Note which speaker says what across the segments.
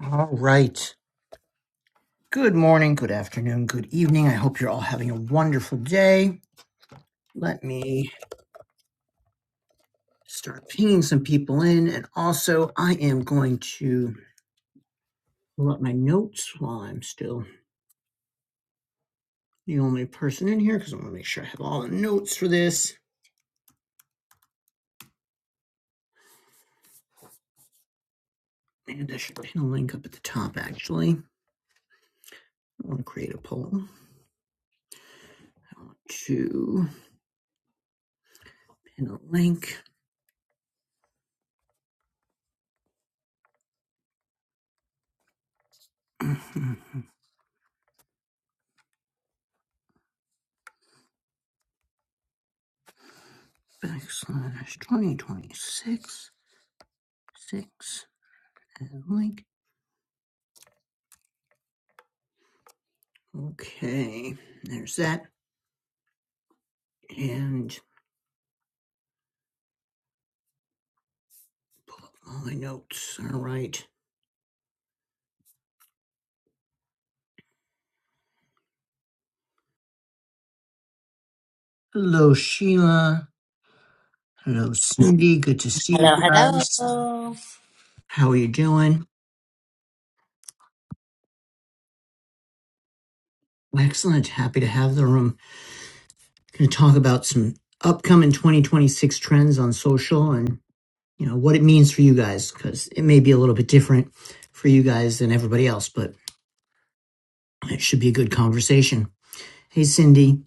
Speaker 1: All right. Good morning, good afternoon, good evening. I hope you're all having a wonderful day. Let me start pinging some people in. And also, I am going to pull up my notes while I'm still the only person in here because I want to make sure I have all the notes for this. And I should pin a link up at the top, actually. I want to create a poll. I want to pin a link. Backslash 2026 6 and link. Okay, there's that. And all my notes. All right. Hello, Sheila. Hello, Cindy. Good to see you
Speaker 2: Hello,
Speaker 1: guys.
Speaker 2: hello.
Speaker 1: How are you doing? Excellent. Happy to have the room. Going to talk about some upcoming 2026 trends on social and you know what it means for you guys because it may be a little bit different for you guys than everybody else, but it should be a good conversation. Hey, Cindy.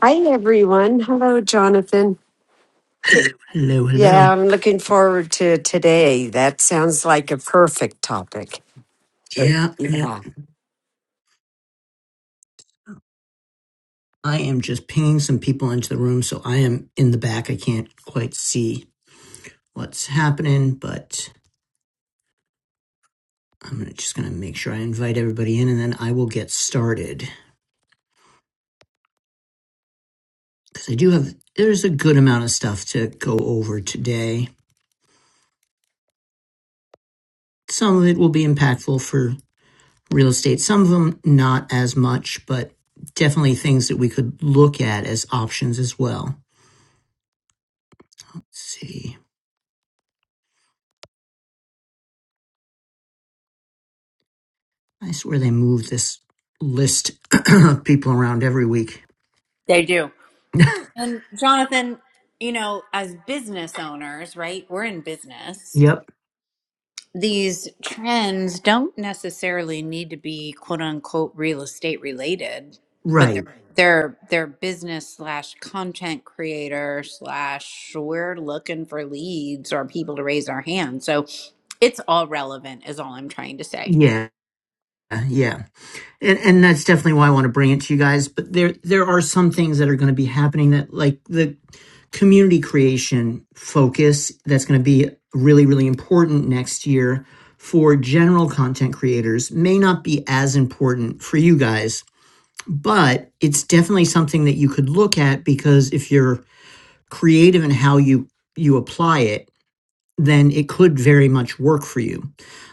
Speaker 3: Hi, everyone. Hello, Jonathan.
Speaker 1: Hello,
Speaker 3: Yeah,
Speaker 1: hello.
Speaker 3: I'm looking forward to today. That sounds like a perfect topic. Yeah.
Speaker 1: Yeah, yeah.
Speaker 3: Yeah.
Speaker 1: I am just pinging some people into the room, so I am in the back. I can't quite see what's happening, but I'm just going to make sure I invite everybody in and then I will get started. Because I do have, there's a good amount of stuff to go over today. Some of it will be impactful for real estate, some of them not as much, but definitely things that we could look at as options as well. Let's see. I swear they move this list of people around every week.
Speaker 2: They do. And Jonathan, you know, as business owners, right? We're in business.
Speaker 1: Yep.
Speaker 2: These trends don't necessarily need to be quote unquote real estate related, but
Speaker 1: Right.
Speaker 2: they're they're they're business slash content creator slash we're looking for leads or people to raise our hand. So it's all relevant is all I'm trying to say.
Speaker 1: Yeah, yeah, and and that's definitely why I want to bring it to you guys. But there there are some things that are going to be happening that like the community creation focus that's going to be really really important next year for general content creators may not be as important for you guys but it's definitely something that you could look at because if you're creative in how you you apply it then it could very much work for you.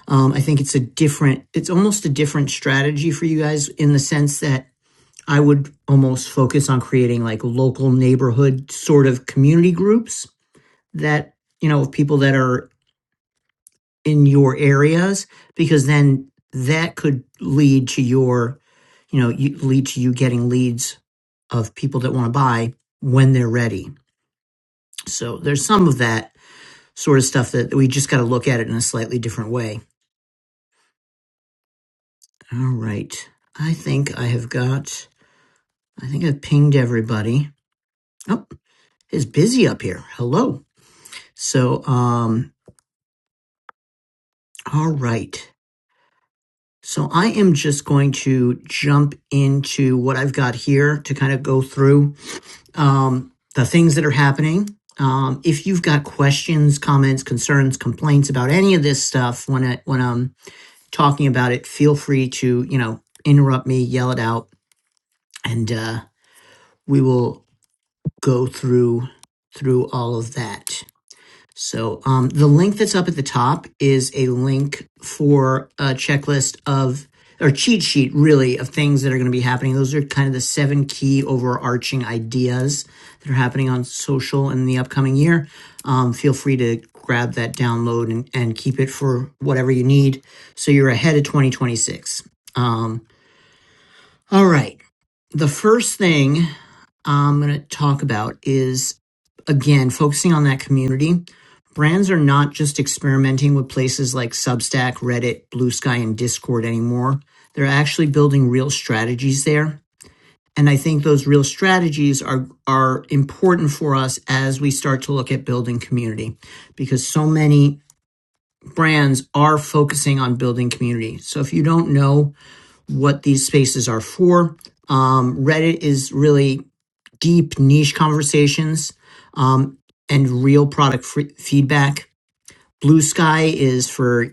Speaker 1: Um, I think it's a different, it's almost a different strategy for you guys in the sense that I would almost focus on creating like local neighborhood sort of community groups that, you know, of people that are in your areas, because then that could lead to your, you know, you, lead to you getting leads of people that want to buy when they're ready. So there's some of that sort of stuff that we just got to look at it in a slightly different way. All right. I think I have got, I think I've pinged everybody. Oh, it's busy up here. Hello. So, um, all right. So I am just going to jump into what I've got here to kind of go through, um, the things that are happening. Um, if you've got questions, comments, concerns, complaints about any of this stuff when I, when I'm talking about it, feel free to, you know, interrupt me, yell it out, and, uh, we will go through through all of that. So um, the link that's up at the top is a link for a checklist of or cheat sheet really of things that are going to be happening. Those are kind of the seven key overarching ideas that are happening on social in the upcoming year. Um, feel free to grab that download and, and keep it for whatever you need so you're ahead of 2026. Um, all right. The first thing I'm going to talk about is again focusing on that community. Brands are not just experimenting with places like Substack, Reddit, Blue Sky, and Discord anymore. They're actually building real strategies there. And I think those real strategies are, are important for us as we start to look at building community because so many brands are focusing on building community. So if you don't know what these spaces are for, um, Reddit is really deep niche conversations um, and real product free- feedback. Blue Sky is for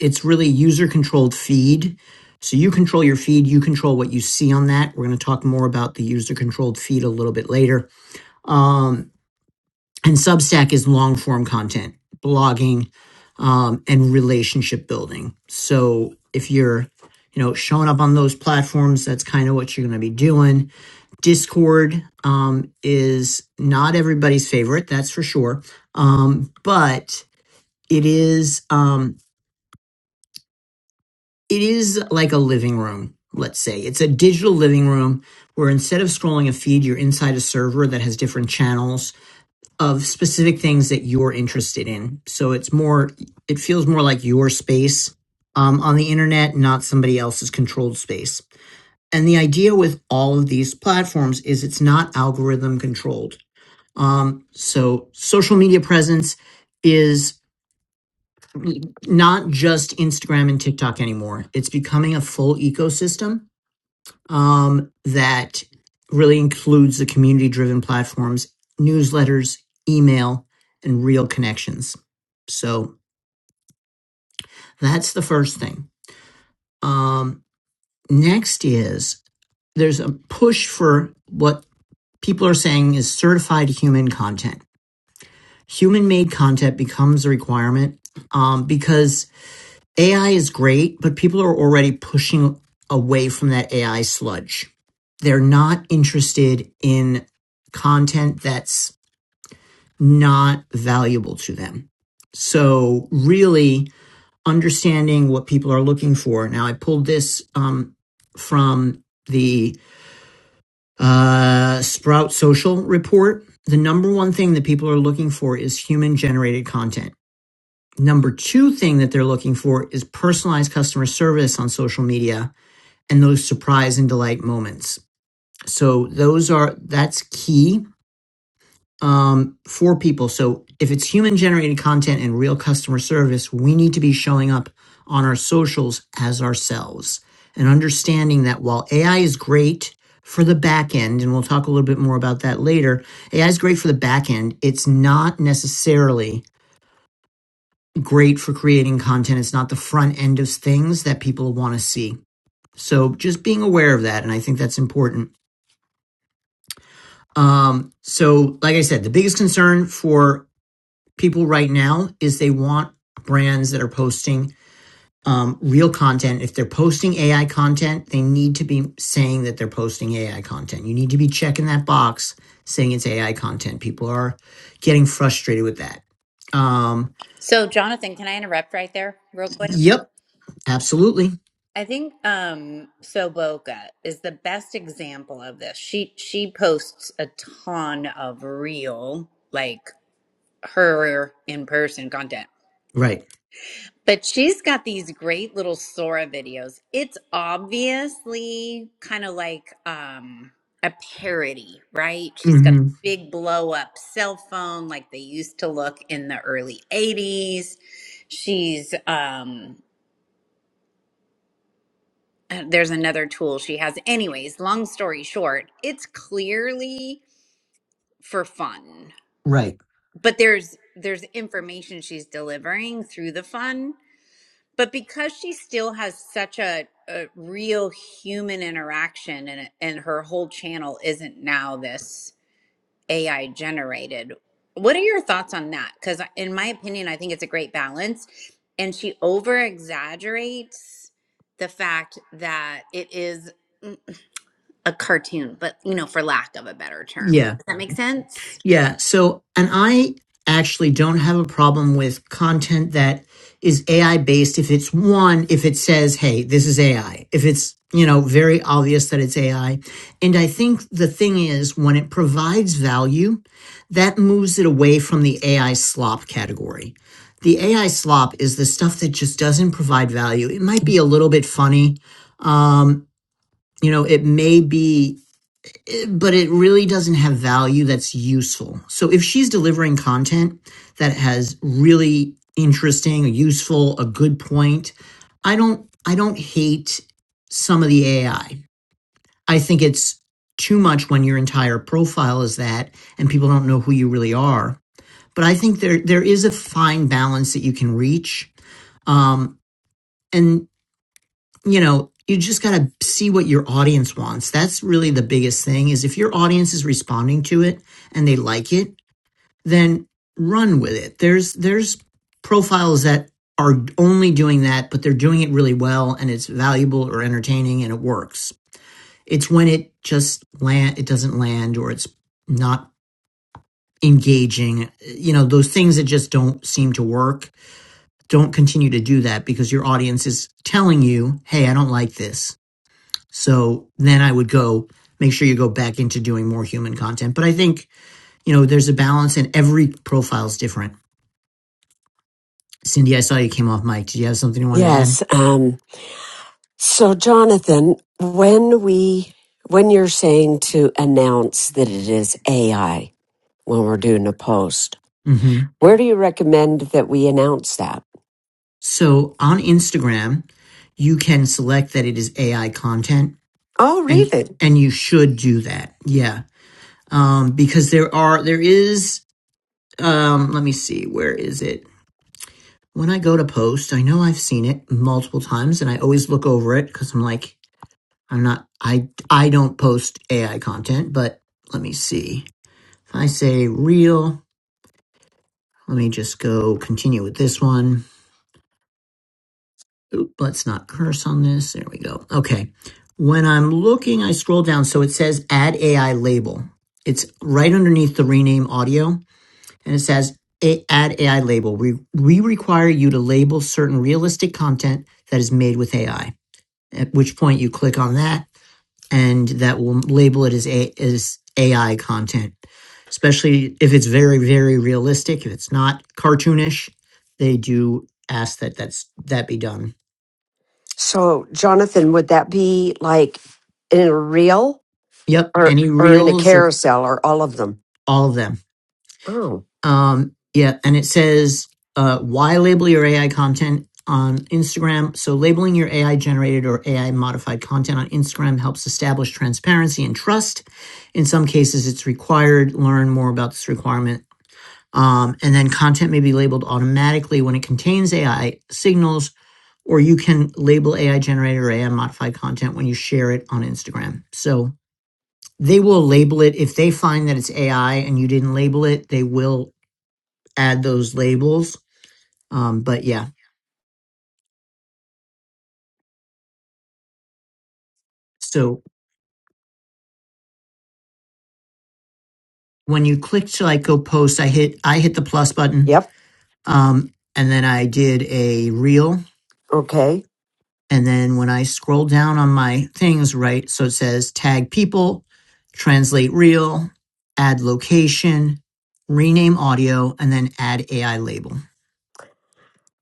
Speaker 1: it's really user controlled feed. So you control your feed, you control what you see on that. We're going to talk more about the user controlled feed a little bit later. And Substack is long form content, blogging, um, and relationship building. So if you're you know showing up on those platforms that's kind of what you're going to be doing Discord um, is not everybody's favorite, that's for sure. Um, but it is um, it is like a living room. Let's say it's a digital living room where instead of scrolling a feed, you're inside a server that has different channels of specific things that you're interested in. So it's more, it feels more like your space um, on the internet, not somebody else's controlled space. And the idea with all of these platforms is it's not algorithm controlled Um, so social media presence is not just Instagram and TikTok anymore. It's becoming a full ecosystem um, that really includes the community driven platforms, newsletters, email, and real connections. So that's the first thing. Um, next is there's a push for what people are saying is certified human content. Human made content becomes a requirement um, because AI is great, but people are already pushing away from that AI sludge. They're not interested in content that's not valuable to them. So, really understanding what people are looking for. Now, I pulled this um, from the uh, Sprout Social report. The number one thing that people are looking for is human generated content. Number two thing that they're looking for is personalized customer service on social media and those surprise and delight moments. So those are that's key um, for people. So if it's human generated content and real customer service, we need to be showing up on our socials as ourselves and understanding that while AI is great for the back end, and we'll talk a little bit more about that later, AI is great for the back end. It's not necessarily great for creating content. It's not the front end of things that people want to see. So just being aware of that. And I think that's important. Um, so, like I said, the biggest concern for people right now is they want brands that are posting um, real content. If they're posting AI content, they need to be saying that they're posting AI content. You need to be checking that box saying it's AI content. People are getting frustrated with that. Um,
Speaker 2: So Jonathan, can I interrupt right there real quick?
Speaker 1: yep, absolutely.
Speaker 2: I think um Soboka is the best example of this. She she posts a ton of real like her in person content.
Speaker 1: Right.
Speaker 2: But she's got these great little Sora videos. It's obviously kind of like um a parody, right? She's got
Speaker 1: hmm
Speaker 2: big blow up cell phone like they used to look in the early 80s. She's um uh, there's another tool she has. Anyways, long story short, it's clearly for fun.
Speaker 1: Right.
Speaker 2: But there's there's information she's delivering through the fun, but because she still has such a, a real human interaction and and her whole channel isn't now this AI generated. What are your thoughts on that? Cuz in my opinion, I think it's a great balance and she over exaggerates the fact that it is mm, a cartoon, but you know, for lack of a better term. Does
Speaker 1: Yeah.
Speaker 2: that make sense?
Speaker 1: Yeah. So, and I actually don't have a problem with content that is AI based if it's one, if it says, hey, this is AI, if it's, you know, very obvious that it's AI. And I think the thing is, when it provides value, that moves it away from the AI slop category. The AI slop is the stuff that just doesn't provide value. It might be a little bit funny. Um, you know, it may be but it really doesn't have value that's useful. So if she's delivering content that has really interesting, useful, a good point, I don't I don't hate some of the AI. I I think it's too much when your entire profile is that and people don't know who you really are. But I think there there is a fine balance that you can reach. Um, and you know you just got to see what your audience wants that's really the biggest thing is if your audience is responding to it and they like it then run with it there's there's profiles that are only doing that but they're doing it really well and it's valuable or entertaining and it works it's when it just land it doesn't land or it's not engaging you know those things that just don't seem to work don't continue to do that because your audience is telling you hey i don't like this so then I would go make sure you go back into doing more human content. But I think, you know, there's a balance and every profile is different. Cindy, I saw you came off mic. Did you have something you wanted to add?
Speaker 3: Yes. Um, so, Jonathan, when we, when you're saying to announce that it is AI when we're doing a post,
Speaker 1: hmm
Speaker 3: where do you recommend that we announce that?
Speaker 1: So on Instagram, you can select that it is AI content
Speaker 3: Oh,
Speaker 1: and
Speaker 3: really?
Speaker 1: and you should do that. Yeah. Um, because there are there is um let me see, where is it? When I go to post, I know I've seen it multiple times and I always look over it because I'm like, I'm not I I don't post AI content, but let me see. If I say real, let me just go continue with this one. Oop, let's not curse on this. There we go. Okay. When I'm looking, I scroll down so it says add AI label. It's right underneath the rename audio and it says "A- add AI label. We we require you to label certain realistic content that is made with AI. At which point you click on that and that will label it as a as AI content, especially if it's very very realistic. If it's not cartoonish, they do ask that that's that be done.
Speaker 3: So, Jonathan, would that be like in a reel
Speaker 1: Yep,
Speaker 3: or,
Speaker 1: any
Speaker 3: or in a
Speaker 1: reels or
Speaker 3: carousel or all of them?
Speaker 1: all of them.
Speaker 3: Oh,
Speaker 1: Um, yeah, and it says uh, why label your AI content on Instagram. So labeling your AI generated or AI modified content on Instagram helps establish transparency and trust. In some cases, it's required. Learn more about this requirement Um, and then content may be labeled automatically when it contains AI signals, or you can label AI generated or AI modified content when you share it on Instagram. So they will label it. If they find that it's AI and you didn't label it, they will add those labels. Um, but yeah, so when you click to like go post, I hit I hit the plus button,
Speaker 3: yep.
Speaker 1: um, and then I did a reel
Speaker 3: Okay.
Speaker 1: And then when I scroll down on my things, right, so it says tag people, translate real, add location, rename audio, and then add AI label.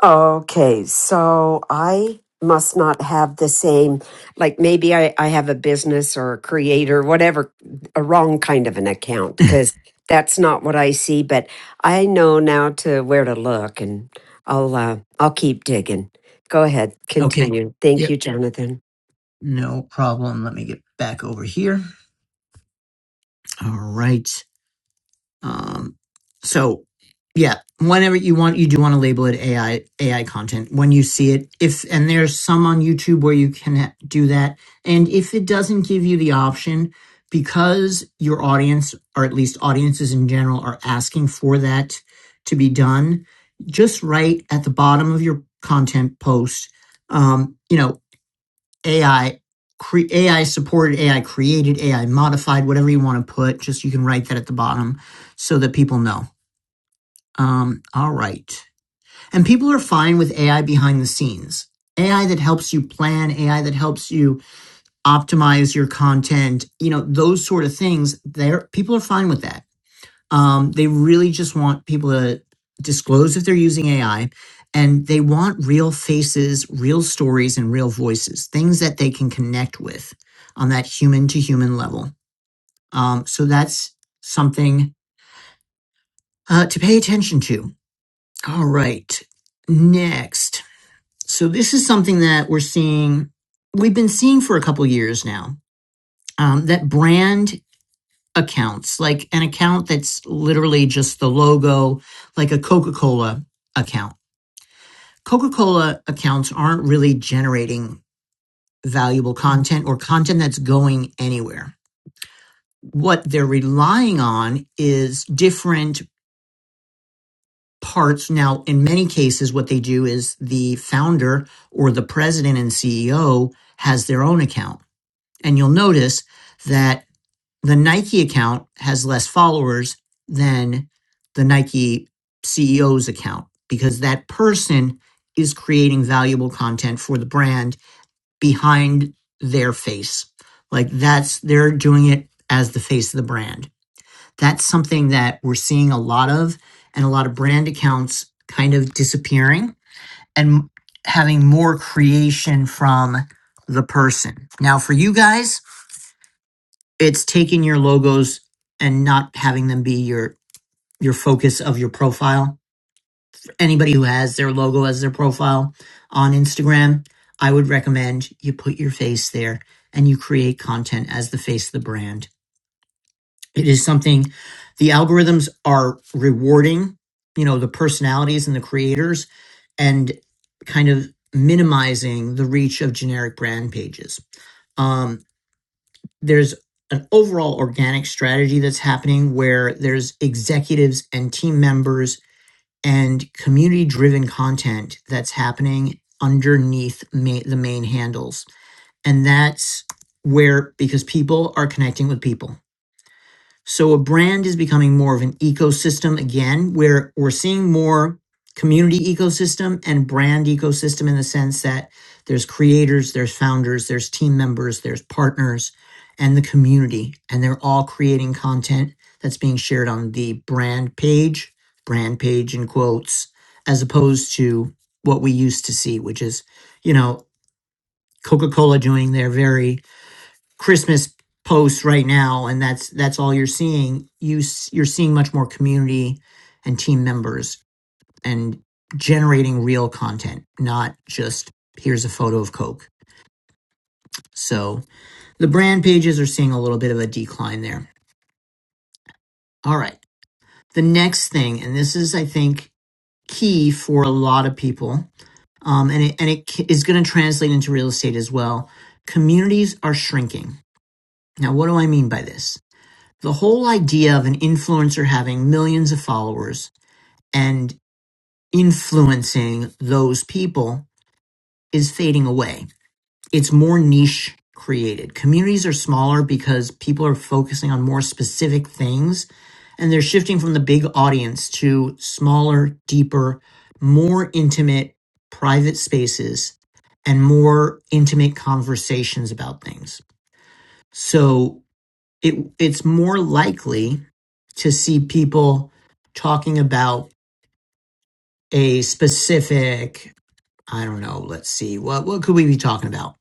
Speaker 3: Okay. So I must not have the same, like maybe I, I have a business or a creator, whatever, a wrong kind of an account because that's not what I see. But I know now to where to look and I'll, uh, I'll keep digging. Go ahead.
Speaker 1: Okay.
Speaker 3: Continue. Thank you,
Speaker 1: Yep.
Speaker 3: Jonathan.
Speaker 1: No problem. Let me get back over here. All right. Um, so yeah, whenever you want, you do want to label it AI AI content when you see it. If and there's some on YouTube where you can ha- do that, and if it doesn't give you the option because your audience or at least audiences in general are asking for that to be done, just write at the bottom of your content post. Um, you know, AI, cre- AI supported AI, created AI, modified, whatever you want to put. Just you can write that at the bottom so that people know. Um, all right. And people are fine with AI behind the scenes. AI that helps you plan, AI that helps you optimize your content, you know, those sort of things. There, people are fine with that. Um, they really just want people to disclose if they're using AI and they want real faces, real stories, and real voices, things that they can connect with on that human to human level. Um, so that's something uh, to pay attention to. All right. Next. So this is something that we're seeing, we've been seeing for a couple years now. Um, that brand accounts, like an account that's literally just the logo, like a Coca Cola account. Coca Cola accounts aren't really generating valuable content or content that's going anywhere. What they're relying on is different parts. Now, in many cases, what they do is the founder or the president and CEO has their own account. And you'll notice that the Nike account has less followers than the Nike CEO's account because that person is creating valuable content for the brand behind their face. Like that's, they're doing it as the face of the brand. That's something that we're seeing a lot of and a lot of brand accounts kind of disappearing and having more creation from the person. Now, for you guys, it's taking your logos and not having them be your your focus of your profile. For anybody who has their logo as their profile on Instagram, I would recommend you put your face there and you create content as the face of the brand. It is something the algorithms are rewarding, you know, the personalities and the creators and kind of minimizing the reach of generic brand pages. Um, there's an overall organic strategy that's happening where there's executives and team members and community driven content that's happening underneath ma- the main handles. And that's where, because people are connecting with people so a brand is becoming more of an ecosystem again, where we're seeing more community ecosystem and brand ecosystem in the sense that there's creators, there's founders, there's team members, there's partners, and the community. And they're all creating content that's being shared on the brand page, brand page in quotes, as opposed to what we used to see, which is, you know, Coca Cola doing their very Christmas posts right now, and that's that's all you're seeing. You you're seeing much more community and team members and generating real content, not just here's a photo of Coke. So the brand pages are seeing a little bit of a decline there. All right, the next thing, and this is I think key for a lot of people, um, and it, and it is going to translate into real estate as well. Communities are shrinking. Now, what do I mean by this? The whole idea of an influencer having millions of followers and influencing those people is fading away. It's more niche created. Communities are smaller because people are focusing on more specific things and they're shifting from the big audience to smaller, deeper, more intimate private spaces and more intimate conversations about things. So it it's more likely to see people talking about a specific i don't know let's see what what could we be talking about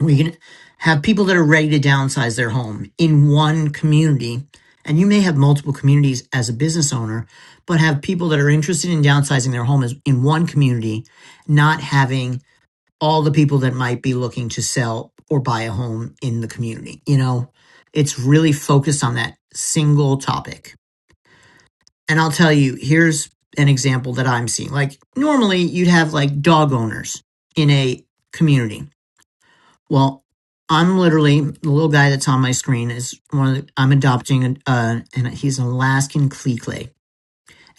Speaker 1: we can have people that are ready to downsize their home in one community and you may have multiple communities as a business owner but have people that are interested in downsizing their home as, in one community not having all the people that might be looking to sell or buy a home in the community you know it's really focused on that single topic And I'll tell you, here's an example that I'm seeing. Like normally you'd have like dog owners in a community. Well, I'm literally the little guy that's on my screen is one. Of the, I'm adopting a, uh, and he's an Alaskan Klee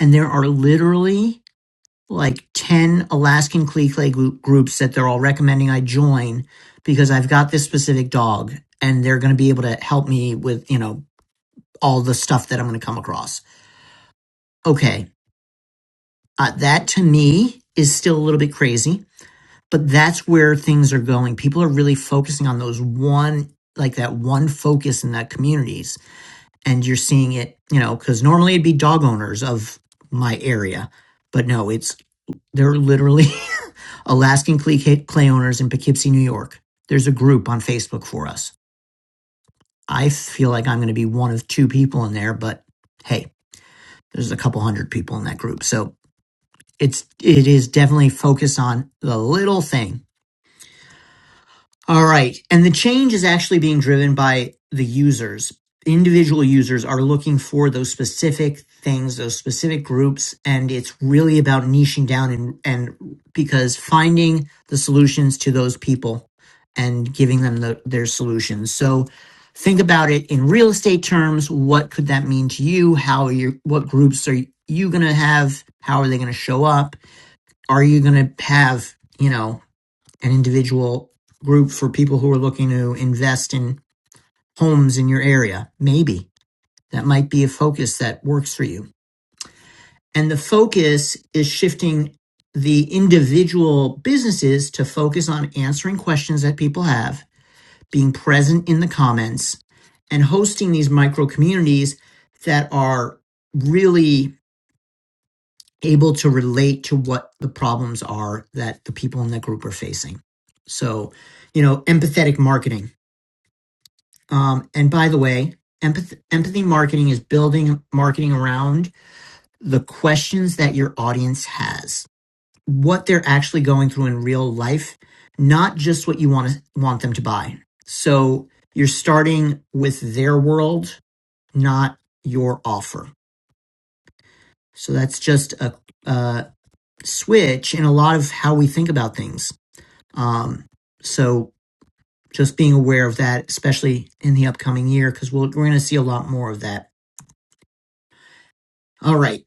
Speaker 1: and there are literally like ten Alaskan Klee group, groups that they're all recommending I join because I've got this specific dog, and they're going to be able to help me with you know all the stuff that I'm going to come across. Okay, Uh, that to me is still a little bit crazy, but that's where things are going. People are really focusing on those one, like that one focus in that communities. And you're seeing it, you know, because normally it'd be dog owners of my area, but no, it's, they're literally Alaskan clay, clay owners in Poughkeepsie, New York. There's a group on Facebook for us. I feel like I'm going to be one of two people in there, but hey, there's a couple hundred people in that group. So it's it is definitely focused on the little thing all right and the change is actually being driven by the users individual users are looking for those specific things those specific groups and it's really about niching down and and because finding the solutions to those people and giving them the, their solutions so think about it in real estate terms what could that mean to you how are you what groups are you going to have how are they going to show up are you going to have, you know, an individual group for people who are looking to invest in homes in your area? Maybe that might be a focus that works for you. And the focus is shifting the individual businesses to focus on answering questions that people have, being present in the comments, and hosting these micro communities that are really able to relate to what the problems are that the people in that group are facing. So, you know, empathetic marketing. Um, and by the way, empath- empathy marketing is building marketing around the questions that your audience has, what they're actually going through in real life, not just what you want to want them to buy. So you're starting with their world, not your offer. So that's just a, uh, switch in a lot of how we think about things. Um, so just being aware of that, especially in the upcoming year, because we'll, we're going to see a lot more of that. All right.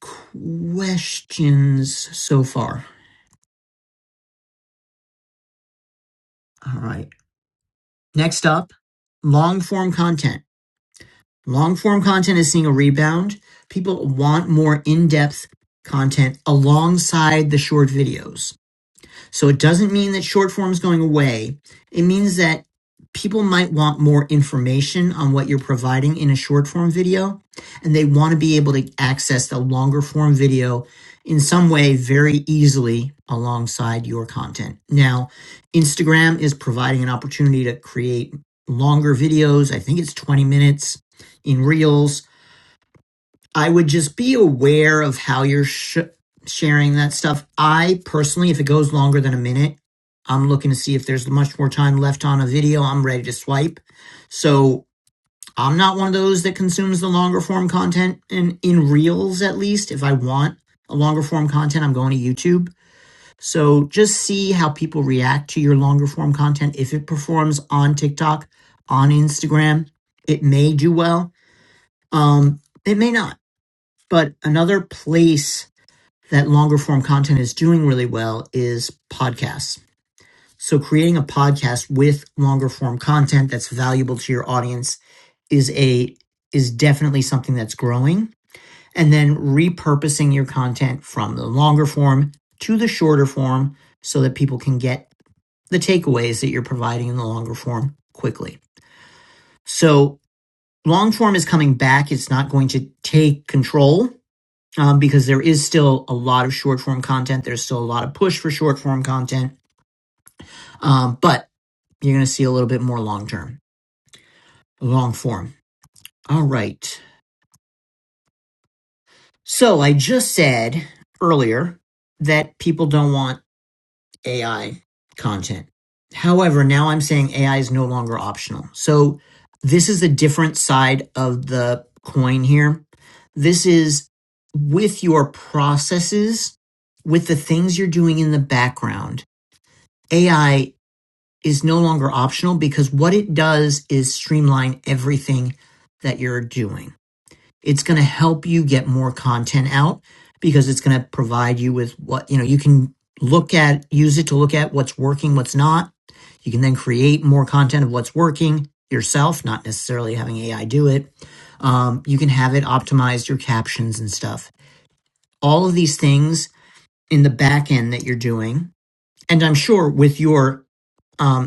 Speaker 1: Questions so far. All right. Next up, long form content. Long form content is seeing a rebound. People want more in depth content alongside the short videos. So it doesn't mean that short form is going away. It means that people might want more information on what you're providing in a short form video, and they want to be able to access the longer form video in some way very easily alongside your content. Now, Instagram is providing an opportunity to create longer videos. I think it's 20 minutes in Reels I would just be aware of how you're sh- sharing that stuff. I personally, if it goes longer than a minute, I'm looking to see if there's much more time left on a video. I'm ready to swipe. So I'm not one of those that consumes the longer form content in, in reels, at least. If I want a longer form content, I'm going to YouTube. So just see how people react to your longer form content. If it performs on TikTok, on Instagram, it may do well. Um, it may not but another place that longer form content is doing really well is podcasts. So creating a podcast with longer form content that's valuable to your audience is a is definitely something that's growing and then repurposing your content from the longer form to the shorter form so that people can get the takeaways that you're providing in the longer form quickly. So long form is coming back. It's not going to take control um, because there is still a lot of short form content. There's still a lot of push for short form content, um, but you're going to see a little bit more long term, long form. All right. So I just said earlier that people don't want AI content. However, now I'm saying AI is no longer optional. So this is the different side of the coin here. This is with your processes, with the things you're doing in the background AI is no longer optional because what it does is streamline everything that you're doing. It's going to help you get more content out because it's going to provide you with what, you know, you can look at, use it to look at what's working, what's not. You can then create more content of what's working yourself, not necessarily having AI do it. Um, you can have it optimize your captions and stuff. All of these things in the back end that you're doing. And I'm sure with your um,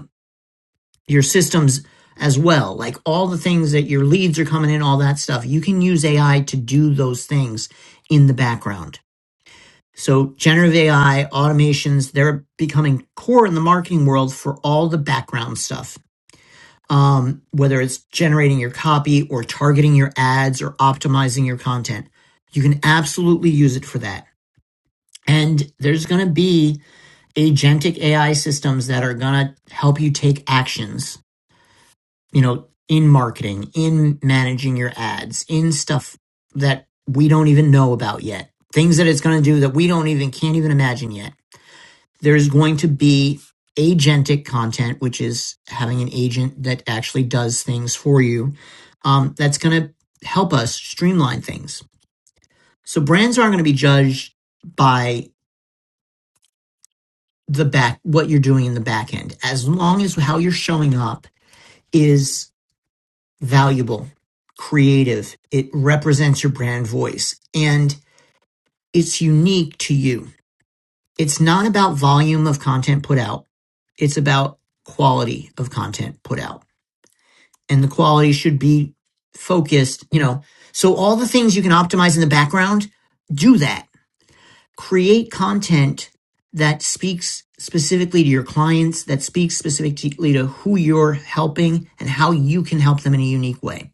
Speaker 1: your systems as well. Like all the things that your leads are coming in, all that stuff. You can use AI to do those things in the background. So generative AI automations, they're becoming core in the marketing world for all the background stuff. Um, whether it's generating your copy or targeting your ads or optimizing your content, you can absolutely use it for that. And there's going to be agentic AI systems that are going to help you take actions you know, in marketing, in managing your ads, in stuff that we don't even know about yet, things that it's going to do that we don't even can't even imagine yet. There's going to be agentic content, which is having an agent that actually does things for you. Um, that's going to help us streamline things. So brands aren't going to be judged by the back what you're doing in the back end as long as how you're showing up is valuable, creative. It represents your brand voice and it's unique to you. It's not about volume of content put out. It's about quality of content put out. And the quality should be focused, you know. So all the things you can optimize in the background, do that. Create content that speaks specifically to your clients, that speaks specifically to who you're helping and how you can help them in a unique way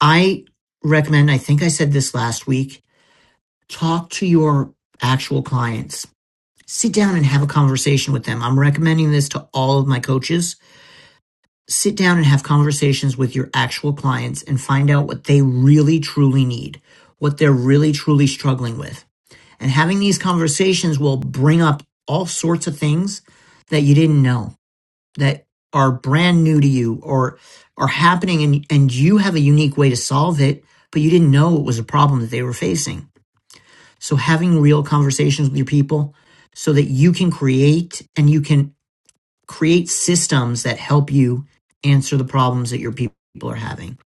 Speaker 1: I recommend, I think I said this last week, talk to your actual clients. Sit down and have a conversation with them. I'm recommending this to all of my coaches. Sit down and have conversations with your actual clients and find out what they really truly need, what they're really truly struggling with. And having these conversations will bring up all sorts of things that you didn't know that are brand new to you or are happening and, and you have a unique way to solve it, but you didn't know it was a problem that they were facing. So having real conversations with your people so that you can create and you can create systems that help you answer the problems that your people are having.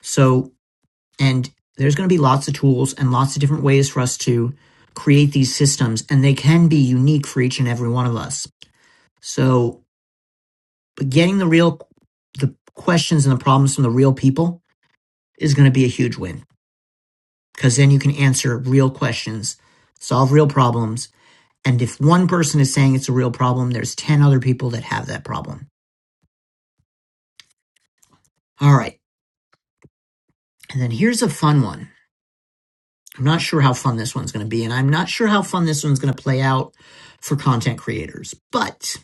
Speaker 1: So, and there's going to be lots of tools and lots of different ways for us to create these systems and they can be unique for each and every one of us. So getting the real the questions and the problems from the real people is going to be a huge win because then you can answer real questions solve real problems and if one person is saying it's a real problem there's 10 other people that have that problem all right and then here's a fun one i'm not sure how fun this one's going to be and i'm not sure how fun this one's going to play out for content creators but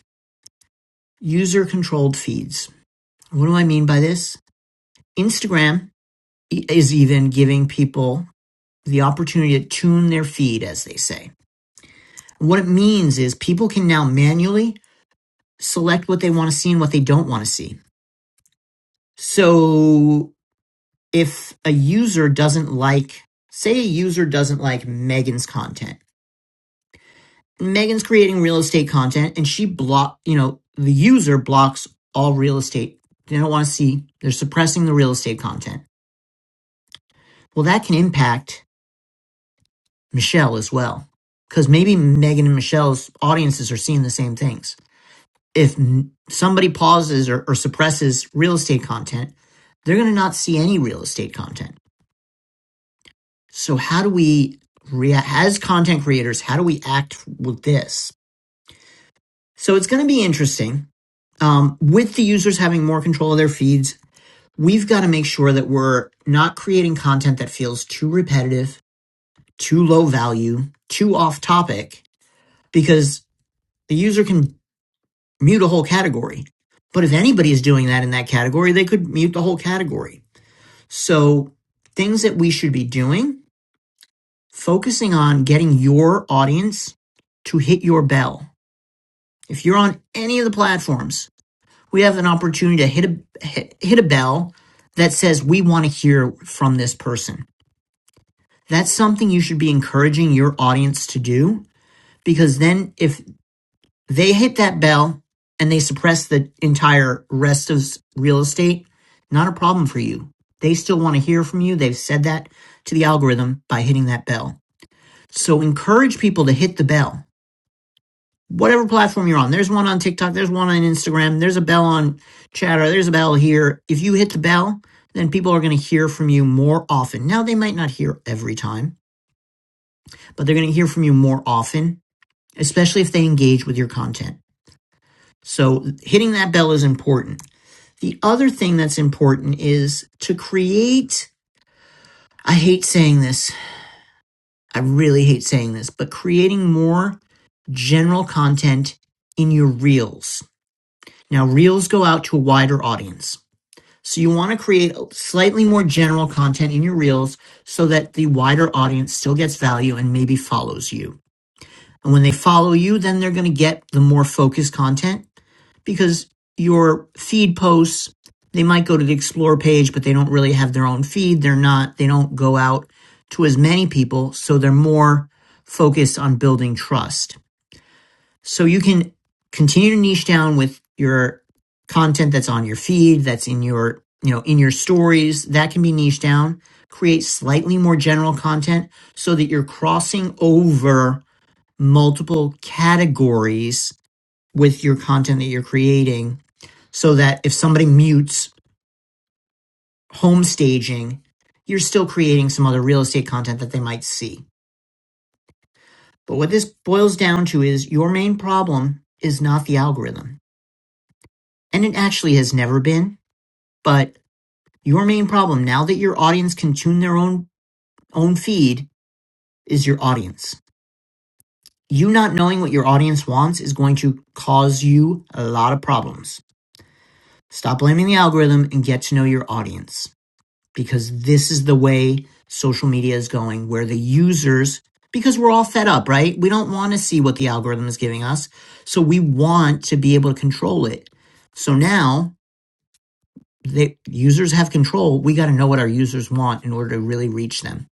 Speaker 1: user controlled feeds what do i mean by this instagram is even giving people the opportunity to tune their feed, as they say. And what it means is people can now manually select what they want to see and what they don't want to see. So if a user doesn't like, say a user doesn't like Megan's content, Megan's creating real estate content and she block, you know, the user blocks all real estate. They don't want to see, they're suppressing the real estate content. Well, that can impact Michelle as well. Because maybe Megan and Michelle's audiences are seeing the same things if somebody pauses or, or suppresses real estate content, they're going to not see any real estate content. So how do we react as content creators? How do we act with this? So it's going to be interesting. Um, with the users having more control of their feeds, we've got to make sure that we're not creating content that feels too repetitive, too low value, too off topic, because the user can mute a whole category. But if anybody is doing that in that category, they could mute the whole category. So, things that we should be doing, focusing on getting your audience to hit your bell. If you're on any of the platforms, we have an opportunity to hit a hit, hit a bell that says we want to hear from this person. That's something you should be encouraging your audience to do because then if They hit that bell and they suppress the entire rest of real estate. Not a problem for you. They still want to hear from you. They've said that to the algorithm by hitting that bell. So encourage people to hit the bell. Whatever platform you're on, there's one on TikTok, there's one on Instagram, there's a bell on Chatter, there's a bell here. If you hit the bell, then people are going to hear from you more often. Now, they might not hear every time, but they're going to hear from you more often, especially if they engage with your content. So hitting that bell is important. The other thing that's important is to create, I hate saying this, I really hate saying this, but creating more general content in your reels. Now, reels go out to a wider audience. So you want to create slightly more general content in your reels so that the wider audience still gets value and maybe follows you. And when they follow you, then they're going to get the more focused content because your feed posts they might go to the explore page but they don't really have their own feed they're not they don't go out to as many people so they're more focused on building trust so you can continue to niche down with your content that's on your feed that's in your you know in your stories that can be niche down create slightly more general content so that you're crossing over multiple categories with your content that you're creating so that if somebody mutes home staging, you're still creating some other real estate content that they might see. But what this boils down to is your main problem is not the algorithm. And it actually has never been, but your main problem now that your audience can tune their own own feed is your audience. You not knowing what your audience wants is going to cause you a lot of problems. Stop blaming the algorithm and get to know your audience. because this is the way social media is going, where the users, because we're all fed up, right? We don't want to see what the algorithm is giving us. So we want to be able to control it. So now the users have control. We got to know what our users want in order to really reach them.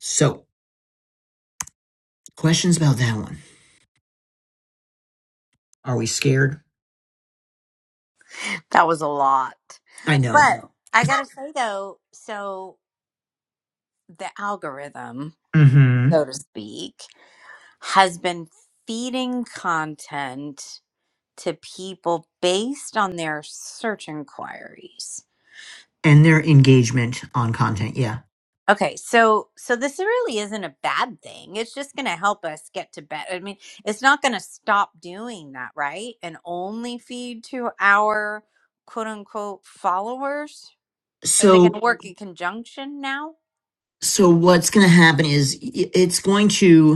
Speaker 1: So, questions about that one? Are we scared?
Speaker 2: That was a lot.
Speaker 1: I know.
Speaker 2: But I gotta say though, so The algorithm,
Speaker 1: hmm
Speaker 2: so to speak, has been feeding content to people based on their search inquiries.
Speaker 1: And their engagement on content. Yeah.
Speaker 2: Okay, so so this really isn't a bad thing. It's just going to help us get to bed. I mean, it's not going to stop doing that, right? And only feed to our quote unquote followers. Are they going
Speaker 1: So,
Speaker 2: to work in conjunction now?
Speaker 1: so what's going to happen is it's going to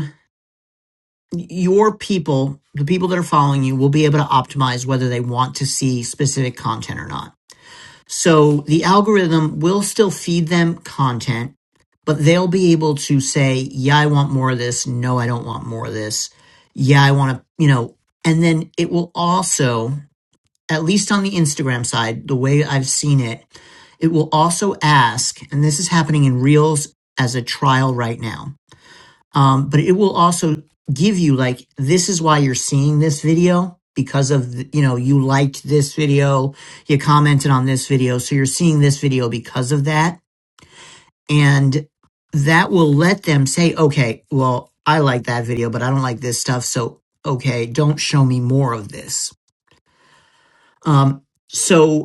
Speaker 1: your people, the people that are following you, will be able to optimize whether they want to see specific content or not. So the algorithm will still feed them content, but they'll be able to say, yeah, I want more of this. No, I don't want more of this. Yeah, I want to, you know, and then it will also, at least on the Instagram side, the way I've seen it, it will also ask, and this is happening in Reels as a trial right now um, but it will also give you like this is why you're seeing this video because of th- you know you liked this video you commented on this video so you're seeing this video because of that and that will let them say okay well i like that video but i don't like this stuff so okay don't show me more of this um, so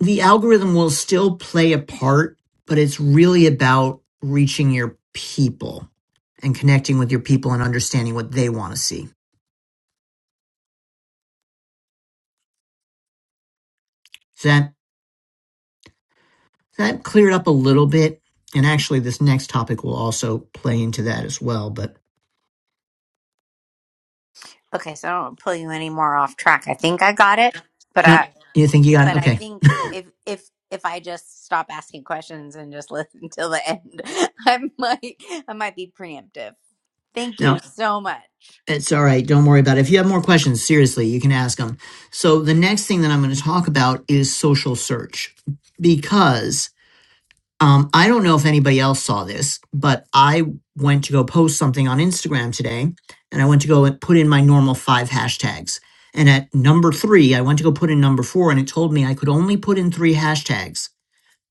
Speaker 1: the algorithm will still play a part, but it's really about reaching your people and connecting with your people and understanding what they want to see. So that that cleared up a little bit. And actually, this next topic will also play into that as well. But
Speaker 2: Okay, so I don't wanna pull you any more off track. I think I got it, but
Speaker 1: no,
Speaker 2: I
Speaker 1: you think you got it?
Speaker 2: but I
Speaker 1: Okay.
Speaker 2: think if if if I just stop asking questions and just listen till the end, I might I might be preemptive. Thank you
Speaker 1: No,
Speaker 2: so much.
Speaker 1: it's all right. Don't worry about it. If you have more questions, seriously, you can ask them. So the next thing that I'm going to talk about is social search because Um, I don't know if anybody else saw this, but I went to go post something on Instagram today and I went to go and put in my normal five hashtags. And at number three, I went to go put in number four and it told me I could only put in three hashtags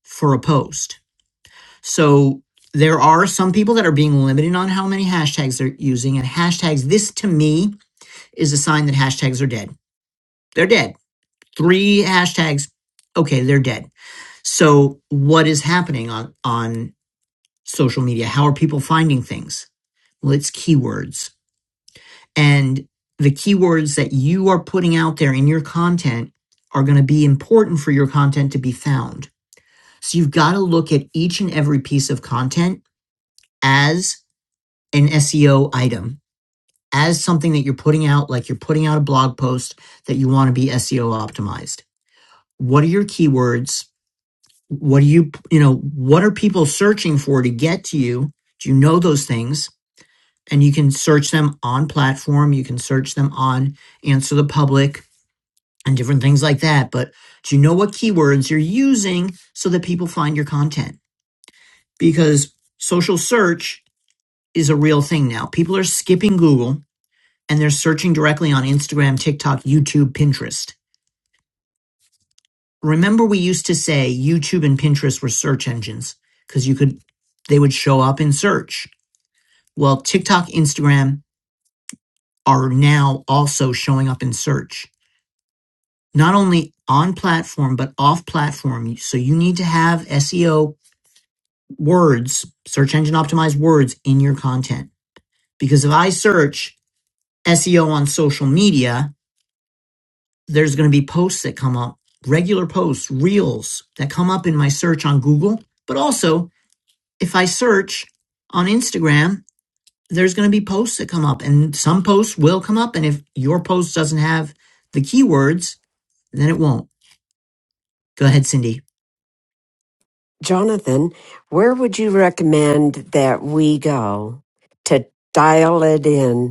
Speaker 1: for a post. So there are some people that are being limited on how many hashtags they're using. And hashtags, this to me is a sign that hashtags are dead. They're dead. Three hashtags, okay, they're dead. So what is happening on on social media. How are people finding things? Well, it's keywords. And the keywords that you are putting out there in your content are going to be important for your content to be found. So you've got to look at each and every piece of content as an SEO item, as something that you're putting out, like you're putting out a blog post that you want to be SEO optimized. What are your keywords? What are you, you know, what are people searching for to get to you? Do you know those things? and you can search them on platform you can search them on answer the public and different things like that but do you know what keywords you're using so that people find your content because social search is a real thing now people are skipping google and they're searching directly on instagram tiktok youtube pinterest remember we used to say youtube and pinterest were search engines because you could they would show up in search well tiktok instagram are now also showing up in search not only on platform but off platform. So you need to have SEO words, search engine optimized words in your content. Because if I search SEO on social media, there's going to be posts that come up, regular posts, reels that come up in my search on Google. But also, if I search on Instagram, there's going to be posts that come up and some posts will come up. And if your post doesn't have the keywords, then it won't. Go ahead, Cindy.
Speaker 3: Jonathan, where would you recommend that we go to dial it in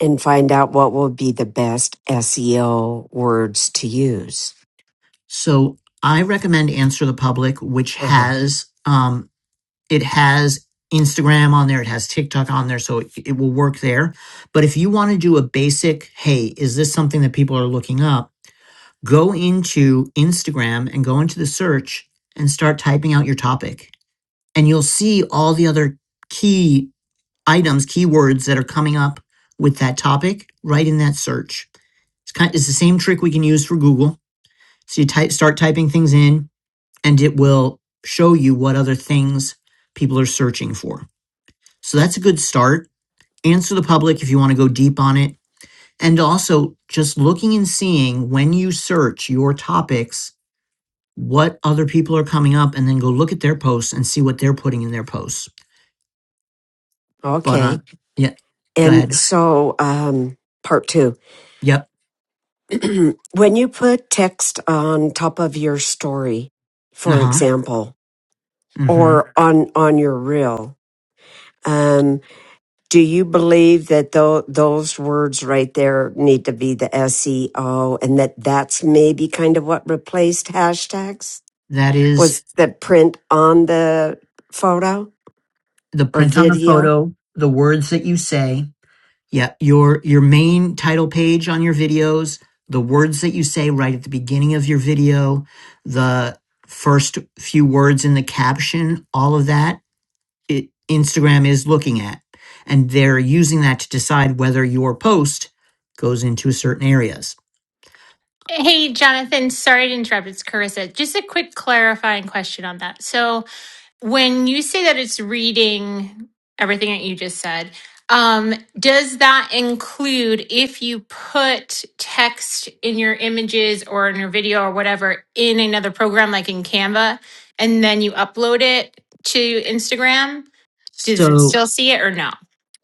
Speaker 3: and find out what will be the best SEO words to use.
Speaker 1: So I recommend Answer the Public, which
Speaker 3: Uh-huh.
Speaker 1: has um, it has Instagram on there, it has TikTok on there, so it, it will work there. But if you want to do a basic, hey, is this something that people are looking up? Go into Instagram and go into the search and start typing out your topic, and you'll see all the other key items, keywords that are coming up with that topic right in that search. It's kind of, it's the same trick we can use for Google. So you type start typing things in, and it will show you what other things people are searching for. So that's a good start. Answer the public if you want to go deep on it. And also just looking and seeing when you search your topics, what other people are coming up, and then go look at their posts and see what they're putting in their posts. But
Speaker 3: Okay.
Speaker 1: on, yeah, go
Speaker 3: And
Speaker 1: ahead.
Speaker 3: so, um, part two
Speaker 1: Yep.
Speaker 3: when you put text on top of your story,
Speaker 1: Uh
Speaker 3: for
Speaker 1: huh.
Speaker 3: example,
Speaker 1: Mm hmm.
Speaker 3: or on, on your reel, um, do you believe that tho- those words right there need to be the SEO and that that's maybe kind of what replaced hashtags
Speaker 1: That is
Speaker 3: was the print on the photo?
Speaker 1: the
Speaker 3: or
Speaker 1: print on the
Speaker 3: video.
Speaker 1: photo, the words that you say, Yeah, your your main title page on your videos, the words that you say right at the beginning of your video, the first few words in the caption, all of that, it, Instagram is looking at. And they're using that to decide whether your post goes into certain areas.
Speaker 4: Hey, Jonathan, sorry to interrupt. It's Carissa. Just a quick clarifying question on that. So, when you say that it's reading everything that you just said, um, does that include if you put text in your images or in your video or whatever in another program like in Canva and then you upload it to Instagram? Does it
Speaker 1: So
Speaker 4: still see it or no?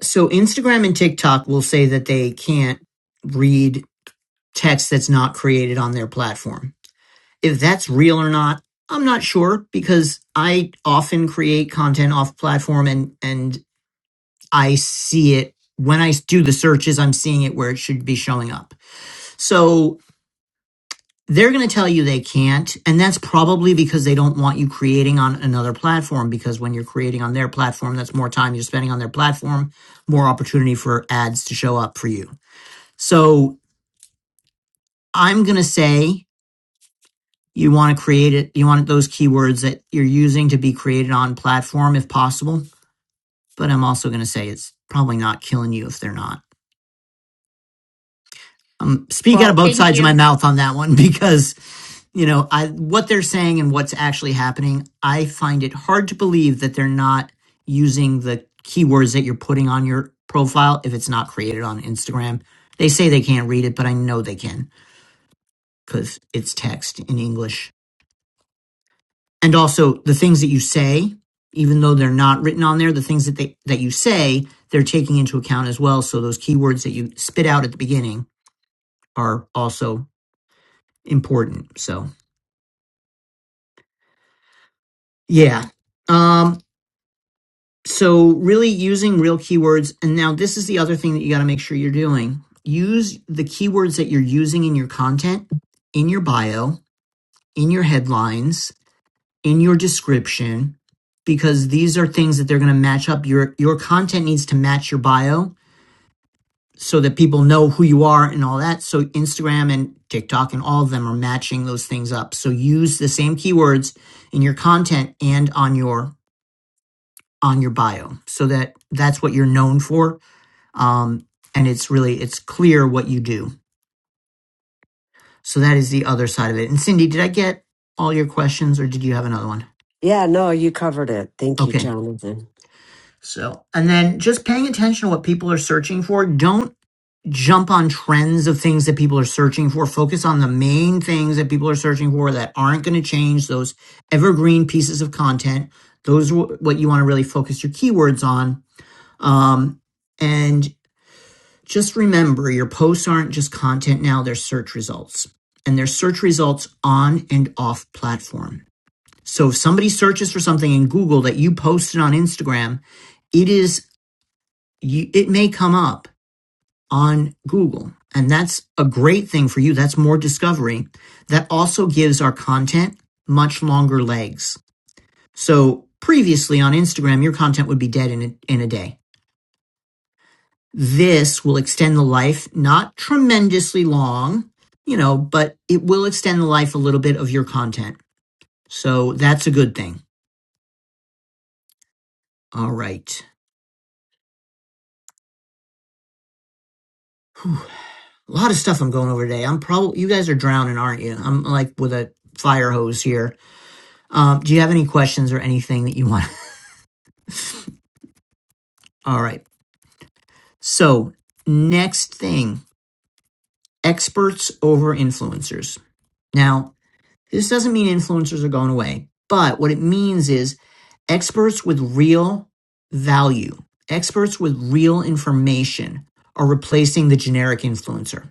Speaker 1: so Instagram and TikTok will say that they can't read text that's not created on their platform If that's real or not, I'm not sure because I often create content off platform and and I see it when I do the searches, I'm seeing it where it should be showing up. So they're going to tell you they can't. And that's probably because they don't want you creating on another platform. Because when you're creating on their platform, that's more time you're spending on their platform, more opportunity for ads to show up for you. So I'm going to say you want to create it you want those keywords that you're using to be created on platform if possible but i'm also going to say it's probably not killing you if they're not um, speak out of
Speaker 4: Well,
Speaker 1: both
Speaker 4: thank
Speaker 1: sides of
Speaker 4: you.
Speaker 1: my mouth on that one because you know I, what they're saying and what's actually happening i find it hard to believe that they're not using the keywords that you're putting on your profile if it's not created on instagram they say they can't read it but i know they can because it's text in english and also the things that you say even though they're not written on there the things that they that you say they're taking into account as well so those keywords that you spit out at the beginning are also important so yeah um so really using real keywords and now this is the other thing that you got to make sure you're doing use the keywords that you're using in your content in your bio in your headlines in your description because these are things that they're going to match up your your content needs to match your bio so that people know who you are and all that so instagram and tiktok and all of them are matching those things up so use the same keywords in your content and on your on your bio so that that's what you're known for um, and it's really it's clear what you do so that is the other side of it and cindy did i get all your questions or did you have another one
Speaker 3: Yeah, no, you covered it. Thank you,
Speaker 1: okay
Speaker 3: Jonathan.
Speaker 1: So, and then just paying attention to what people are searching for. Don't jump on trends of things that people are searching for. Focus on the main things that people are searching for that aren't going to change those evergreen pieces of content. Those are wh- what you want to really focus your keywords on. Um, and just remember your posts aren't just content now, they're search results. And they're search results on and off platform. So if somebody searches for something in Google that you posted on Instagram, it is you, it may come up on Google. And that's a great thing for you. That's more discovery. That also gives our content much longer legs. So previously on Instagram, your content would be dead in a, in a day. This will extend the life, not tremendously long, you know, but it will extend the life a little bit of your content. So that's a good thing. All right. A lot of stuff I'm going over today. I'm probably, you guys are drowning, aren't you? I'm like with a fire hose here. Um, do you have any questions or anything that you want? All right. So, next thing experts over influencers. Now, this doesn't mean influencers are going away, but what it means is experts with real value, experts with real information are replacing the generic influencer.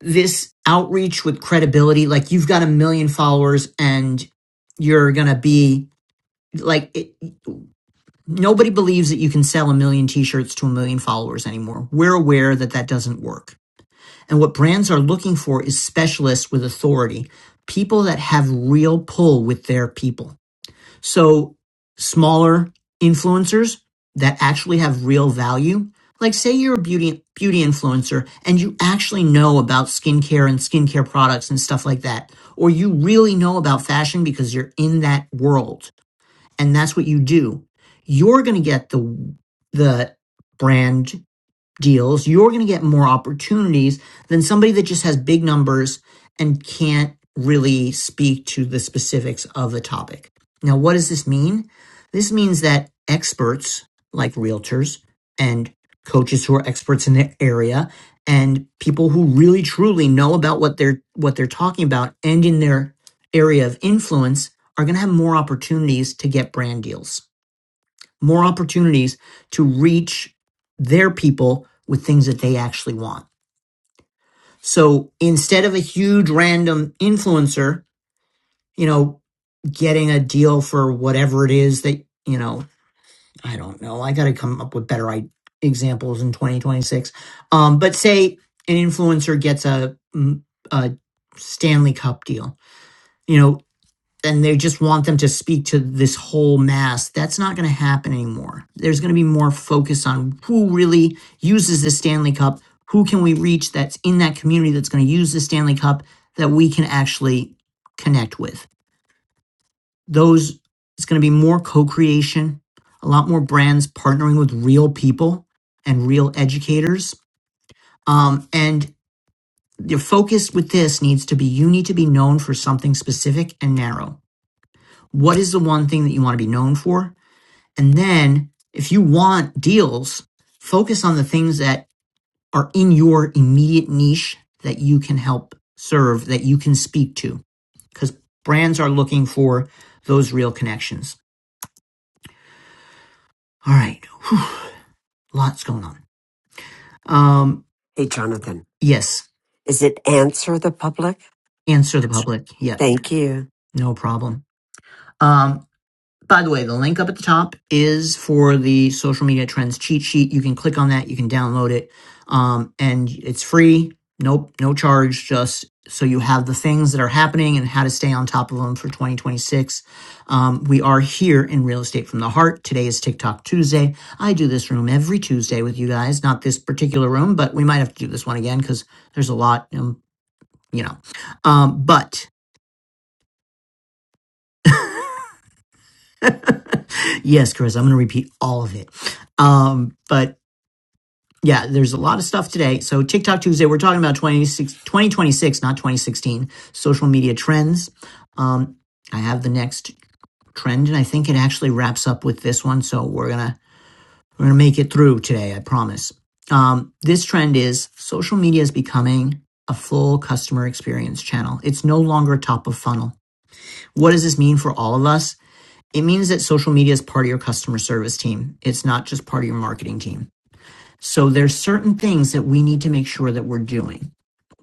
Speaker 1: This outreach with credibility, like you've got a million followers and you're going to be like, it, Nobody believes that you can sell a million t-shirts to a million followers anymore. We're aware that that doesn't work. And what brands are looking for is specialists with authority, people that have real pull with their people. So smaller influencers that actually have real value. Like say you're a beauty beauty influencer and you actually know about skincare and skincare products and stuff like that, or you really know about fashion because you're in that world and that's what you do you're going to get the the brand deals, you're going to get more opportunities than somebody that just has big numbers and can't really speak to the specifics of the topic. Now, what does this mean? This means that experts like realtors and coaches who are experts in their area and people who really truly know about what they're what they're talking about and in their area of influence are going to have more opportunities to get brand deals more opportunities to reach their people with things that they actually want. So instead of a huge random influencer, you know, getting a deal for whatever it is that, you know, I don't know. I got to come up with better examples in 2026. Um, but say an influencer gets a, mm, a Stanley Cup deal. You know, and they just want them to speak to this whole mass. That's not going to happen anymore. There's going to be more focus on who really uses the Stanley Cup, who can we reach that's in that community that's going to use the Stanley Cup that we can actually connect with. Those it's going to be more co-creation, a lot more brands partnering with real people and real educators. Um, and the focus with this needs to be you need to be known for something specific and narrow. What is the one thing that you want to be known for? And then if you want deals, focus on the things that are in your immediate niche that you can help serve, that you can speak to, because brands are looking for those real connections. All right. Whew, lots going on. Um,
Speaker 3: Hey, Jonathan,
Speaker 1: yes.
Speaker 3: is it answer the public?
Speaker 1: Answer the public. Yep.
Speaker 3: Thank you.
Speaker 1: No problem. Um, By the way, the link up at the top is for the social media trends cheat sheet. You can click on that, you can download it, um, and it's free. Nope, no charge, just so you have the things that are happening and how to stay on top of them for 2026. Um, we are here in Real Estate from the Heart. Today is TikTok Tuesday. I do this room every Tuesday with you guys, not this particular room, but we might have to do this one again because there's a lot, um, you know. Um, but yes, Chris, I'm going to repeat all of it. Um, but yeah, there's a lot of stuff today. So TikTok Tuesday, we're talking about twenty 26, 2026, not 2016, social media trends. Um, I have the next trend, and I think it actually wraps up with this one. So we're gonna we're gonna make it through today. I promise. Um, this trend is social media is becoming a full customer experience channel. It's no longer top of funnel. What does this mean for all of us? It means that social media is part of your customer service team. It's not just part of your marketing team. So there's certain things that we need to make sure that we're doing.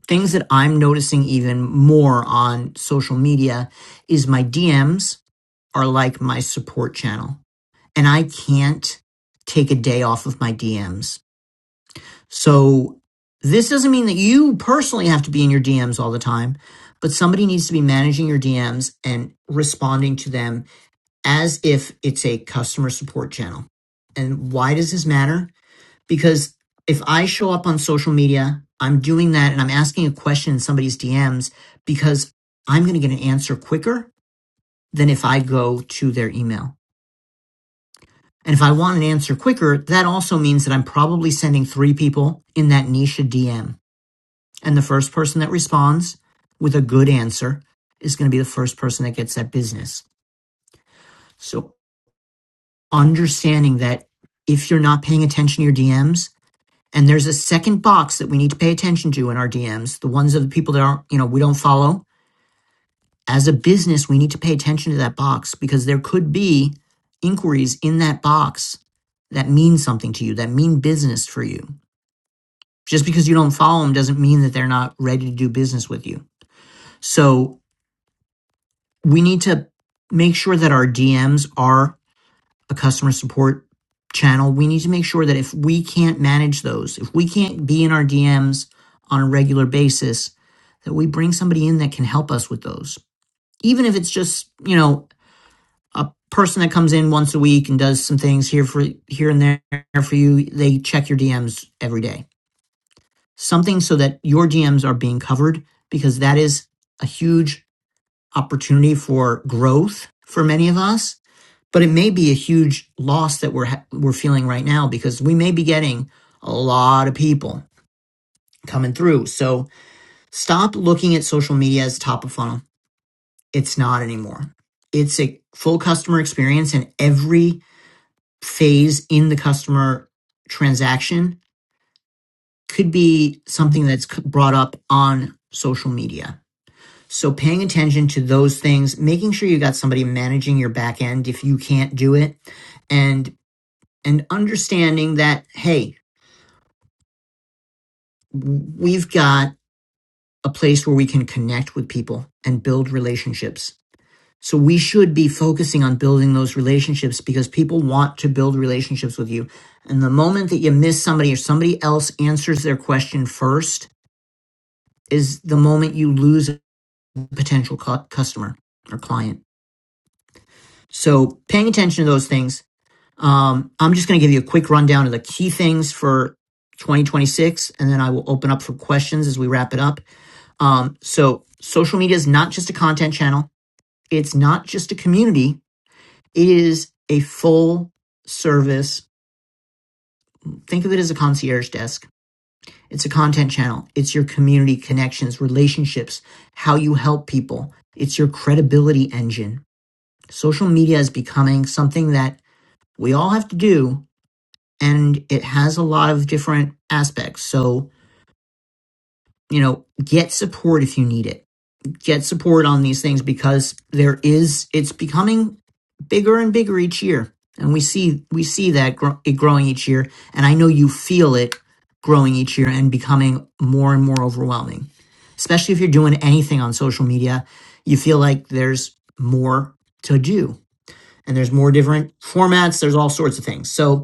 Speaker 1: Things that I'm noticing even more on social media is my DMs are like my support channel and I can't take a day off of my DMs. So this doesn't mean that you personally have to be in your DMs all the time, but somebody needs to be managing your DMs and responding to them as if it's a customer support channel. And why does this matter? because if I show up on social media, I'm doing that and I'm asking a question in somebody's DMs because I'm going to get an answer quicker than if I go to their email. And if I want an answer quicker, that also means that I'm probably sending three people in that niche a DM. And the first person that responds with a good answer is going to be the first person that gets that business. So understanding that if you're not paying attention to your DMs, And there's a second box that we need to pay attention to in our DMs, the ones of the people that aren't, you know, we don't follow. As a business, we need to pay attention to that box because there could be inquiries in that box that mean something to you, that mean business for you. Just because you don't follow them doesn't mean that they're not ready to do business with you. So we need to make sure that our DMs are a customer support channel, we need to make sure that if we can't manage those, if we can't be in our DMs on a regular basis, that we bring somebody in that can help us with those. Even if it's just, you know, a person that comes in once a week and does some things here for here and there for you, they check your DMs every day. Something so that your DMs are being covered because that is a huge opportunity for growth for many of us but it may be a huge loss that we're ha- we're feeling right now because we may be getting a lot of people coming through. So stop looking at social media as top of funnel. It's not anymore. It's a full customer experience and every phase in the customer transaction could be something that's brought up on social media. So paying attention to those things, making sure you got somebody managing your back end if you can't do it and and understanding that, hey, we've got a place where we can connect with people and build relationships. So we should be focusing on building those relationships because people want to build relationships with you. And the moment that you miss somebody or somebody else answers their question first is the moment you lose a potential cu- customer or client. So paying attention to those things Um, I'm just going to give you a quick rundown of the key things for 2026, and then I will open up for questions as we wrap it up. Um, so, social media is not just a content channel, it's not just a community, it is a full service. Think of it as a concierge desk. It's a content channel, it's your community connections, relationships, how you help people, it's your credibility engine. Social media is becoming something that we all have to do, and it has a lot of different aspects. So, you know, get support if you need it. Get support on these things because there is it's becoming bigger and bigger each year. And we see we see that gr- it growing each year, and I know you feel it growing each year and becoming more and more overwhelming. Especially if you're doing anything on social media, you feel like there's more to do and there's more different formats, there's all sorts of things. So,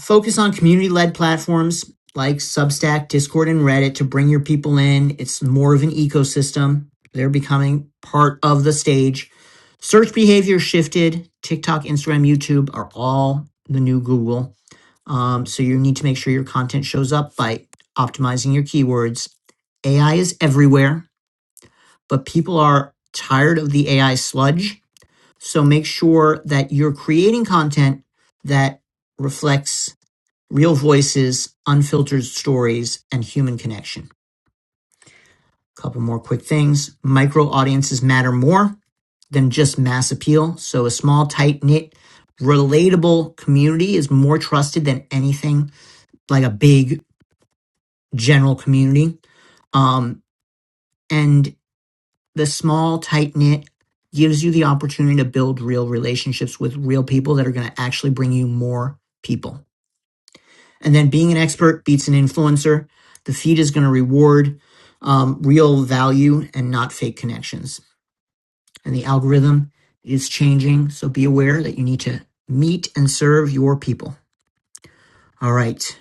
Speaker 1: Focus on community led platforms like Substack, Discord, and Reddit to bring your people in. It's more of an ecosystem. They're becoming part of the stage. Search behavior shifted. TikTok, Instagram, YouTube are all the new Google. Um, so you need to make sure your content shows up by optimizing your keywords. AI is everywhere, but people are tired of the AI sludge. So make sure that you're creating content that reflects real voices, unfiltered stories, and human connection. A Couple more quick things. Micro audiences matter more than just mass appeal. So a small, tight knit, relatable community is more trusted than anything like a big general community. Um, and the small, tight knit gives you the opportunity to build real relationships with real people that are going to actually bring you more people and then being an expert beats an influencer. The feed is going to reward um, real value and not fake connections. And the algorithm is changing, so be aware that you need to meet and serve your people. All right.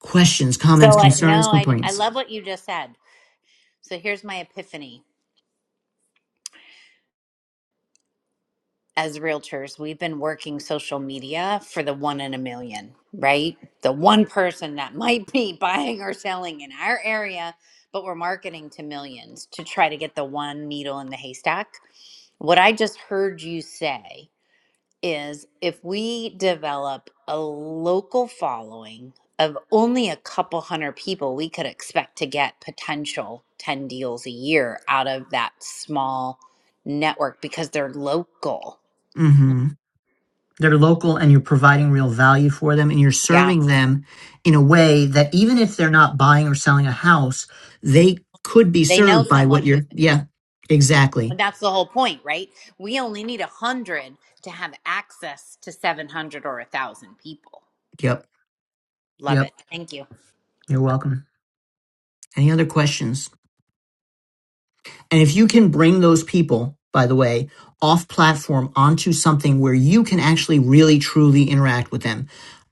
Speaker 1: Questions, comments,
Speaker 2: So I no,
Speaker 1: concerns,
Speaker 2: I I
Speaker 1: complaints.
Speaker 2: love what you just said. So here's my epiphany. As realtors, we've been working social media for the one in a million, right? The one person that might be buying or selling in our area, but we're marketing to millions to try to get the one needle in the haystack. What I just heard you say is if we develop a local following of only a couple hundred people, we could expect to get potential 10 deals a year out of that small network because they're local.
Speaker 1: Mm-hmm. They're local and you're providing real value for them and you're
Speaker 2: Yeah.
Speaker 1: serving them in a way that even if they're not buying or selling a house, they could be
Speaker 2: They know
Speaker 1: served by
Speaker 2: someone
Speaker 1: what
Speaker 2: who,
Speaker 1: you're. Yeah, exactly.
Speaker 2: but that's the whole point, right? We only need a 100 to have access to 700 or a 1,000 people.
Speaker 1: Yep.
Speaker 2: Love
Speaker 1: Yep.
Speaker 2: it. Thank you.
Speaker 1: You're welcome. Any other questions? And if you can bring those people, by the way, off platform onto something where you can actually really truly interact with them.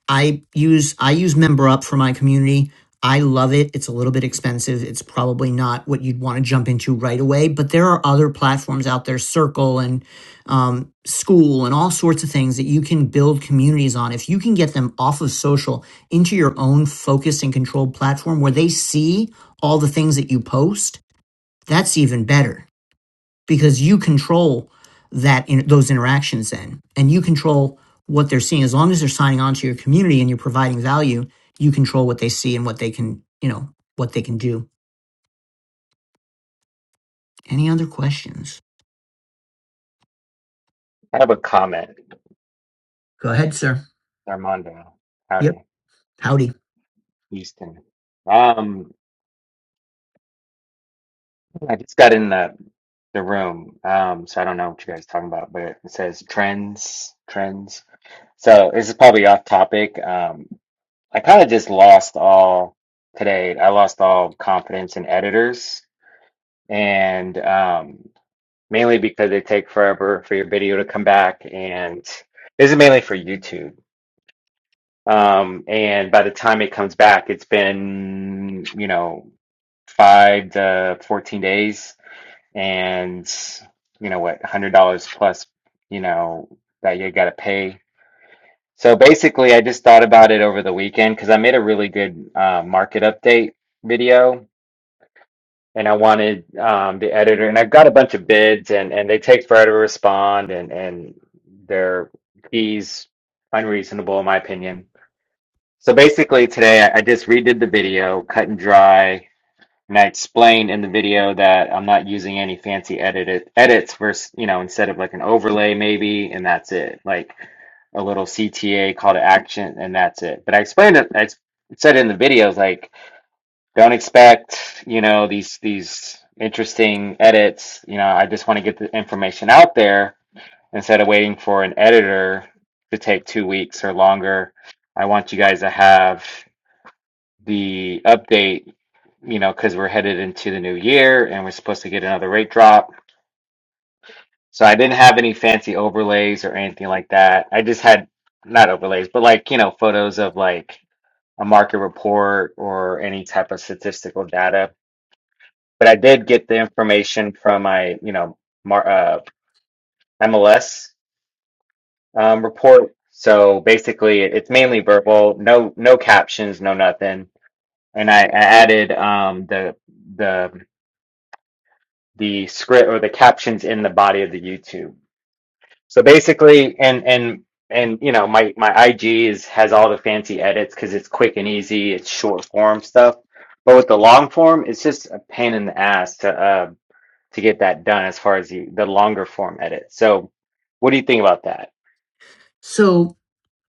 Speaker 1: I use I use MemberUp for my community. I love it. It's a little bit expensive. It's probably not what you'd want to jump into right away, but there are other platforms out there, Circle and um, School and all sorts of things that you can build communities on. If you can get them off of social into your own focused and controlled platform where they see all the things that you post, that's even better because you control that in, those interactions then and you control what they're seeing as long as they're signing on to your community and you're providing value you control what they see and what they can you know what they can do any other questions
Speaker 5: I have a comment,
Speaker 1: go ahead sir
Speaker 5: Armando.
Speaker 1: yep
Speaker 5: Howdy,
Speaker 1: howdy
Speaker 5: Houston. Um, I just got in the the room, um, so I don't know what you guys are talking about, but it says trends, trends. So this is probably off topic. Um, I kind of just lost all today. I lost all confidence in editors, and um, mainly because they take forever for your video to come back, and this is mainly for YouTube. Um, and by the time it comes back, it's been, you know, five to 14 days and, you know, what, $100 plus, you know, that you got to pay. So basically, I just thought about it over the weekend because I made a really good uh, market update video and I wanted um, the editor, and I've got a bunch of bids and, and they take forever to respond and, and their fees unreasonable, in my opinion. So basically, today I just redid the video, cut and dry, and I explained in the video that I'm not using any fancy edit edits versus, you know, instead of like an overlay maybe, and that's it, like a little CTA call to action, and that's it. But I explained it, I said in the videos like, don't expect, you know, these these interesting edits. You know, I just want to get the information out there instead of waiting for an editor to take two weeks or longer. I want you guys to have the update, you know, because we're headed into the new year and we're supposed to get another rate drop. So I didn't have any fancy overlays or anything like that. I just had not overlays, but like, you know, photos of like a market report or any type of statistical data. But I did get the information from my, you know, mar uh, MLS um, report. So basically, it- it's mainly verbal, no no captions, no nothing. And I, I added um, the the the script or the captions in the body of the YouTube. So basically, and and and you know, my my IG is has all the fancy edits because it's quick and easy. It's short form stuff, but with the long form, it's just a pain in the ass to uh, to get that done as far as the the longer form edit. So, what do you think about that?
Speaker 1: so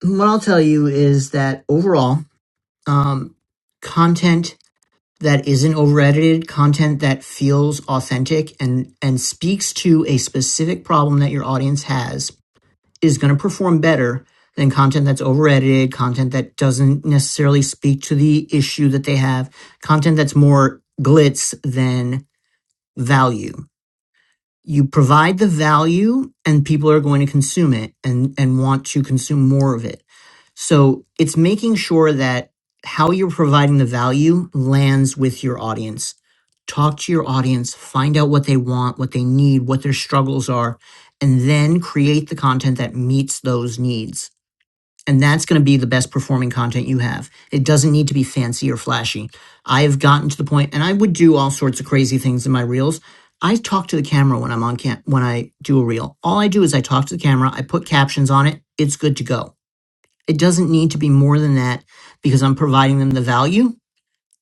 Speaker 1: what i'll tell you is that overall um, content that isn't over edited, content that feels authentic and, and speaks to a specific problem that your audience has is going to perform better than content that's over edited, content that doesn't necessarily speak to the issue that they have, content that's more glitz than value you provide the value and people are going to consume it and and want to consume more of it so it's making sure that how you're providing the value lands with your audience talk to your audience find out what they want what they need what their struggles are and then create the content that meets those needs and that's going to be the best performing content you have. It doesn't need to be fancy or flashy. I have gotten to the point, and I would do all sorts of crazy things in my reels. I talk to the camera when I'm on cam- when I do a reel. All I do is I talk to the camera. I put captions on it. It's good to go. It doesn't need to be more than that because I'm providing them the value,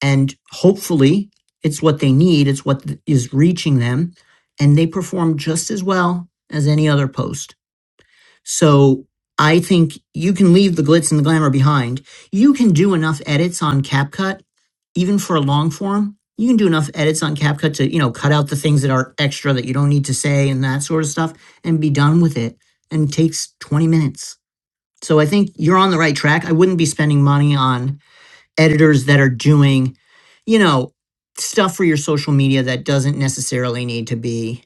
Speaker 1: and hopefully, it's what they need. It's what th- is reaching them, and they perform just as well as any other post. So I think you can leave the glitz and the glamour behind. You can do enough edits on CapCut, even for a long form. You can do enough edits on CapCut to, you know, cut out the things that are extra that you don't need to say and that sort of stuff and be done with it. And it takes 20 minutes. So I think you're on the right track. I wouldn't be spending money on editors that are doing, you know, stuff for your social media that doesn't necessarily need to be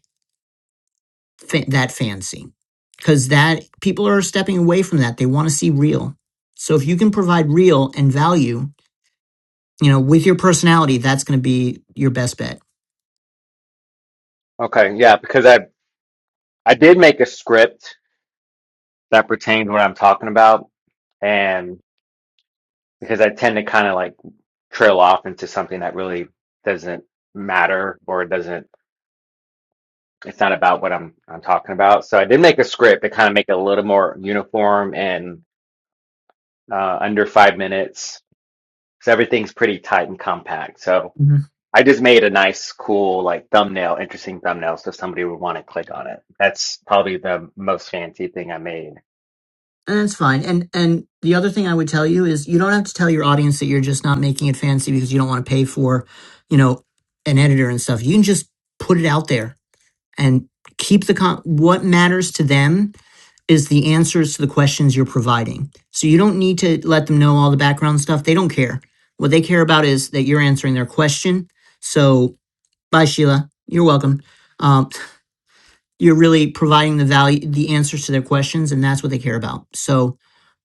Speaker 1: fa- that fancy because that people are stepping away from that. They want to see real. So if you can provide real and value, you know, with your personality, that's going to be your best bet.
Speaker 5: Okay, yeah, because I I did make a script that pertained to what I'm talking about, and. because I tend to kind of like trail off into something that really doesn't matter or it doesn't it's not about what I'm I'm talking about. So I did make a script to kind of make it a little more uniform and uh, under five minutes So everything's pretty tight and compact. So
Speaker 1: Mm-hmm.
Speaker 5: I just made a nice, cool like thumbnail, interesting thumbnail, so somebody would want to click on it. That's probably the most fancy thing I made.
Speaker 1: And that's fine. And and the other thing I would tell you is you don't have to tell your audience that you're just not making it fancy because you don't want to pay for, you know, an editor and stuff. You can just put it out there and keep the con- what matters to them is the answers to the questions you're providing. So you don't need to let them know all the background stuff. They don't care. What they care about is that you're answering their question. So bye, Sheila. You're welcome. Um, you're really providing the value, the answers to their questions, and that's what they care about. So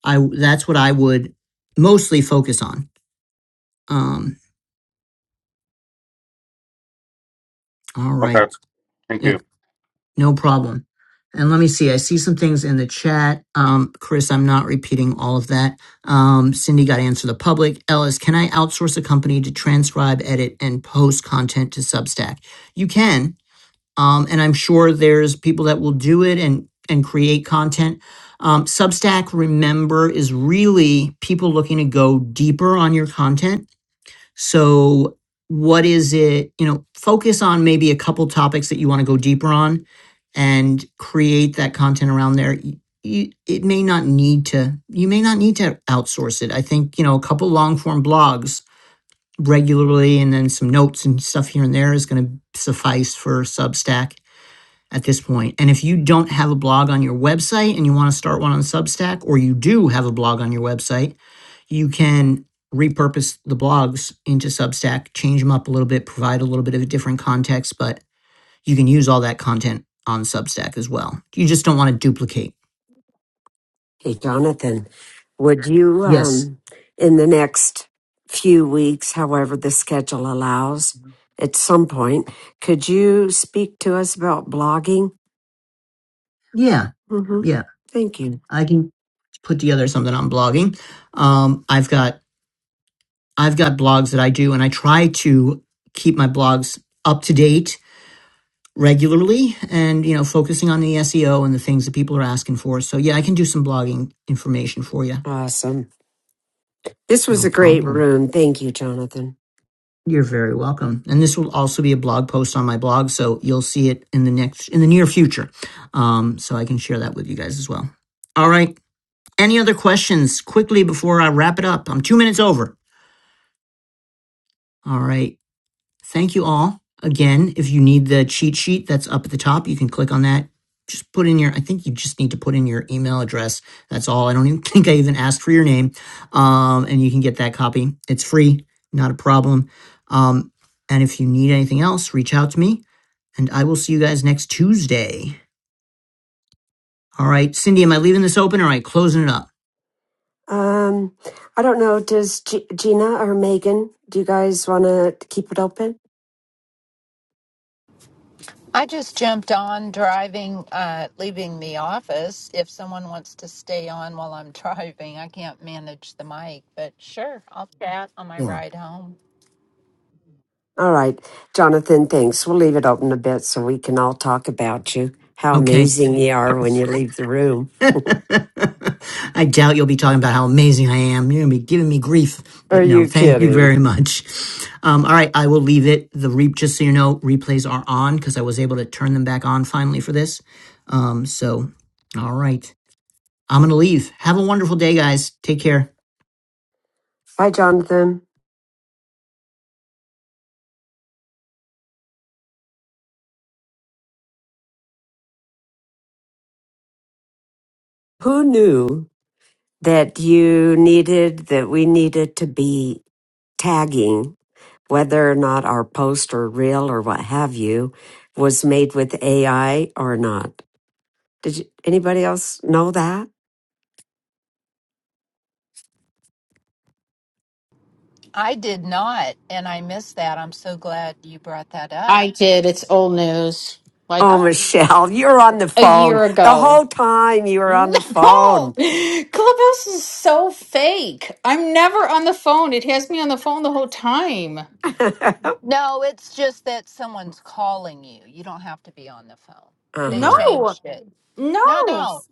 Speaker 1: I that's what I would mostly focus on. Um, all
Speaker 5: Okay.
Speaker 1: right.
Speaker 5: Thank
Speaker 1: Yeah,
Speaker 5: you.
Speaker 1: no problem. And let me see, I see some things in the chat. Um, Chris, I'm not repeating all of that. Um, Cindy got to answer the public. Ellis, can I outsource a company to transcribe, edit, and post content to Substack? You can. Um, and I'm sure there's people that will do it and and create content. Um, Substack, remember, is really people looking to go deeper on your content. So, what is it? You know, focus on maybe a couple topics that you want to go deeper on, and create that content around there. You, it may not need to. You may not need to outsource it. I think you know a couple long form blogs regularly, and then some notes and stuff here and there is going to suffice for Substack at this point. And if you don't have a blog on your website and you want to start one on Substack, or you do have a blog on your website, you can repurpose the blogs into Substack, change them up a little bit, provide a little bit of a different context, but you can use all that content on Substack as well. You just don't want to duplicate.
Speaker 3: Hey, Jonathan, would you,
Speaker 1: Yes.
Speaker 3: um, in the next few weeks, however the schedule allows, at some point, could you speak to us about blogging?
Speaker 1: Yeah.
Speaker 3: Mm-hmm.
Speaker 1: Yeah.
Speaker 3: Thank you.
Speaker 1: I can put together something on blogging. Um, I've got I've got blogs that I do and I try to keep my blogs up to date regularly and you know focusing on the SEO and the things that people are asking for. So yeah, I can do some blogging information for you.
Speaker 3: Awesome. This was
Speaker 1: No
Speaker 3: a great
Speaker 1: problem.
Speaker 3: room. Thank you, Jonathan.
Speaker 1: You're very welcome. And this will also be a blog post on my blog, so you'll see it in the next in the near future. Um, so I can share that with you guys as well. All right. Any other questions quickly before I wrap it up? I'm two minutes over. All right. Thank you all. Again, if you need the cheat sheet that's up at the top, you can click on that. Just put in your, I think you just need to put in your email address. That's all. I don't even think I even asked for your name. Um, and you can get that copy. It's free, not a problem. Um, and if you need anything else, reach out to me and I will see you guys next Tuesday. All right. Cindy, am I leaving this open or am I closing it up?
Speaker 3: Um, I don't know. Does G- Gina or Megan, do you guys want to keep it open?
Speaker 6: I just jumped on driving, uh, leaving the office. If someone wants to stay on while I'm driving, I can't manage the mic, but sure, I'll chat on my
Speaker 3: Yeah.
Speaker 6: ride home.
Speaker 3: All right. Jonathan, thanks. We'll leave it open a bit so we can all talk about you, how
Speaker 1: Okay.
Speaker 3: amazing you are when you leave the room.
Speaker 1: I doubt you'll be talking about how amazing I am. You're going to be giving me grief,
Speaker 3: Are
Speaker 1: but no,
Speaker 3: you
Speaker 1: thank you
Speaker 3: kidding?
Speaker 1: very much. Um, all right, I will leave it. The re- just so you know, replays are on because I was able to turn them back on finally for this. Um, so, all right, I'm going to leave. Have a wonderful day, guys. Take care.
Speaker 3: Hi, Jonathan. Who knew that you needed, that we needed to be tagging whether or not our post or reel or what have you was made with AI or not? Did you, anybody else know that?
Speaker 6: I did not, and I missed that. I'm so glad you brought that up.
Speaker 7: I did. It's old news. Like
Speaker 3: Oh,
Speaker 6: Oh,
Speaker 3: Michelle, you're on the
Speaker 7: a
Speaker 3: phone
Speaker 7: year
Speaker 3: the
Speaker 7: ago.
Speaker 3: whole time. You were on the
Speaker 7: No!
Speaker 3: phone.
Speaker 7: Clubhouse is so fake. I'm never on the phone. It has me on the phone the whole time.
Speaker 3: uh
Speaker 6: no, it's just that someone's calling you. You don't have to be on the phone. They
Speaker 3: huh.
Speaker 7: No!
Speaker 6: changed it. No,
Speaker 7: No!
Speaker 6: no.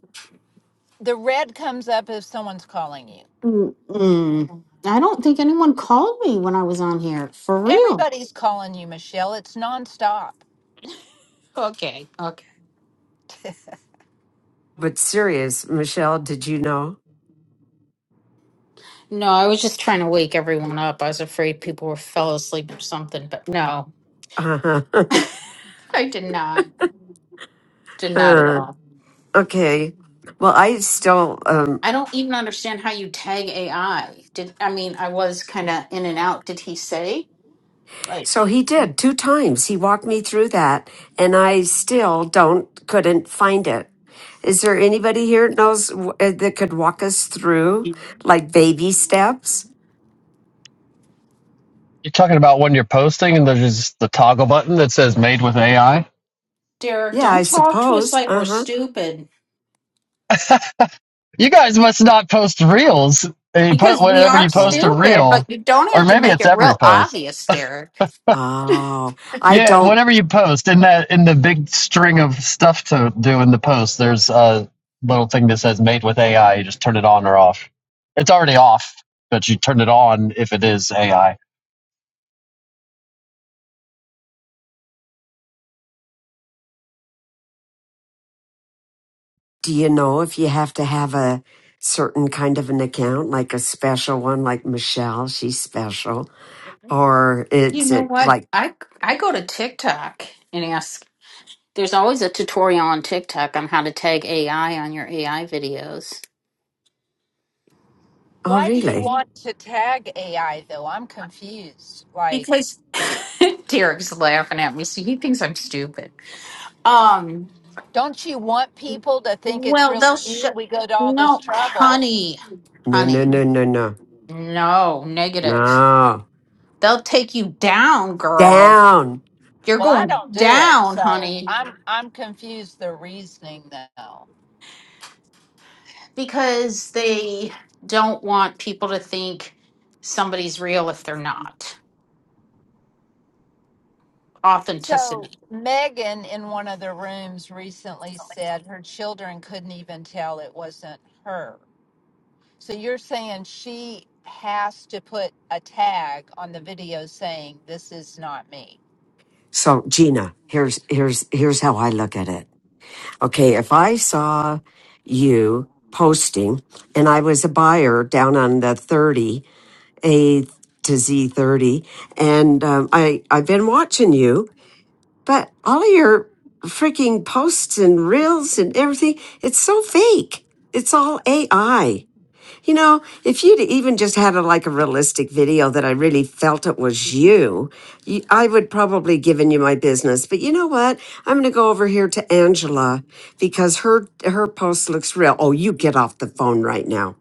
Speaker 6: The red comes up if someone's calling you.
Speaker 7: Mm-mm. I don't think anyone called me when I was on here. For real.
Speaker 6: Everybody's calling you, Michelle. It's nonstop.
Speaker 7: Okay. Okay.
Speaker 3: But serious, Michelle, did you know?
Speaker 7: No, I was just trying to wake everyone up. I was afraid people were fell asleep or something, but no.
Speaker 3: Uh-huh.
Speaker 7: I did not. Did
Speaker 3: Uh
Speaker 7: not at
Speaker 3: huh.
Speaker 7: all.
Speaker 3: okay. Well, I still. Um,
Speaker 7: I don't even understand how you tag AI. Did I mean I was kind of in and out. Did he say like
Speaker 3: so he did two times. He walked me through that, and I still don't couldn't find it. Is there anybody here that knows w- uh, that could walk us through like baby steps?
Speaker 8: You're talking about when you're posting and there's just the toggle button that says made with AI?
Speaker 7: Derek?
Speaker 3: Yeah, I
Speaker 7: Don't talk to us
Speaker 3: suppose.
Speaker 7: like we're
Speaker 3: Uh huh.
Speaker 7: stupid
Speaker 8: You guys must not post reels. You put
Speaker 7: because we
Speaker 8: whenever
Speaker 7: are
Speaker 8: you post
Speaker 3: Oh,
Speaker 8: a
Speaker 7: stupid. But
Speaker 8: reel,
Speaker 7: you don't
Speaker 8: or
Speaker 7: have to
Speaker 8: maybe
Speaker 7: make
Speaker 8: it's
Speaker 7: it
Speaker 8: every
Speaker 7: real
Speaker 8: post.
Speaker 7: obvious, Derek.
Speaker 3: oh, I
Speaker 8: Yeah,
Speaker 3: don't
Speaker 8: whenever you post in that in the big string of stuff to do in the post, there's a little thing that says made with AI. You just turn it on or off. It's already off, but you turn it on if it is AI.
Speaker 3: Do you know if you have to have a certain kind of an account, like a special one, like Michelle, she's special, or
Speaker 7: You
Speaker 3: it's
Speaker 7: know
Speaker 3: it
Speaker 7: what?
Speaker 3: like,
Speaker 7: I I go to TikTok and ask. There's always a tutorial on TikTok on how to tag AI on your AI videos.
Speaker 3: oh,
Speaker 6: Why do you
Speaker 3: really?
Speaker 6: want to tag AI though? I'm confused. Like,
Speaker 7: Because Derek's laughing at me, so he thinks I'm stupid. Um.
Speaker 6: don't you want people to think it's
Speaker 7: Well,
Speaker 6: really
Speaker 7: they'll
Speaker 6: you?
Speaker 7: shut.
Speaker 6: We go to all this
Speaker 7: No,
Speaker 6: trouble.
Speaker 7: honey,
Speaker 3: No, no,
Speaker 7: honey.
Speaker 3: no, no, no,
Speaker 7: No, negative.
Speaker 3: no,
Speaker 7: They'll take you down, girl.
Speaker 3: down.
Speaker 7: You're
Speaker 6: Well, I
Speaker 7: going
Speaker 6: don't do it,
Speaker 7: down,
Speaker 6: so
Speaker 7: honey,
Speaker 6: I'm I'm confused the reasoning though.
Speaker 7: because they don't want people to think somebody's real if they're not.
Speaker 6: So
Speaker 7: Authenticity.
Speaker 6: Megan in one of the rooms recently said her children couldn't even tell it wasn't her. So you're saying she has to put a tag on the video saying this is not me.
Speaker 3: So Gina, here's here's here's how I look at it. Okay, if I saw you posting, and I was a buyer down on the thirty A to Z thirty, and um, I I've been watching you But all of your freaking posts and reels and everything, it's so fake. It's all AI. You know, if you'd even just had a like a realistic video that I really felt it was you, you I would probably given you my business. But you know what? I'm going to go over here to Angela because her her post looks real. Oh, you get off the phone right now.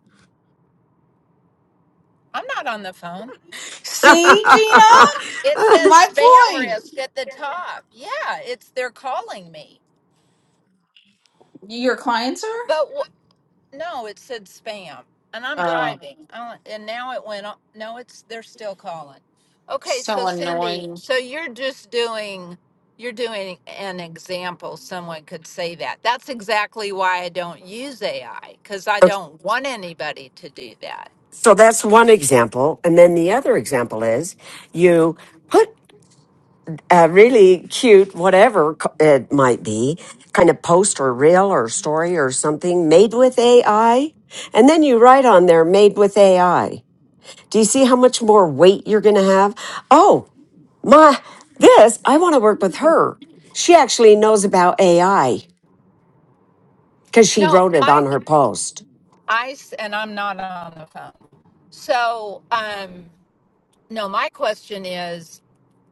Speaker 6: I'm not on the phone.
Speaker 7: See, Gina?
Speaker 6: It says
Speaker 7: My
Speaker 6: spam
Speaker 7: point.
Speaker 6: risk at the top. Yeah, it's they're calling me.
Speaker 7: Your clients are?
Speaker 6: But wh- no, it said spam, and I'm
Speaker 7: Oh,
Speaker 6: driving. I and now it went. o- No, it's they're still calling. Okay,
Speaker 7: so
Speaker 6: so Cindy,
Speaker 7: annoying.
Speaker 6: so you're just doing you're doing an example. Someone could say that. That's exactly why I don't use AI because I don't want anybody to do that.
Speaker 3: so that's one example, and then the other example is you put a really cute, whatever co- it might be, kind of post or reel or story or something made with AI. And then you write on there, made with AI. Do you see how much more weight you're going to have? Oh, my, this, I want to work with her. She actually knows about AI because she
Speaker 6: No,
Speaker 3: wrote it
Speaker 6: my
Speaker 3: on her post.
Speaker 6: I s- and I'm not on the phone. So um, no, my question is.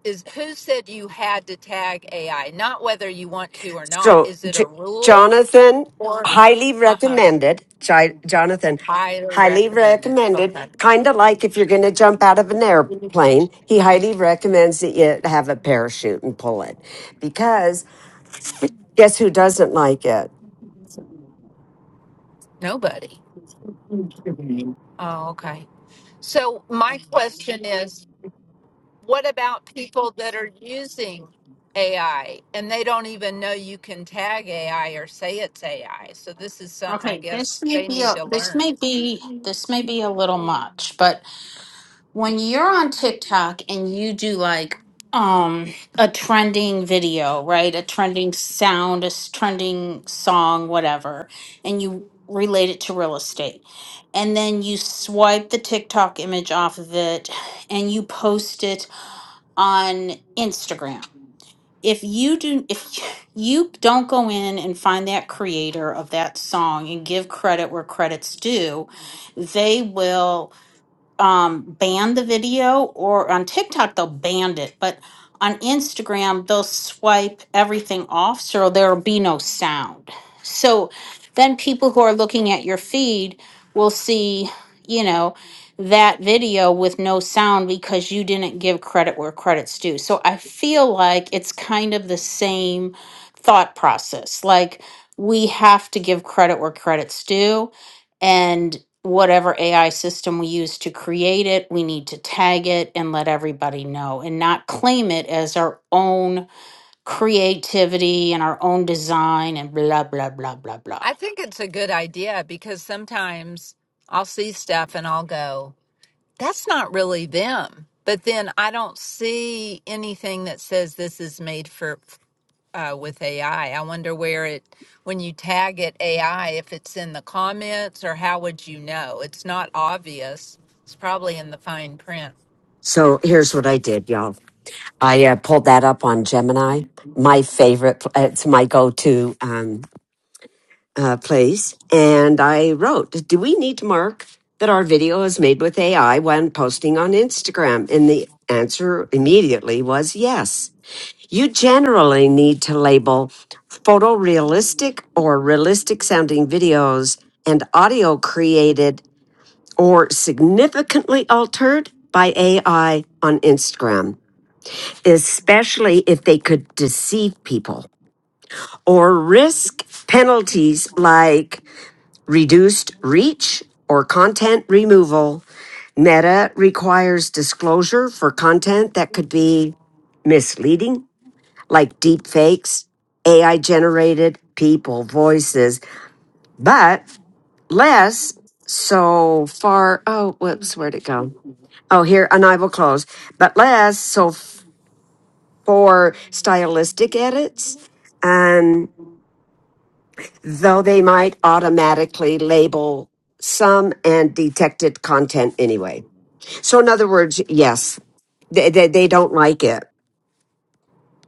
Speaker 6: is who said you had to tag AI? Not whether you want to or not.
Speaker 3: So,
Speaker 6: Is it a
Speaker 3: J-
Speaker 6: rule?
Speaker 3: Jonathan, highly
Speaker 6: Uh huh.
Speaker 3: recommended. J- Jonathan,
Speaker 6: I don't
Speaker 3: highly
Speaker 6: recommend it.
Speaker 3: recommended. Kind of like if you're going to jump out of an airplane, he highly recommends that you have a parachute and pull it because guess who doesn't like it?
Speaker 6: Nobody. Oh, okay. So my question is, what about people that are using AI and they don't even know you can tag AI or say it's AI? So this is something I
Speaker 7: Okay, this
Speaker 6: guess
Speaker 7: may
Speaker 6: they
Speaker 7: be
Speaker 6: need
Speaker 7: a
Speaker 6: to
Speaker 7: this
Speaker 6: learn.
Speaker 7: may be this may be a little much, but when you're on TikTok and you do like um a trending video, right? A trending sound, a s- trending song, whatever, and you relate it to real estate. And then you swipe the TikTok image off of it and you post it on Instagram. If you do if you don't go in and find that creator of that song and give credit where credit's due, they will um, ban the video, or on TikTok, they'll ban it. But on Instagram, they'll swipe everything off so there'll be no sound. So then people who are looking at your feed will see, you know, that video with no sound because you didn't give credit where credit's due. So I feel like it's kind of the same thought process. Like we have to give credit where credit's due and whatever AI system we use to create it, we need to tag it and let everybody know and not claim it as our own creativity and our own design and blah, blah, blah, blah, blah.
Speaker 6: I think it's a good idea because sometimes I'll see stuff and I'll go. that's not really them. But then I don't see anything that says this is made for uh, with AI. I I wonder where it when you tag it AI if it's in the comments or how would you know? It's not obvious. It's probably in the fine print.
Speaker 3: So here's what I did, y'all. I uh, pulled that up on Gemini, my favorite. pl- It's my go-to. um, uh, place and I wrote, Do we need to mark that our video is made with AI when posting on Instagram? And the answer immediately was yes. You generally need to label photorealistic or realistic sounding videos and audio created or significantly altered by AI on Instagram, especially if they could deceive people or risk penalties like reduced reach or content removal. Meta requires disclosure for content that could be misleading, like deep fakes, AI generated people voices, but less so far. Oh, whoops, where'd it go? Oh, here, and I will close, but less so f- for stylistic edits though they might automatically label some and detected content anyway. So, in other words, yes, they, they, they don't like it.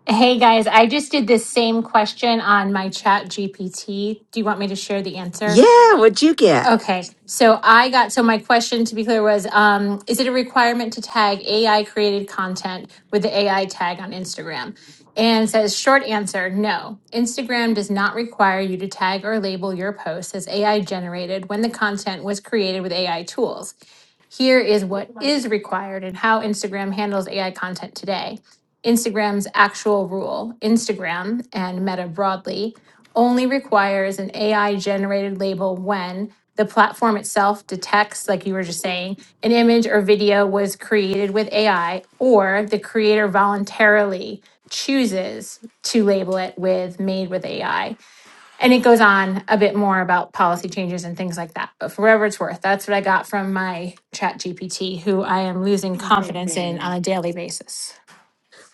Speaker 4: Hey guys, I just did this same question on my chat GPT. Do you want me to share the answer?
Speaker 3: Yeah, what'd you get?
Speaker 4: Okay, so I got so my question to be clear was um, is it a requirement to tag AI created content with the AI tag on Instagram? And says short answer no. Instagram does not require you to tag or label your posts as AI generated when the content was created with AI tools. Here is what is required and how Instagram handles AI content today. Instagram's actual rule, Instagram and Meta broadly, only requires an AI generated label when the platform itself detects, like you were just saying, an image or video was created with AI, or the creator voluntarily chooses to label it with made with AI. And it goes on a bit more about policy changes and things like that. But for whatever it's worth, that's what I got from my chat GPT, who I am losing confidence in on
Speaker 7: Baby.
Speaker 4: a daily basis.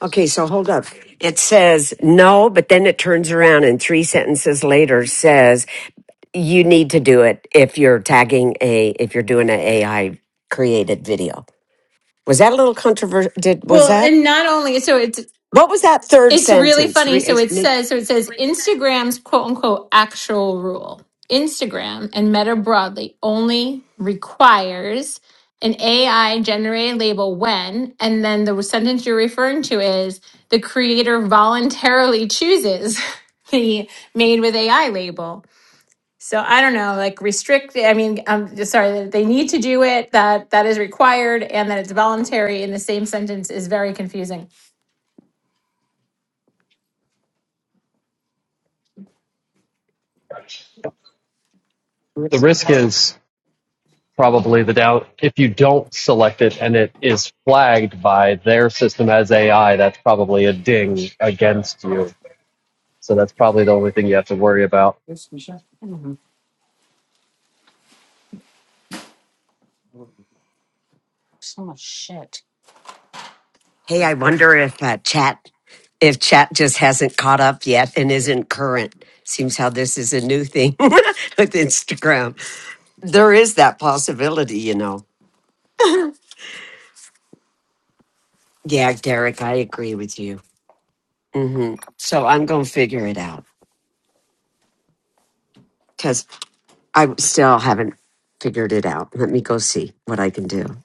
Speaker 3: Okay, so hold up. It says no, but then it turns around and three sentences later says you need to do it if you're tagging a if you're doing an AI created video. Was that a little controversial? Did was
Speaker 4: Well,
Speaker 3: that
Speaker 4: and not only so it's
Speaker 3: what was that third
Speaker 4: It's really
Speaker 3: sentence?
Speaker 4: funny.
Speaker 3: Re-
Speaker 4: So it
Speaker 3: it's-
Speaker 4: says, so it says Instagram's quote unquote actual rule. Instagram and Meta broadly only requires an AI generated label when, and then the sentence you're referring to is the creator voluntarily chooses the made with AI label. So I don't know, like restrict. I mean, I'm just sorry that they need to do it. That that is required, and that it's voluntary in the same sentence is very confusing.
Speaker 8: The risk is probably the down if you don't select it and it is flagged by their system as AI, that's probably a ding against you. So that's probably the only thing you have to worry about.
Speaker 7: Mhm. So much shit.
Speaker 3: Hey, I wonder if uh, chat if chat just hasn't caught up yet and isn't current. Seems how this is a new thing with Instagram. There is that possibility, you know. Yeah, Derek, I agree with you. hmm So I'm going to figure it out because I still haven't figured it out. Let me go see what I can do.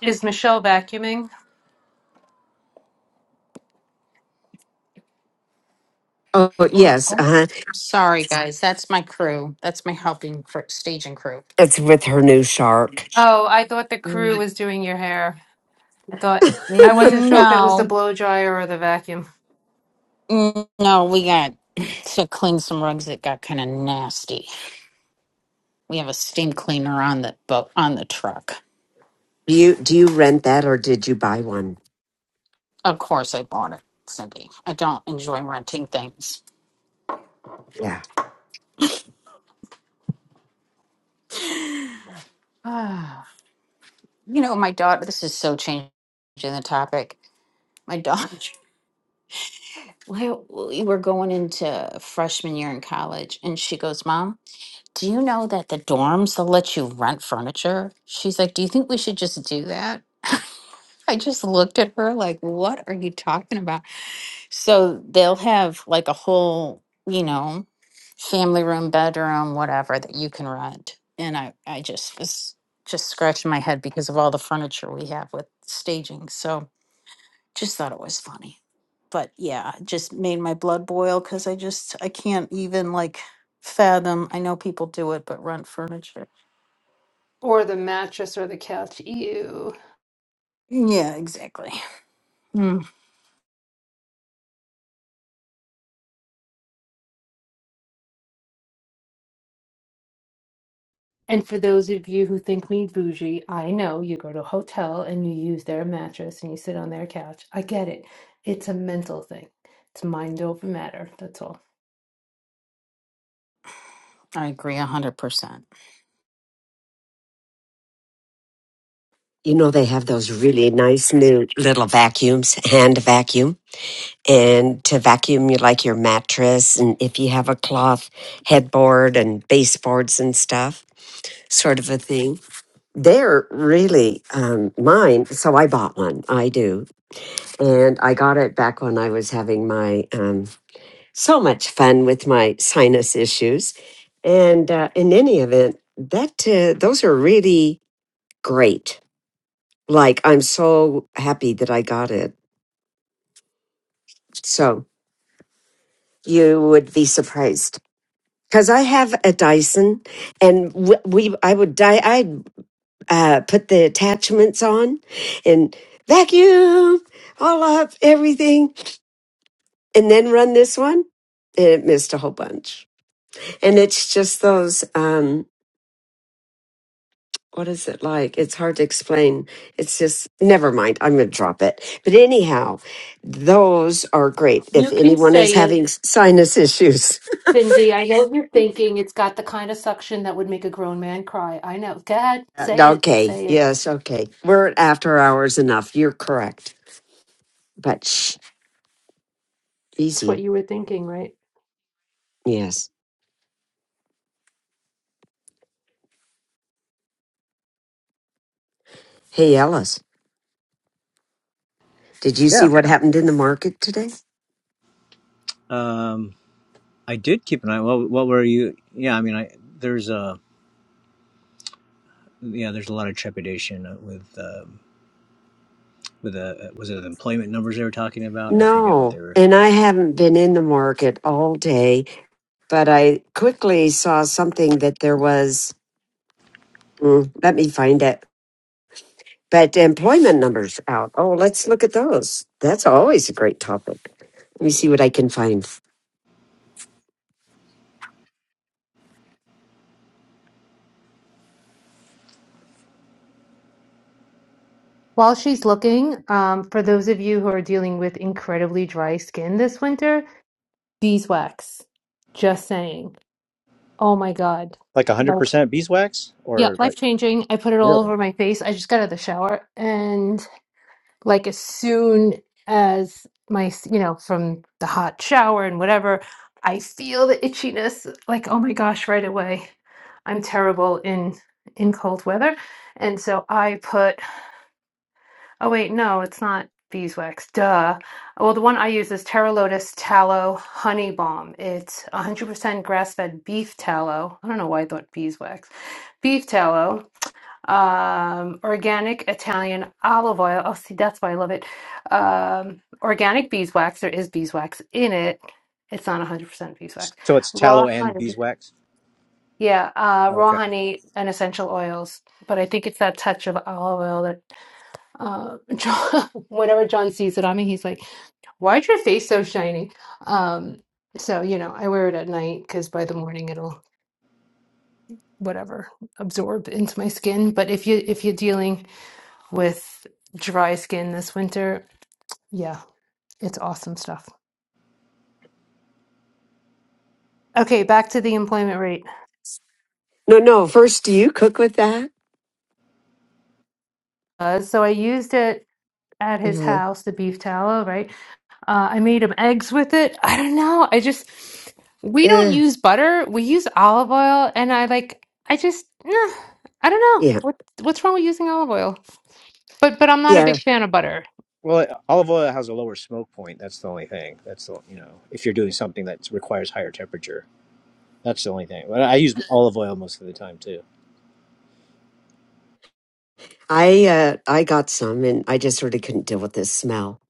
Speaker 9: Is Michelle vacuuming?
Speaker 3: Oh yes, uh huh.
Speaker 7: Sorry, guys. That's my crew. That's my helping for staging crew.
Speaker 3: It's with her new shark.
Speaker 9: Oh, I thought the crew
Speaker 7: Mm,
Speaker 9: was doing your hair. I thought I wasn't sure if it was the
Speaker 7: No,
Speaker 9: blow dryer or the vacuum
Speaker 7: Mm, no, we got to clean some rugs that got kind of nasty. We have a steam cleaner on the boat on the truck.
Speaker 3: Do you do you rent that or did you buy one?
Speaker 7: Of course, I bought it, Cindy. I don't enjoy renting things.
Speaker 3: Yeah.
Speaker 7: Ah, you know, my daughter, this is so changing the topic. My daughter, well, we were going into freshman year in college, and she goes, Mom, do you know that the dorms, they'll let you rent furniture? She's like, Do you think we should just do that? I just looked at her like, What are you talking about? So they'll have like a whole, you know, family room, bedroom, whatever that you can rent. And I, I just was just scratching my head because of all the furniture we have with staging. So just thought it was funny. But yeah, it just made my blood boil because I just I can't even like fathom. I know people do it, but rent furniture.
Speaker 9: or the mattress or the couch. Ew.
Speaker 7: Yeah, exactly. Mm,
Speaker 9: And for those of you who think me bougie, I know you go to a hotel and you use their mattress and you sit on their couch. I get it. It's a mental thing. It's mind over matter. That's all.
Speaker 7: I agree a hundred percent.
Speaker 3: You know, they have those really nice new little vacuums, hand vacuum. And to vacuum you like your mattress and if you have a cloth headboard and baseboards and stuff, sort of a thing. They're really um, mine. So I bought one. I do. And I got it back when I was having my um, so much fun with my sinus issues. And uh, in any event, that uh, those are really great Like, I'm so happy that I got it. So you would be surprised. Because I have a Dyson, and w- we, I would die. I'd uh, put the attachments on, and vacuum all up everything, and then run this one, and it missed a whole bunch. And it's just those. um, what is it like? It's hard to explain. It's just, never mind. I'm going to drop it. But anyhow, those are great. If
Speaker 9: You can
Speaker 3: anyone is
Speaker 9: say it,
Speaker 3: having sinus issues.
Speaker 9: Cindy. I know you're thinking it's got the kind of suction that would make a grown man cry. I know. Go ahead.
Speaker 3: Uh,
Speaker 9: Say it.
Speaker 3: Okay.
Speaker 9: Say it.
Speaker 3: Yes. Okay. We're at after hours enough. You're correct. But shh,
Speaker 9: It's what
Speaker 3: easy.
Speaker 9: you were thinking, right?
Speaker 3: Yes. Hey, Ellis, did you see
Speaker 10: Yeah.
Speaker 3: what happened in the market today?
Speaker 10: Um, I did keep an eye. Well, what were you? Yeah, I mean, I there's a yeah, there's a lot of trepidation with um, with the was it the employment numbers they were talking about? I forget what they
Speaker 3: No.
Speaker 10: were.
Speaker 3: And I haven't been in the market all day, but I quickly saw something that there was. Mm, let me find it. But the employment numbers out. Oh, let's look at those. That's always a great topic. Let me see what I can find.
Speaker 9: While she's looking, um, for those of you who are dealing with incredibly dry skin this winter, beeswax. Just saying. Oh my God.
Speaker 10: Like
Speaker 9: Like,
Speaker 10: 100% beeswax
Speaker 9: yeah,
Speaker 10: or
Speaker 9: life
Speaker 10: like
Speaker 9: changing. I put it all
Speaker 10: Really?
Speaker 9: over my face. I just got out of the shower and like as soon as my, s- you know, from the hot shower and whatever, I feel the itchiness like, oh my gosh, right away. I'm terrible in in cold weather. And so I put Oh wait, no, it's not beeswax. Duh. Well, the one I use is Terra Lotus Tallow Honey Balm. It's 100% grass-fed beef tallow. I don't know why I thought beeswax. Beef tallow, um, organic Italian olive oil. Oh, see, that's why I love it. Um, organic beeswax. There is beeswax in it. It's not 100% beeswax.
Speaker 10: so it's tallow
Speaker 9: Raw
Speaker 10: and
Speaker 9: honey.
Speaker 10: beeswax?
Speaker 9: Yeah, uh, raw
Speaker 10: Okay.
Speaker 9: honey and essential oils. But I think it's that touch of olive oil that uh, John, whenever John sees it on me, he's like, "Why'd your face so shiny?" Um, so you know, I wear it at night because by the morning it'll whatever absorb into my skin. But if you if you're dealing with dry skin this winter, yeah, it's awesome stuff. Okay, back to the employment rate.
Speaker 3: No, no. First, do you cook with that?
Speaker 9: Uh, so I used it at his
Speaker 3: Uh,
Speaker 9: house, the beef tallow, right? Uh, I made them eggs with it. I don't know. I just we don't
Speaker 3: uh,
Speaker 9: use butter. We use olive oil, and I like. I just nah, I don't know
Speaker 3: yeah,
Speaker 9: what what's wrong with using olive oil. But but I'm not a
Speaker 3: yeah.
Speaker 9: big fan of butter.
Speaker 10: Well, it- olive oil has a lower smoke point. That's the only thing. That's the, you know, if you're doing something that requires higher temperature, that's the only thing. But I use olive oil most of the time too.
Speaker 3: I uh, I got some, and I just sort of couldn't deal with the smell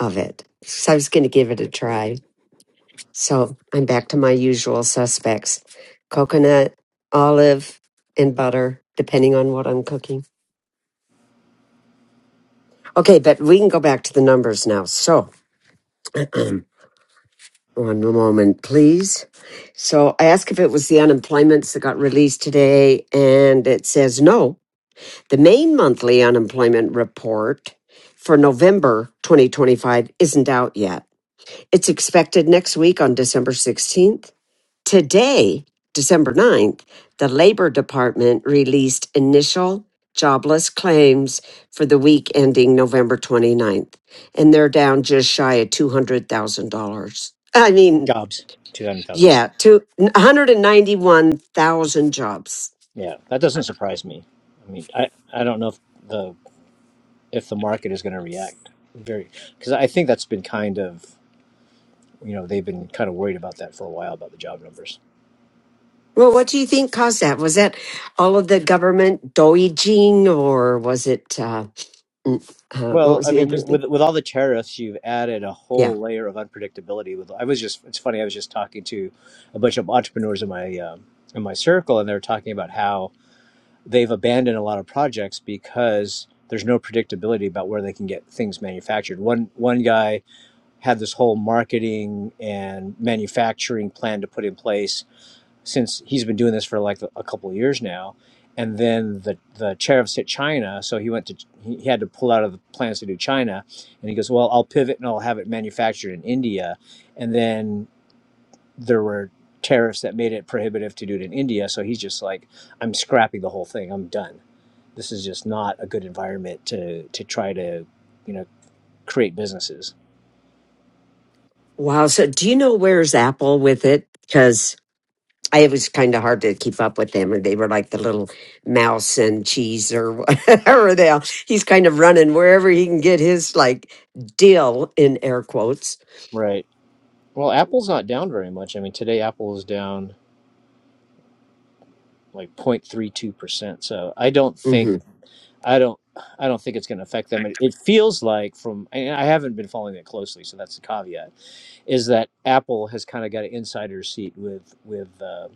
Speaker 3: of it, so I was going to give it a try. So I'm back to my usual suspects: coconut, olive, and butter, depending on what I'm cooking. Okay, but we can go back to the numbers now. So. One moment, please. So I asked if it was the unemployments that got released today, and it says no. The main monthly unemployment report for November 2025 isn't out yet. It's expected next week on December 16th. Today, December ninth, the Labor Department released initial jobless claims for the week ending November twenty-ninth, and they're down just shy of $200,000. I mean,
Speaker 10: Jobs, $200,000.
Speaker 3: yeah, to 191,000 jobs.
Speaker 10: Yeah, that doesn't surprise me. I mean, I, I don't know if the if the market is going to react very because I think that's been kind of you know they've been kind of worried about that for a while about the job numbers.
Speaker 3: Well, what do you think caused that? Was that all of the government doijing or was it, uh, mm, uh, what
Speaker 10: Well,
Speaker 3: was
Speaker 10: I
Speaker 3: the
Speaker 10: mean,
Speaker 3: other
Speaker 10: you,
Speaker 3: thing?
Speaker 10: with with all the tariffs, you've added a
Speaker 3: Yeah.
Speaker 10: whole layer of unpredictability. With I was just it's funny I was just talking to a bunch of entrepreneurs in my um in my circle, and they are talking about how they've abandoned a lot of projects because there's no predictability about where they can get things manufactured. One one guy had this whole marketing and manufacturing plan to put in place since he's been doing this for like a couple of years now. And then the, the tariffs hit China, so he went to he had to pull out of the plans to do China, and he goes, well, I'll pivot and I'll have it manufactured in India. And then there were tariffs that made it prohibitive to do it in India, so he's just like, I'm scrapping the whole thing. I'm done. This is just not a good environment to to try to you know create businesses.
Speaker 3: Wow. So do you know where's Apple with it? Because I it was kind of hard to keep up with them, or they were like the little mouse and cheese or whatever they are. He's kind of running wherever he can get his like deal in air quotes.
Speaker 10: Right. Well, Apple's not down very much. I mean, today Apple is down like 0.32%. So I don't think
Speaker 3: hmm
Speaker 10: I don't I don't think it's going to affect them. It, it feels like from and I haven't been following it closely, so that's the caveat is that Apple has kind of got an insider seat with with uh,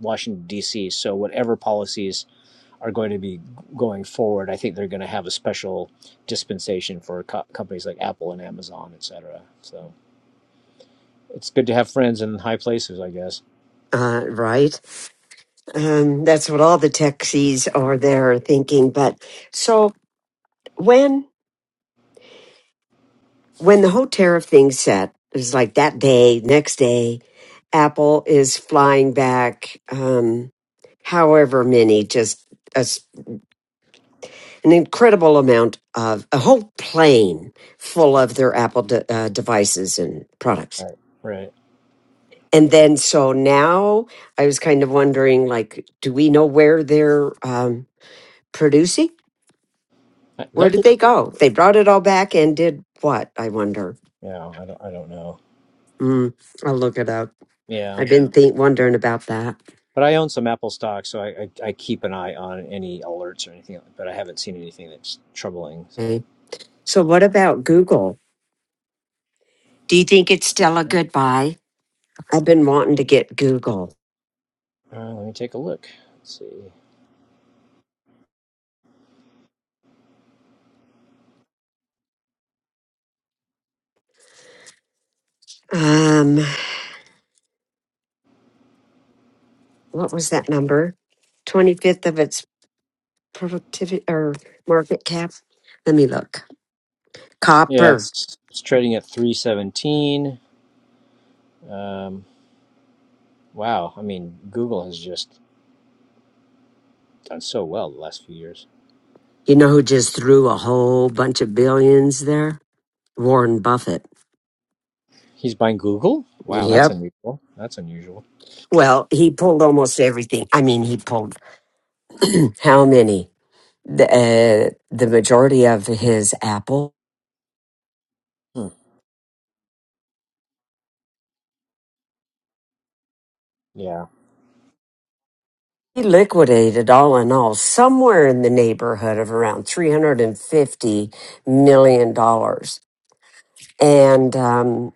Speaker 10: Washington D.C. So whatever policies are going to be going forward, I think they're going to have a special dispensation for co- companies like Apple and Amazon, et cetera. So it's good to have friends in high places, I guess.
Speaker 3: Uh, right. Um, that's what all the techies are there are thinking. But so when when the whole tariff thing set, it was like that day, next day, Apple is flying back, um, however many, just a s an incredible amount of a whole plane full of their Apple de- uh, devices and products.
Speaker 10: Right. Right.
Speaker 3: And then so now I was kind of wondering, like, do we know where they're um, producing?
Speaker 10: I-
Speaker 3: Where
Speaker 10: Don't
Speaker 3: did
Speaker 10: they?
Speaker 3: they go? They brought it all back and did what? I wonder.
Speaker 10: Yeah, I don't. I don't know.
Speaker 3: Mm, I'll look it up.
Speaker 10: Yeah,
Speaker 3: I've been think, wondering about that.
Speaker 10: but I own some Apple stock, so I, I I keep an eye on any alerts or anything. But I haven't seen anything that's troubling. So
Speaker 3: Okay. So, what about Google? Do you think it's still a
Speaker 10: uh,
Speaker 3: good buy? I've been wanting to get Google.
Speaker 10: let me take a look. Let's see.
Speaker 3: Um, what was that number? Twenty fifth of its productivity or market cap. Let me look.
Speaker 10: Yeah,
Speaker 3: Copper.
Speaker 10: it's it's trading at three seventeen. Um, wow. I mean, Google has just done so well the last few years.
Speaker 3: You know who just threw a whole bunch of billions there? Warren Buffett.
Speaker 10: He's buying Google. Wow, that's
Speaker 3: Yep.
Speaker 10: unusual. That's unusual.
Speaker 3: Well, he pulled almost everything. I mean, he pulled How many? The, uh, the majority of his apple.
Speaker 10: Hmm. Yeah.
Speaker 3: He liquidated all in all somewhere in the neighborhood of around $350 million. dollars. And, um,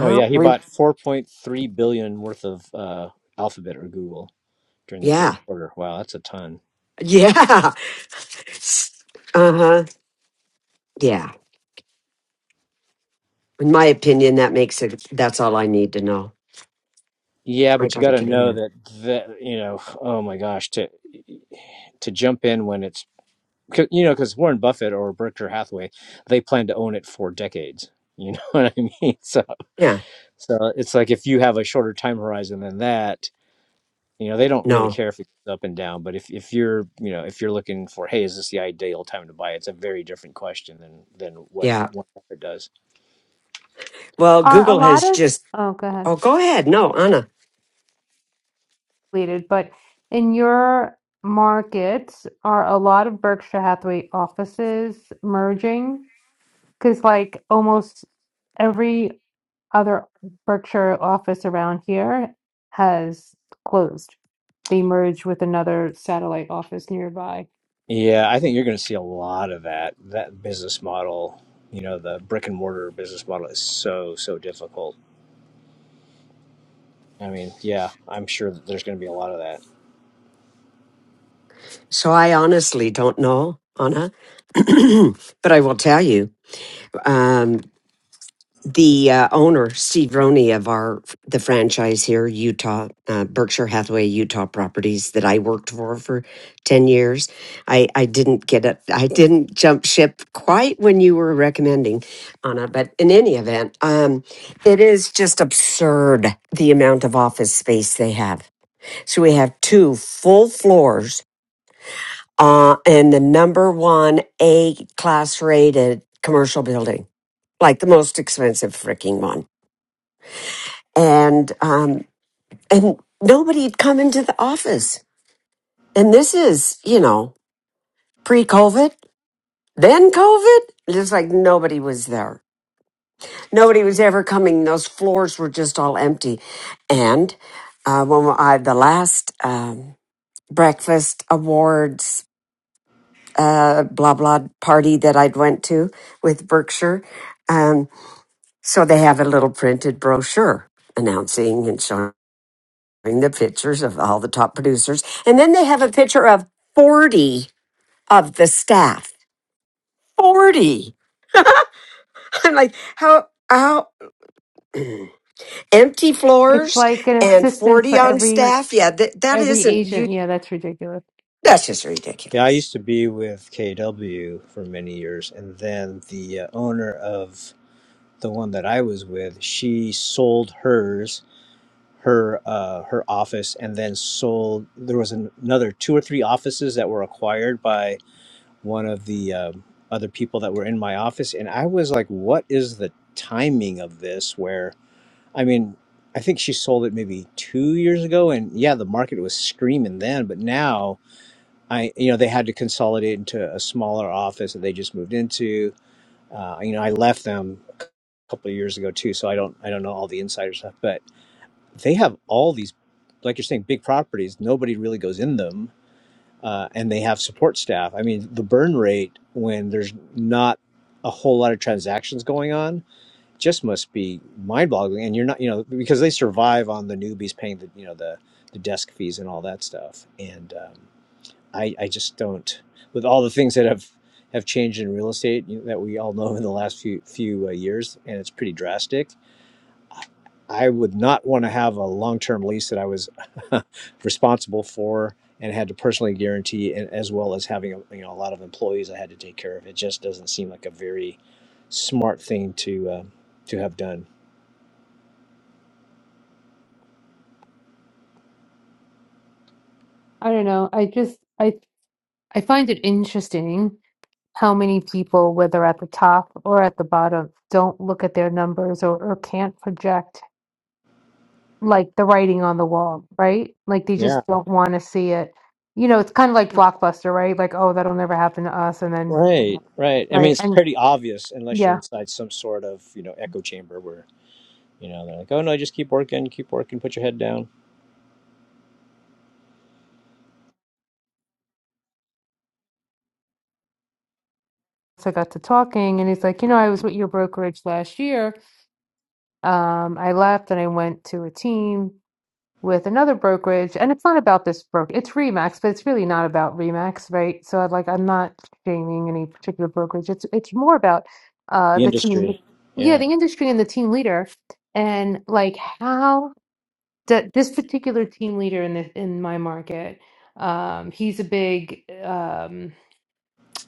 Speaker 10: Oh yeah, he
Speaker 3: we,
Speaker 10: bought four point three billion worth of uh, Alphabet or Google. during the third
Speaker 3: yeah,
Speaker 10: quarter. Wow, that's a ton.
Speaker 3: yeah. Uh huh. Yeah. In my opinion, that makes it, that's all I need to know.
Speaker 10: Yeah,
Speaker 3: I
Speaker 10: but you
Speaker 3: got
Speaker 10: got
Speaker 3: to
Speaker 10: to
Speaker 3: get in
Speaker 10: know
Speaker 3: there.
Speaker 10: that that you know. Oh my gosh, to to jump in when it's 'cause- you know because Warren Buffett or Berkshire Hathaway, they plan to own it for decades. You know what I mean? So
Speaker 3: Yeah.
Speaker 10: so it's like if you have a shorter time horizon than that, you know they don't really
Speaker 3: No.
Speaker 10: care if it goes up and down. But if if you're you know if you're looking for hey, is this the ideal time to buy? It's a very different question than than what
Speaker 3: Yeah.
Speaker 10: Warren Buffett does.
Speaker 3: Well,
Speaker 9: Are a
Speaker 3: Google
Speaker 9: lot
Speaker 3: has
Speaker 9: of
Speaker 3: just,
Speaker 9: oh, go ahead.
Speaker 3: oh, go ahead. No, Anna.
Speaker 9: completed, but in your markets, are a lot of Berkshire Hathaway offices merging? Because like almost every other Berkshire office around here has closed. They merged with another satellite office nearby.
Speaker 10: Yeah, I think you're going to see a lot of that. That business model, you know, the brick and mortar business model is so, so difficult. I mean, yeah, I'm sure that there's going to be a lot of that.
Speaker 3: So I honestly don't know, Anna, but I will tell you um, the uh, owner, Steve Roney, of our the franchise here, Utah uh, Berkshire Hathaway Utah Properties that I worked for for ten years. I I didn't get it. I didn't jump ship quite when you were recommending Anna, but in any event, um, it is just absurd the amount of office space they have. So we have two full floors uh, and the number one A class rated commercial building, like the most expensive freaking one. And um, and nobody had come into the office. And this is, you know, pre COVID, then COVID. Just like nobody was there. Nobody was ever coming. Those floors were just all empty. And uh, when I the last um, breakfast awards uh, blah blah party that I'd went to with Berkshire. um, So they have a little printed brochure announcing and showing the pictures of all the top producers. And then they have a picture of 40 of the staff. 40. I'm like, how, how empty
Speaker 9: It's
Speaker 3: floors
Speaker 9: like an
Speaker 3: and
Speaker 9: assistant
Speaker 3: 40
Speaker 9: for
Speaker 3: on
Speaker 9: every
Speaker 3: staff? Yeah, that, that
Speaker 9: Every
Speaker 3: isn't, you,
Speaker 9: Asian, yeah, that's ridiculous.
Speaker 3: that's just
Speaker 10: Yeah, I
Speaker 3: ridiculous.
Speaker 10: used to be with KW for many years, and then the uh, owner of the one that I was with, she sold hers, her uh, her office, and then sold. There was an, another two or three offices that were acquired by one of the um, other people that were in my office and i was like what is the timing of this where i mean i think she sold it maybe two years ago and yeah the market was screaming then but now i you know they had to consolidate into a smaller office that they just moved into uh, you know i left them a couple of years ago too so i don't i don't know all the insider stuff but they have all these like you're saying big properties nobody really goes in them uh, and they have support staff. I mean, the burn rate when there's not a whole lot of transactions going on just must be mind-boggling. And you're not, you know, because they survive on the newbies paying the, you know, the the desk fees and all that stuff. And um, I, I just don't. With all the things that have have changed in real estate you know, that we all know in the last few few uh, years, and it's pretty drastic I would not want to have a long term lease that I was responsible for and had to personally guarantee, and as well as having a, you know a lot of employees I had to take care of. It just doesn't seem like a very smart thing to uh, to have done.
Speaker 9: I don't know. I just I I find it interesting how many people, whether at the top or at the bottom, don't look at their numbers or, or can't project like the writing on the wall, right? Like they
Speaker 10: Yeah,
Speaker 9: just don't want to see it. You know, it's kind of like Blockbuster, right? Like, oh, that'll never happen to us. And then,
Speaker 10: right, right. I mean,
Speaker 9: right.
Speaker 10: it's
Speaker 9: And
Speaker 10: pretty obvious unless you're
Speaker 9: yeah,
Speaker 10: inside some sort of you know echo chamber where you know they're like, oh no, just keep working, keep working, put your head down.
Speaker 9: so I got to talking and he's like, you know, I was with your brokerage last year. Um, I left and I went to a team with another brokerage. And it's not about this broker, it's Remax, but it's really not about Remax, right? So I'd like, I'm not shaming any particular brokerage. It's, it's more about uh,
Speaker 10: The
Speaker 9: the team.
Speaker 10: industry,
Speaker 9: Yeah,
Speaker 10: yeah,
Speaker 9: the industry and the team leader and like how that this particular team leader in the in my market um he's a big um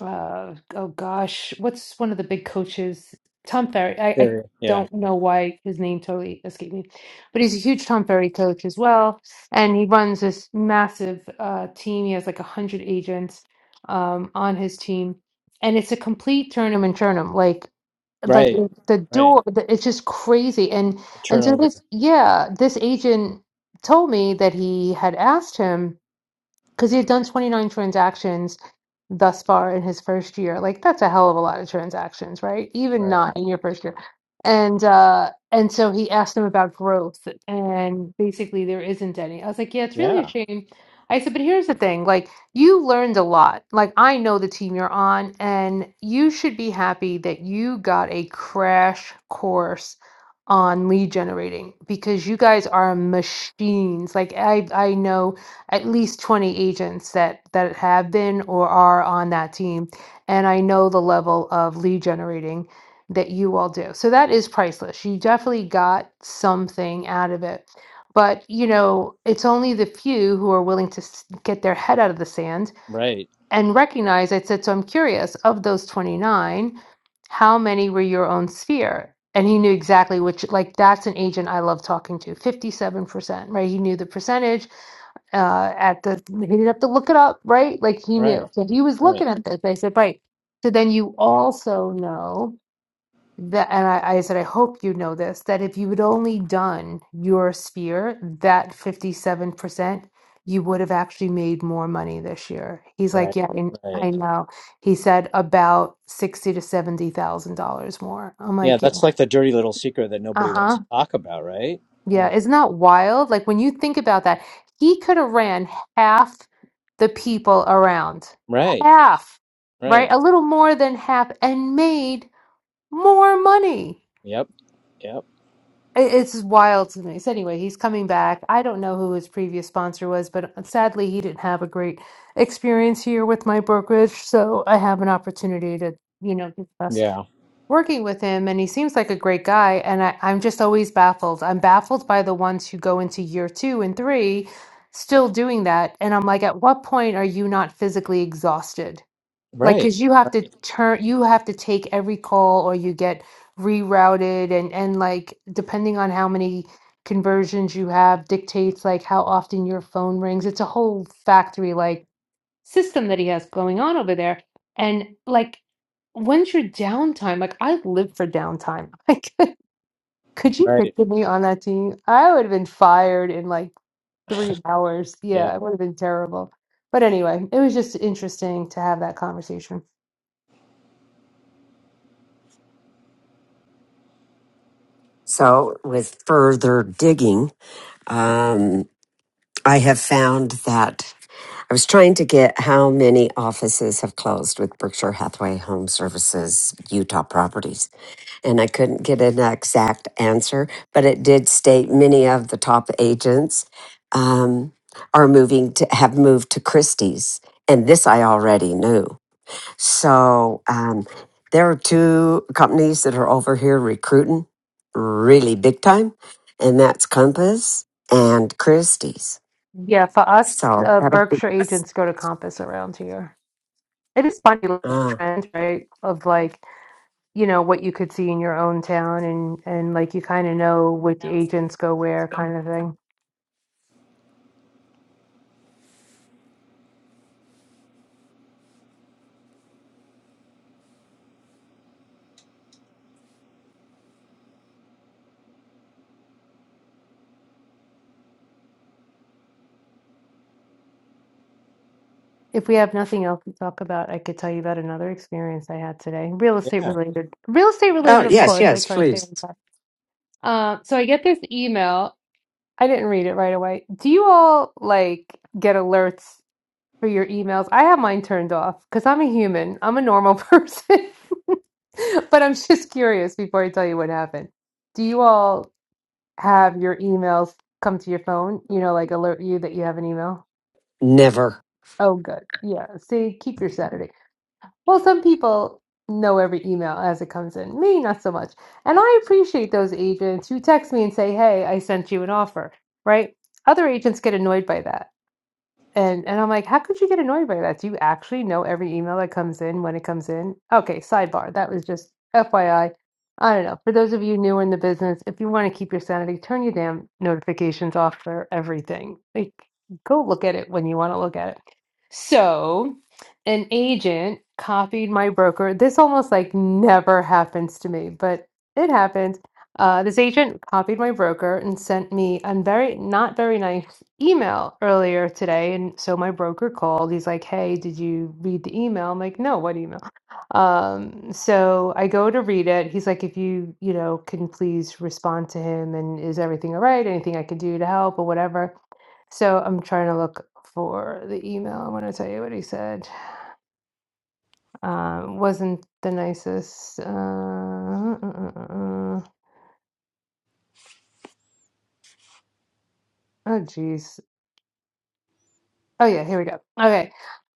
Speaker 9: uh oh gosh what's one of the big coaches Tom Ferry I, I
Speaker 10: yeah, yeah.
Speaker 9: don't know why his name totally escaped me but he's a huge Tom Ferry coach as well and he runs this massive uh team he has like a hundred agents um on his team and it's a complete turn 'em and churn 'em. Like like
Speaker 10: right,
Speaker 9: it- the
Speaker 10: right.
Speaker 9: door the, it's just crazy and and so
Speaker 10: Turnover,
Speaker 9: this yeah this agent told me that he had asked him because he had done 29 transactions thus far in his first year like that's a hell of a lot of transactions right even
Speaker 10: right,
Speaker 9: not in your first year and uh and so he asked him about growth and basically there isn't any i was like yeah it's really a
Speaker 10: yeah,
Speaker 9: shame i said but here's the thing like you learned a lot like i know the team you're on and you should be happy that you got a crash course on lead generating because you guys are machines like i i know at least 20 agents that that have been or are on that team and i know the level of lead generating that you all do so that is priceless you definitely got something out of it but you know it's only the few who are willing to s- get their head out of the sand
Speaker 10: Right.
Speaker 9: and recognize i said so i'm curious of those 29 how many were your own sphere and he knew exactly which like that's an agent i love talking to 57% right he knew the percentage uh, at the he didn't have to look it up, right? Like he knew.
Speaker 10: right,
Speaker 9: So he was
Speaker 10: right.
Speaker 9: looking at this. But I said, right. So then you also know that, and I, I said, I hope you know this, that if you had only done your sphere, that 57%, you would have actually made more money this year. He's
Speaker 10: Right,
Speaker 9: like, yeah, I,
Speaker 10: right.
Speaker 9: I know. He said about sixty to seventy thousand dollars more. I'm
Speaker 10: Yeah,
Speaker 9: like, yeah,
Speaker 10: that's like the dirty little secret that nobody
Speaker 9: uh-huh.
Speaker 10: wants to talk about, right? Uh,
Speaker 9: Yeah, isn't that wild? Like when you think about that, he could have ran half the people around.
Speaker 10: right,
Speaker 9: Half, right?
Speaker 10: right.
Speaker 9: A little more than half and made more money.
Speaker 10: Yep, yep.
Speaker 9: I- It's wild to me. So anyway, he's coming back. I don't know who his previous sponsor was, but uh, sadly he didn't have a great experience here with my brokerage, so I have an opportunity to, you know, discuss
Speaker 10: Yeah.
Speaker 9: working with him and he seems like a great guy and I, i'm just always baffled i'm baffled by the ones who go into year two and three still doing that and i'm like at what point are you not physically exhausted like because
Speaker 10: Right,
Speaker 9: you have to
Speaker 10: right,
Speaker 9: turn you have to take every call or you get rerouted and and like depending on how many conversions you have dictates like how often your phone rings it's a whole factory like system that he has going on over there. And like, when's your downtime? Like, I live for downtime. Like, could you
Speaker 10: right.
Speaker 9: picture me on that team? I would have been fired in like three hours.
Speaker 10: Yeah,
Speaker 9: Yeah, it would have been terrible. But anyway, it was just interesting to have that conversation.
Speaker 3: So with further digging, um, I have found that I was trying to get how many offices have closed with Berkshire Hathaway Home Services Utah properties, and I couldn't get an exact answer, but it did state many of the top agents um, are moving to have moved to Christie's, and this I already knew. So um, there are two companies that are over here recruiting really big time, and that's Compass and Christie's.
Speaker 9: Yeah, for us,
Speaker 3: So
Speaker 9: uh,
Speaker 3: that'll be.
Speaker 9: Berkshire agents go to Compass around here. It is funny, like
Speaker 3: Uh,
Speaker 9: trends, right? Of like, you know, what you could see in your own town, and and like you kind of know which agents go where, kind of thing. If we have nothing else to talk about, I could tell you about another experience I had today. Real estate
Speaker 10: yeah.
Speaker 9: related. Real estate
Speaker 3: Oh,
Speaker 9: related, of
Speaker 3: yes,
Speaker 9: course. I
Speaker 3: yes,
Speaker 9: try to stay
Speaker 3: please.
Speaker 9: on top. Um, so I get this email. I didn't read it right away. Do you all like get alerts for your emails? I have mine turned off because I'm a human. I'm a normal person. But I'm just curious before I tell you what happened. Do you all have your emails come to your phone? You know, like alert you that you have an email?
Speaker 3: Never.
Speaker 9: Oh, good. Yeah. See, keep your Saturday. Well, some people know every email as it comes in. Me, not so much. And I appreciate those agents who text me and say, "Hey, I sent you an offer," right? Other agents get annoyed by that. And and I'm like, how could you get annoyed by that? Do you actually know every email that comes in when it comes in? Okay, sidebar. That was just FYI. I I don't know. For those of you newer in the business, if you want to keep your sanity, turn your damn notifications off for everything. Like, go look at it when you want to look at it. So, an agent copied my broker. This almost like never happens to me, but it happens uh, this agent copied my broker and sent me a very not very nice email earlier today. And so my broker called. He's like, "Hey, did you read the email?" I'm like, "No, what email?" Um, so I go to read it. He's like, "If you, you know, can please respond to him and is everything all right? Anything I can do to help or whatever." So I'm trying to look for the email. I want to tell you what he said. Um, wasn't the nicest. Uh, uh, uh, uh, uh. uh. oh, geez. Oh, yeah, here we go. Okay.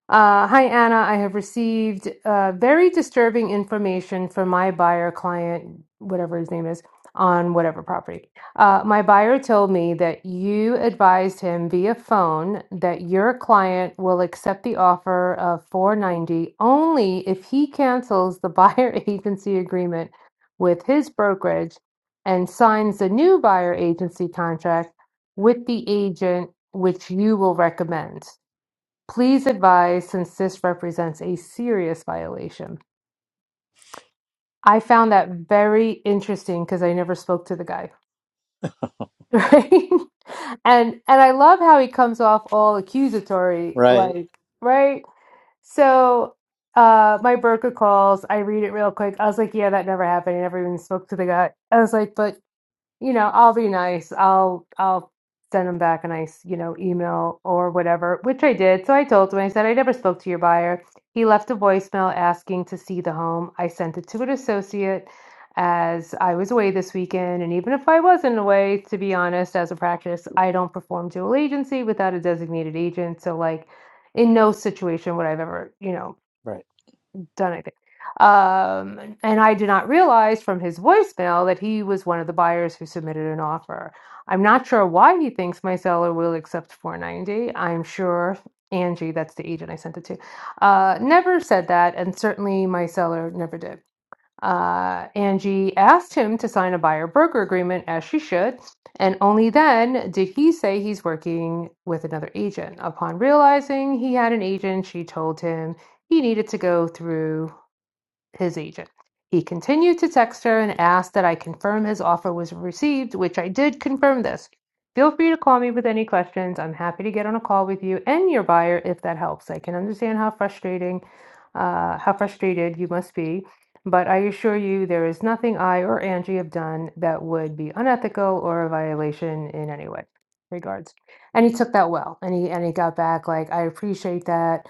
Speaker 9: Uh, hi, Anna. I have received uh, very disturbing information from my buyer client, whatever his name is, on whatever property. Uh, my buyer told me that you advised him via phone that your client will accept the offer of 490 only if he cancels the buyer agency agreement with his brokerage and signs the new buyer agency contract with the agent which you will recommend. Please advise since this represents a serious violation. I found that very interesting because I never spoke to the guy. Right. And and I love how he comes off all accusatory, like,
Speaker 10: Right,
Speaker 9: right? So uh my broker calls, I read it real quick. I was like, yeah, that never happened. I never even spoke to the guy. I was like, but you know, I'll be nice. I'll I'll send them back a nice, you know, email or whatever, which I did. So I told him, I said, I never spoke to your buyer. He left a voicemail asking to see the home. I sent it to an associate as I was away this weekend. And even if I wasn't away, to be honest, as a practice, I don't perform dual agency without a designated agent. So like in no situation would I've ever, you know,
Speaker 10: right.
Speaker 9: done anything. Um, and I did not realize from his voicemail that he was one of the buyers who submitted an offer. I'm not sure why he thinks my seller will accept 490. I'm sure Angie, that's the agent I sent it to, uh, never said that, and certainly my seller never did. Uh, Angie asked him to sign a buyer broker agreement as she should, and only then did he say he's working with another agent. Upon realizing he had an agent, she told him he needed to go through his agent. He continued to text her and asked that I confirm his offer was received, which I did confirm this. Feel free to call me with any questions. I'm happy to get on a call with you and your buyer if that helps. I can understand how frustrating, uh, how frustrated you must be, but I assure you there is nothing I or Angie have done that would be unethical or a violation in any way. Regards. And he took that well, and he and he got back like, I appreciate that.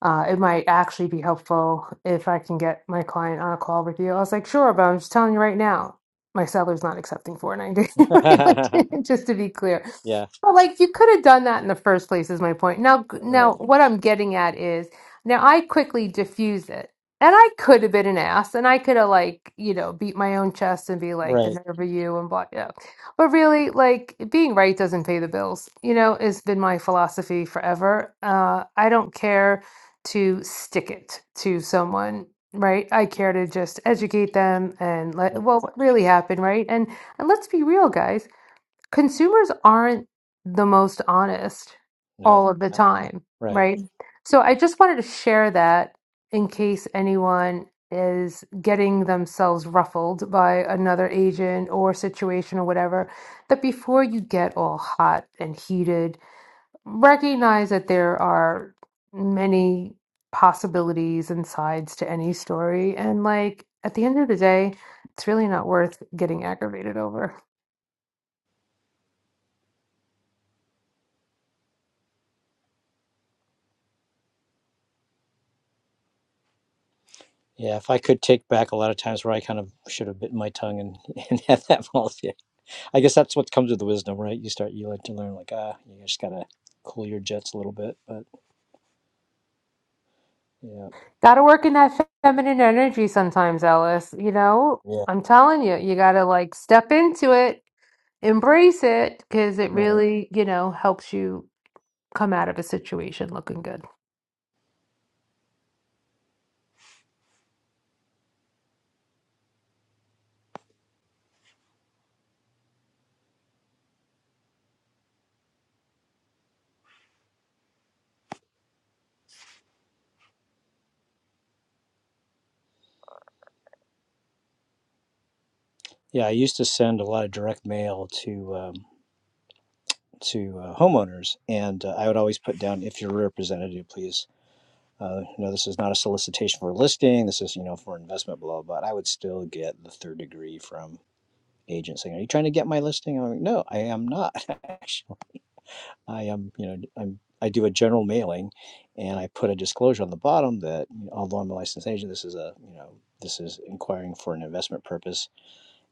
Speaker 9: Uh, it might actually be helpful if I can get my client on a call with you. I was like, sure, but I'm just telling you right now, my seller's not accepting 490, Like, just to be clear.
Speaker 10: yeah,
Speaker 9: But like, you could have done that in the first place, is my point. Now, now,
Speaker 10: right,
Speaker 9: what I'm getting at is now I quickly diffuse it, and I could have been an ass, and I could have like, you know, beat my own chest and be like, the
Speaker 10: right,
Speaker 9: nerve of you, and blah, yeah. But really, like being right doesn't pay the bills, you know, it has been my philosophy forever. Uh, I don't care to stick it to someone right i care to just educate them and
Speaker 10: right.
Speaker 9: let well what really happened right and and let's be real guys consumers aren't the most honest
Speaker 10: No,
Speaker 9: all of the
Speaker 10: that-
Speaker 9: time
Speaker 10: right.
Speaker 9: right so i just wanted to share that in case anyone is getting themselves ruffled by another agent or situation or whatever that before you get all hot and heated recognize that there are many possibilities and sides to any story. And like at the end of the day, it's really not worth getting aggravated over.
Speaker 10: Yeah, if I could take back a lot of times where I kind of should have bitten my tongue and, and had that policy. I guess that's what comes with the wisdom, right? You start, you like to learn, like, ah, you just gotta cool your jets a little bit, but yeah,
Speaker 9: Gotta work in that fe- feminine energy sometimes, Alice. You know,
Speaker 10: yeah,
Speaker 9: I'm telling you, you gotta like step into it, embrace it, because it
Speaker 10: right.
Speaker 9: really, you know, helps you come out of a situation looking good.
Speaker 10: Yeah, I used to send a lot of direct mail to um, to uh, homeowners, and uh, I would always put down if your representative, please. Uh, you know, this is not a solicitation for a listing. This is you know for investment, blah blah. blah. I would still get the third degree from agents saying, "Are you trying to get my listing?" I'm like, "No, I am not. Actually, I am. You know, I'm." I do a general mailing, and I put a disclosure on the bottom that you know, although I'm a licensed agent, this is a you know this is inquiring for an investment purpose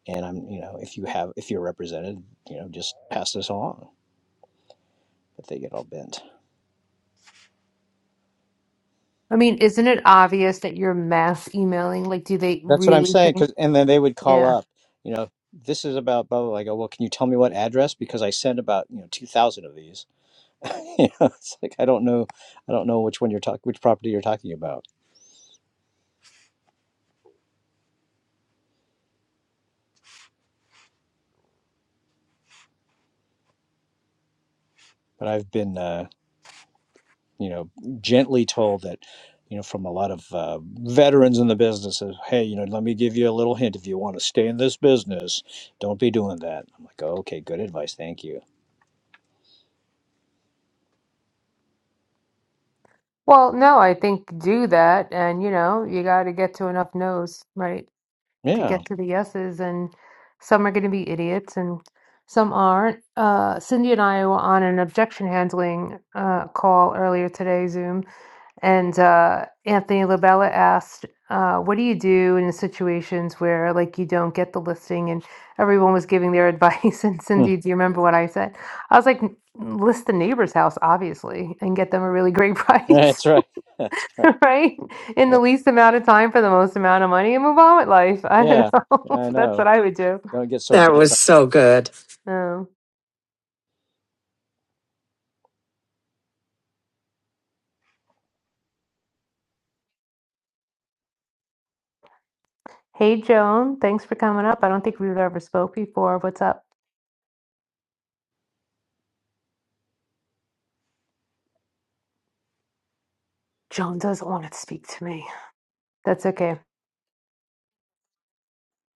Speaker 10: And I'm, you know, if you have, if you're represented, you know, just pass this along. But they get all bent.
Speaker 9: I mean, isn't it obvious that you're mass emailing? Like, do they
Speaker 10: That's what I'm
Speaker 9: really
Speaker 10: saying.
Speaker 9: think?
Speaker 10: Cause, and then they would call
Speaker 9: Yeah.
Speaker 10: up, you know, this is about blah, blah, blah. I go, well, can you tell me what address? Because I sent about, you know, 2,000 of these. you know, it's like, I don't know, I don't know which one you're talking, which property you're talking about. But I've been, uh, you know, gently told that, you know, from a lot of uh, veterans in the business is, hey, you know, let me give you a little hint. If you want to stay in this business, don't be doing that. I'm like, oh, okay, good advice. Thank you
Speaker 9: Well, no, I think do that. And, you know, you got to get to enough no's, right, to
Speaker 10: Yeah.
Speaker 9: get to the yeses. And some are going to be idiots and some aren't. Uh, Cindy and I were on an objection handling uh, call earlier today, Zoom. And uh, Anthony Labella asked, uh, "What do you do in situations where like you don't get the listing?" And everyone was giving their advice. And
Speaker 10: Hmm.
Speaker 9: Cindy, do you remember what I said? I was like, "N- "List the neighbor's house, obviously, and get them a really great
Speaker 10: That's
Speaker 9: price,
Speaker 10: right. That's right.
Speaker 9: right? In
Speaker 10: Yeah.
Speaker 9: the least amount of time for the most amount of money, and move on with life." I don't
Speaker 10: yeah. Yeah,
Speaker 9: know.
Speaker 10: I
Speaker 9: That's what
Speaker 10: know.
Speaker 9: I would do.
Speaker 10: Don't get so
Speaker 3: That
Speaker 10: bent
Speaker 3: was
Speaker 10: on.
Speaker 3: so good.
Speaker 9: Um, hey, Joan, thanks for coming up. I don't think we've ever spoke before. What's up? Joan doesn't want to speak to me. That's okay.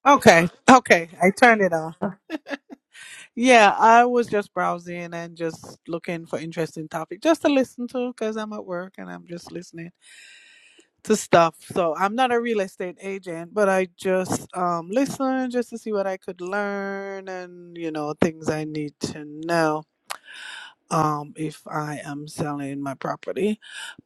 Speaker 11: Okay, okay, I turned it off. Yeah, I was just browsing and just looking for interesting topic just to listen to because I'm at work and I'm just listening to stuff. So I'm not a real estate agent, but I just um listen just to see what I could learn and you know things I need to know um if I am selling my property.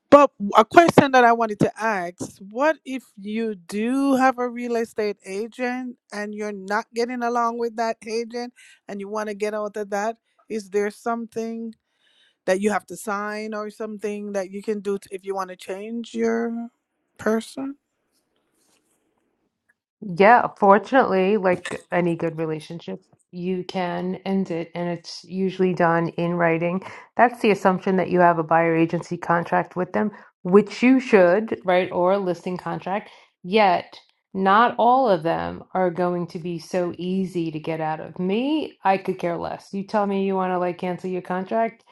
Speaker 11: But a question that I wanted to ask what if you do have a real estate agent and you're not getting along with that agent and you want to get out of that? Is there something that you have to sign or something that you can do t if you want to change your person?
Speaker 9: Yeah, fortunately, like any good relationship, you can end it, and it's usually done in writing. That's the assumption that you have a buyer agency contract with them, which you should, right? Or a listing contract. Yet, not all of them are going to be so easy to get out of. Me, I could care less. You tell me you want to like cancel your contract,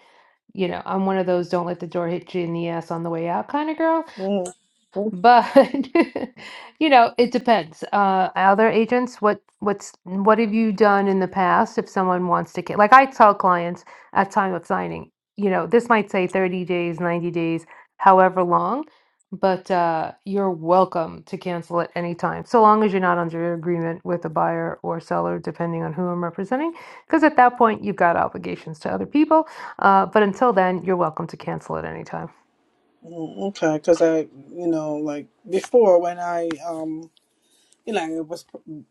Speaker 9: you know, I'm one of those don't let the door hit you in the ass on the way out kind of girl.
Speaker 11: Mm, mm,
Speaker 9: But you know, it depends. Uh, other agents, what what's what have you done in the past if someone wants to get like I tell clients at time of signing, you know, this might say 30 days, 90 days, however long, but uh, you're welcome to cancel at any time, so long as you're not under agreement with a buyer or seller, depending on who I'm representing, because at that point you've got obligations to other people. Uh, but until then, you're welcome to cancel at any time.
Speaker 11: mm, okay, because I, you know, like before when I um you know, it was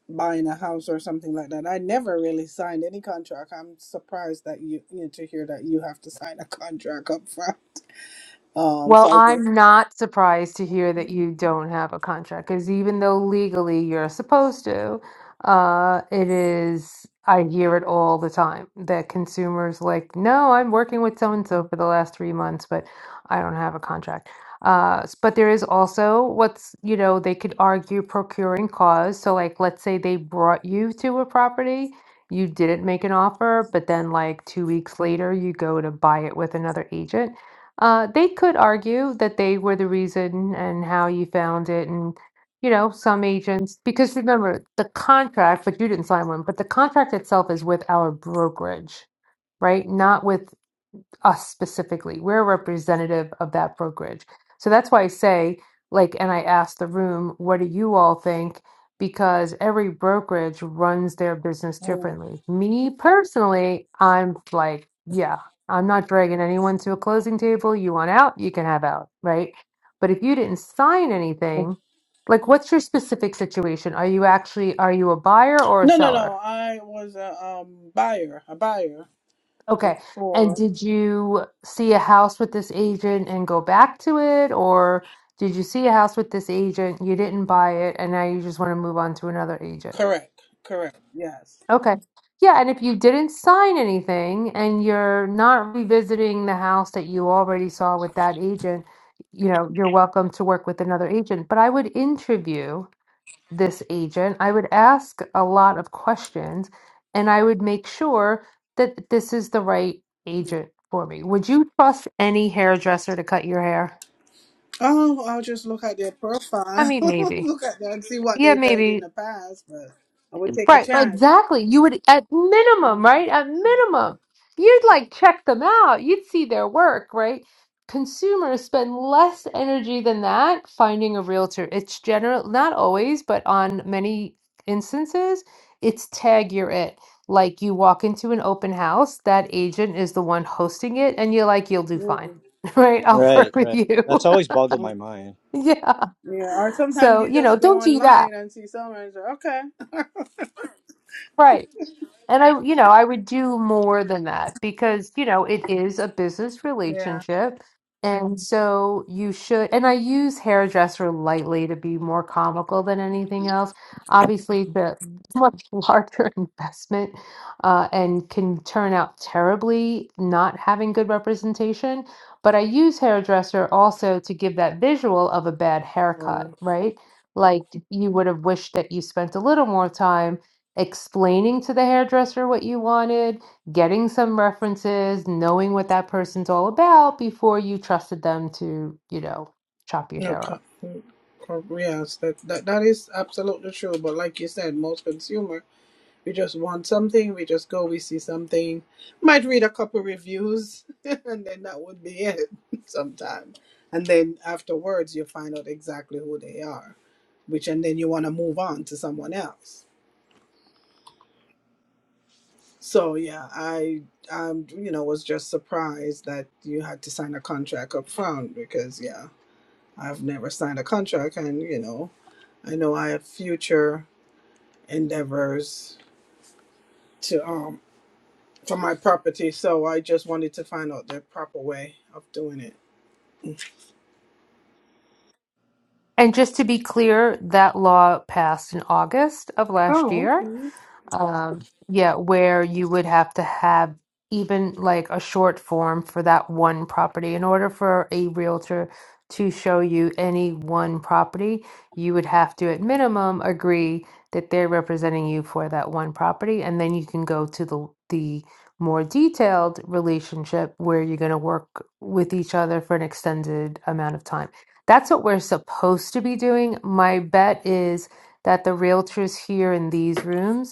Speaker 11: buying a house or something like that. I never really signed any contract. I'm surprised that you, you know, to hear that you have to sign a contract up front. Um,
Speaker 9: Well,
Speaker 11: so I
Speaker 9: I'm
Speaker 11: just,
Speaker 9: not surprised to hear that you don't have a contract because even though legally you're supposed to, uh, it is, I hear it all the time that consumers like, no, I'm working with so and so for the last three months, but I don't have a contract. Uh, s- but there is also what's, you know, they could argue procuring cause. So, like, let's say they brought you to a property, you didn't make an offer, but then, like, two weeks later, you go to buy it with another agent uh, they could argue that they were the reason and how you found it, and you know, some agents, because remember the contract, but you didn't sign one, but the contract itself is with our brokerage, right? Not with us specifically. We're a representative of that brokerage. So that's why I say, like, and I asked the room, what do you all think? Because every brokerage runs their business
Speaker 11: Mm.
Speaker 9: differently. Me personally, I'm like, yeah, I'm not dragging anyone to a closing table. You want out, you can have out, right? But if you didn't sign anything, like, what's your specific situation? Are you actually, are you a buyer or a
Speaker 11: no, no,
Speaker 9: seller?
Speaker 11: no. I was a um buyer, a buyer
Speaker 9: Okay. And
Speaker 11: before.
Speaker 9: did you see a house with this agent and go back to it, or did you see a house with this agent, you didn't buy it, and now you just want to move on to another agent?
Speaker 11: Correct, correct. Yes.
Speaker 9: Okay. Yeah, and if you didn't sign anything and you're not revisiting the house that you already saw with that agent, you know, you're welcome to work with another agent. But I would interview this agent, I would ask a lot of questions and I would make sure that this is the right agent for me. Would you trust any hairdresser to cut your hair?
Speaker 11: Oh, I'll just look at their
Speaker 9: I
Speaker 11: profile,
Speaker 9: mean, maybe.
Speaker 11: look at that and see what
Speaker 9: Yeah,
Speaker 11: they did in
Speaker 9: maybe
Speaker 11: the past. But I would take a
Speaker 9: Right,
Speaker 11: chance.
Speaker 9: exactly. You would, at minimum,
Speaker 11: Mm-hmm.
Speaker 9: right? At minimum, you'd like check them out. You'd see their work, right? Consumers spend less energy than that finding a realtor. It's general, not always, but on many instances, it's tag you're it. Like you walk into an open house, that agent is the one hosting it, and you're like, you'll do fine,
Speaker 11: Mm-hmm.
Speaker 9: right? I'll
Speaker 10: Right.
Speaker 9: work with
Speaker 10: Right.
Speaker 9: you.
Speaker 10: That's always boggled my mind.
Speaker 9: Yeah.
Speaker 11: Yeah, or sometimes
Speaker 9: So,
Speaker 11: you
Speaker 9: you know,
Speaker 11: just go
Speaker 9: don't do that.
Speaker 11: online and see someone and say, okay.
Speaker 9: Right. And I, you know, I would do more than that because, you know, it is a business
Speaker 11: yeah.
Speaker 9: relationship. And so you should, and I use hairdresser lightly to be more comical than anything else. Obviously, the much larger investment uh, and can turn out terribly not having good representation. But I use hairdresser also to give that visual of a bad haircut,
Speaker 11: Right.
Speaker 9: right? Like you would have wished that you spent a little more time explaining to the hairdresser what you wanted, getting some references, knowing what that person's all about before you trusted them to, you know, chop your
Speaker 11: No,
Speaker 9: hair off.
Speaker 11: co- co- yes, that, that that is absolutely true. But like you said, most consumer, we just want something. We just go, we see something, might read a couple reviews, and then that would be it. Sometimes, and then afterwards, you find out exactly who they are, which and then you want to move on to someone else. So yeah, I um you know was just surprised that you had to sign a contract up front because yeah, I've never signed a contract and you know I know I have future endeavors to um for my property, so I just wanted to find out the proper way of doing it.
Speaker 9: And just to be clear, that law passed in August of last
Speaker 11: Oh,
Speaker 9: year.
Speaker 11: okay.
Speaker 9: Um, yeah, where you would have to have even like a short form for that one property. In order for a realtor to show you any one property, you would have to, at minimum, agree that they're representing you for that one property, and then you can go to the the more detailed relationship where you're going to work with each other for an extended amount of time. That's what we're supposed to be doing. My bet is that the realtors here in these rooms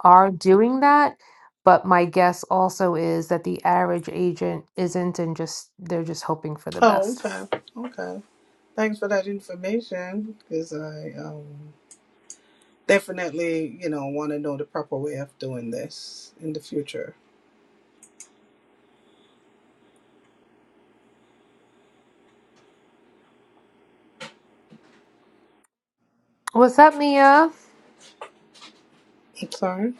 Speaker 9: are doing that. But my guess also is that the average agent isn't and just they're just hoping for the
Speaker 11: Oh,
Speaker 9: best.
Speaker 11: okay. Okay. Thanks for that information because I um, definitely, you know, want to know the proper way of doing this in the future.
Speaker 9: What's up, Mia?
Speaker 11: I'm sorry?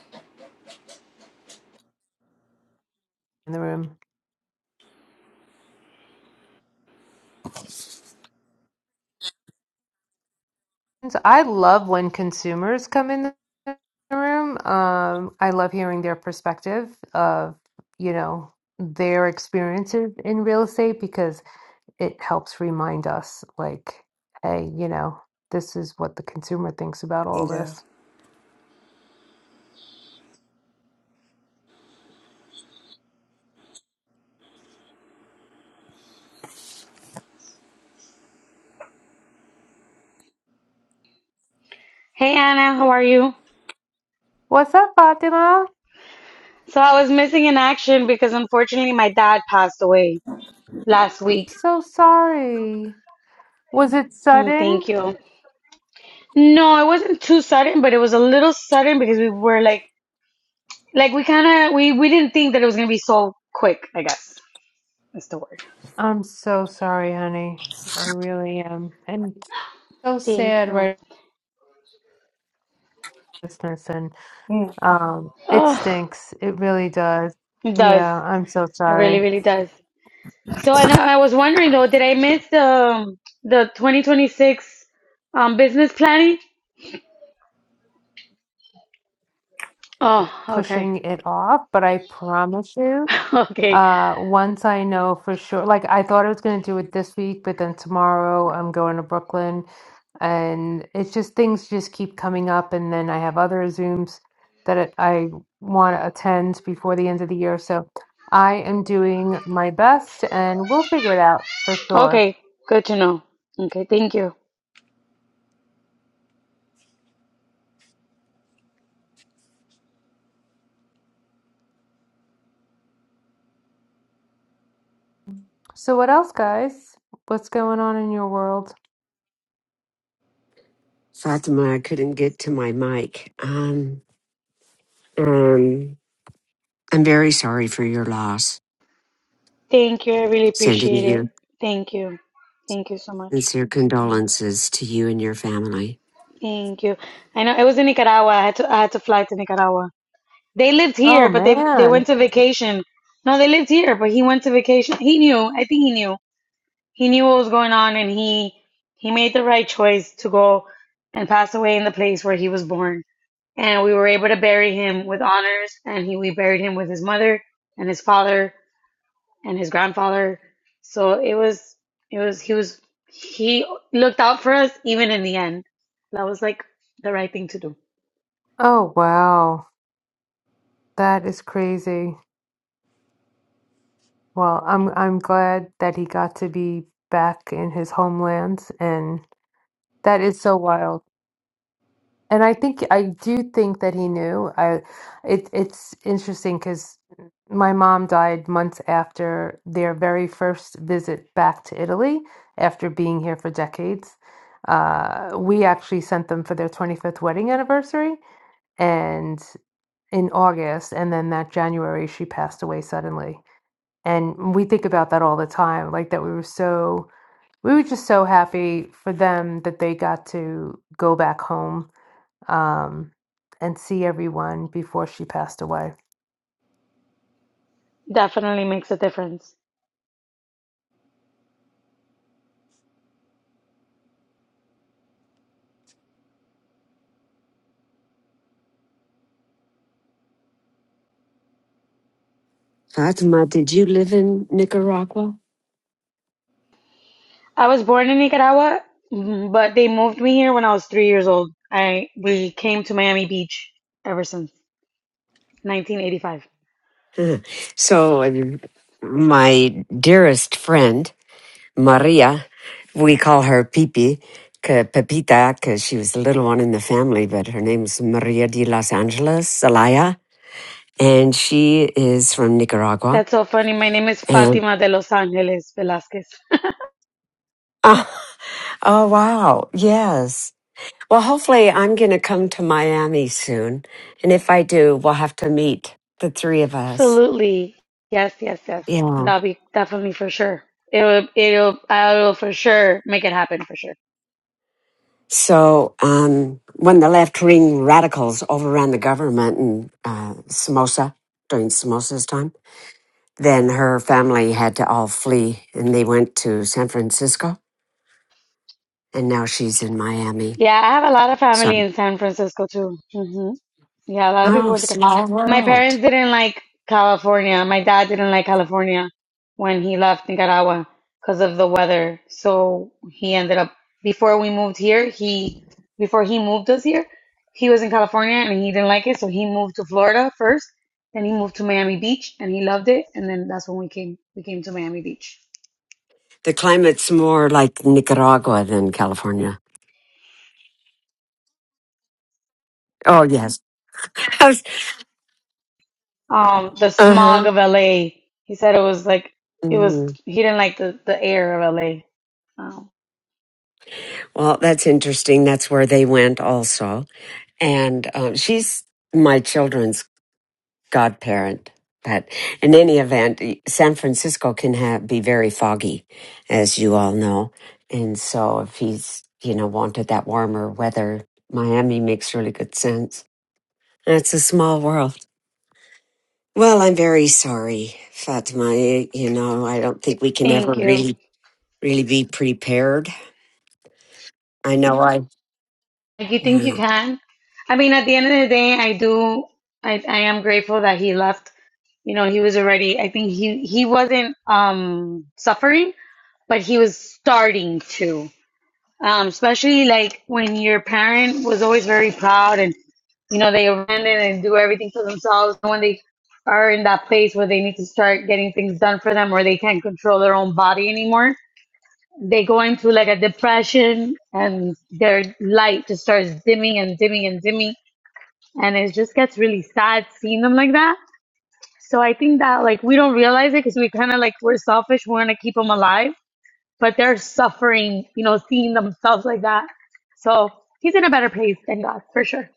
Speaker 9: In the room. So I love when consumers come in the room. Um, I love hearing their perspective of, you know, their experiences in real estate because it helps remind us, like, hey, you know, this is what the consumer thinks about all
Speaker 11: Yeah.
Speaker 9: this.
Speaker 12: Hey Anna, how are you?
Speaker 9: What's up, Fatima?
Speaker 12: So I was missing in action because unfortunately my dad passed away last week.
Speaker 9: So sorry. Was it
Speaker 12: Mm,
Speaker 9: sudden?
Speaker 12: Thank you. No, it wasn't too sudden, but it was a little sudden because we were like, like we kind of we we didn't think that it was gonna be so quick. I guess is the word.
Speaker 9: I'm so sorry, honey. I really am. And so
Speaker 12: Thank
Speaker 9: sad
Speaker 12: you.
Speaker 9: right business and um it
Speaker 12: Oh,
Speaker 9: stinks. It really does.
Speaker 12: it does.
Speaker 9: Yeah, I'm so
Speaker 12: It really,
Speaker 9: sorry.
Speaker 12: really does. So and I, I was wondering though, did I miss the um, the 2026 um business planning? Oh, okay.
Speaker 9: Pushing it off, but I promise you,
Speaker 12: Okay.
Speaker 9: uh once I know for sure like I thought I was gonna do it this week, but then tomorrow I'm going to Brooklyn and it's just things just keep coming up and then i have other zooms that it- i want to attend before the end of the year so i am doing my best and we'll figure it out for sure
Speaker 12: Okay, good to know. Okay, thank you.
Speaker 9: so what else guys what's going on in your world
Speaker 3: Fatima, I couldn't get to my mic. Um, um, I'm very sorry for your loss.
Speaker 12: Thank you. I really
Speaker 3: Sending
Speaker 12: appreciate it.
Speaker 3: you
Speaker 12: Thank you. Thank you so much.
Speaker 3: sincere condolences to you and your family.
Speaker 12: Thank you. I know it was in Nicaragua. I had to I had to fly to Nicaragua. They lived
Speaker 9: oh
Speaker 12: here, but they they
Speaker 9: man
Speaker 12: went to vacation. No, they lived here, but he went to vacation. He knew. I think he knew. He knew what was going on, and he he made the right choice to go and pass away in the place where he was born. And we were able to bury him with honors, and he we buried him with his mother and his father and his grandfather. So it was, it was, he was, he looked out for us even in the end. That was like the right thing to do.
Speaker 9: oh wow that is crazy well i'm i'm glad that he got to be back in his homeland and that is so wild And I think I do think that he knew. I it it's interesting because my mom died months after their very first visit back to Italy after being here for decades. Uh, we actually sent them for their 25th wedding anniversary and in August and then that January she passed away suddenly. And we think about that all the time, like that we were so we were just so happy for them that they got to go back home um, and see everyone before she passed away.
Speaker 12: Definitely makes a difference.
Speaker 3: Fatima, did you live in Nicaragua?
Speaker 12: I was born in Nicaragua, mm, but they moved me here when I was three years old. I, we came to Miami Beach ever since 1985.
Speaker 3: Huh. so, um, my dearest friend, Maria, we call her Pipi, ca- Pepita, because she was the little one in the family, but her name's Maria de Los Angeles, Zelaya and she is from Nicaragua.
Speaker 12: That's so funny. My name is
Speaker 3: And
Speaker 12: Fatima de Los Angeles Velasquez.
Speaker 3: oh, oh, wow, yes. Well, hopefully, I'm going to come to Miami soon, and if I do, we'll have to meet the three of us.
Speaker 12: Absolutely. Yes, yes, yes.
Speaker 3: Yeah.
Speaker 12: That'll be definitely for sure. It'll, it'll, I will for sure make it happen for sure.
Speaker 3: So, um, when the left wing radicals overran the government in uh, Samosa during Samosa's time, then her family had to all flee, and they went to San Francisco, and now she's in Miami.
Speaker 12: Yeah, I have a lot of family
Speaker 3: So,
Speaker 12: in San Francisco too. hmm Yeah, a lot of people
Speaker 3: oh,
Speaker 12: went to. Cal-
Speaker 3: small
Speaker 12: My
Speaker 3: world.
Speaker 12: parents didn't like California. My dad didn't like California when he left Nicaragua because of the weather. So he ended up before we moved here. He before he moved us here, he was in California and he didn't like it. So he moved to Florida first. Then he moved to Miami Beach and he loved it. And then that's when we came. We came to Miami Beach.
Speaker 3: The climate's more like Nicaragua than California. Oh, yes.
Speaker 12: um the
Speaker 3: Uh huh.
Speaker 12: smog of LA. He said it was like it was
Speaker 3: hmm
Speaker 12: he didn't like the the air of LA. Oh,
Speaker 3: Well, that's interesting. That's where they went also. And um, she's my children's godparent. But in any event, San Francisco can have, be very foggy, as you all know. And so if he's, you know, wanted that warmer weather, Miami makes really good sense. It's a small world. Well, I'm very sorry, Fatima. You know, I don't think we can ever
Speaker 12: thank you.
Speaker 3: really, really be prepared. I know I,
Speaker 12: Like you think you
Speaker 3: yeah.
Speaker 12: can? I mean, at the end of the day, I do. I I am grateful that he left. You know, he was already. I think he he wasn't um suffering, but he was starting to. Um, especially like when your parent was always very proud and you know they abandon and do everything for themselves and when they are in that place where they need to start getting things done for them or they can't control their own body anymore they go into like a depression and their light just starts dimming and dimming and dimming and it just gets really sad seeing them like that so i think that like we don't realize it because we kind of like we're selfish we want to keep them alive but they're suffering, you know, seeing themselves like that. So he's in a better place, thank God, for sure.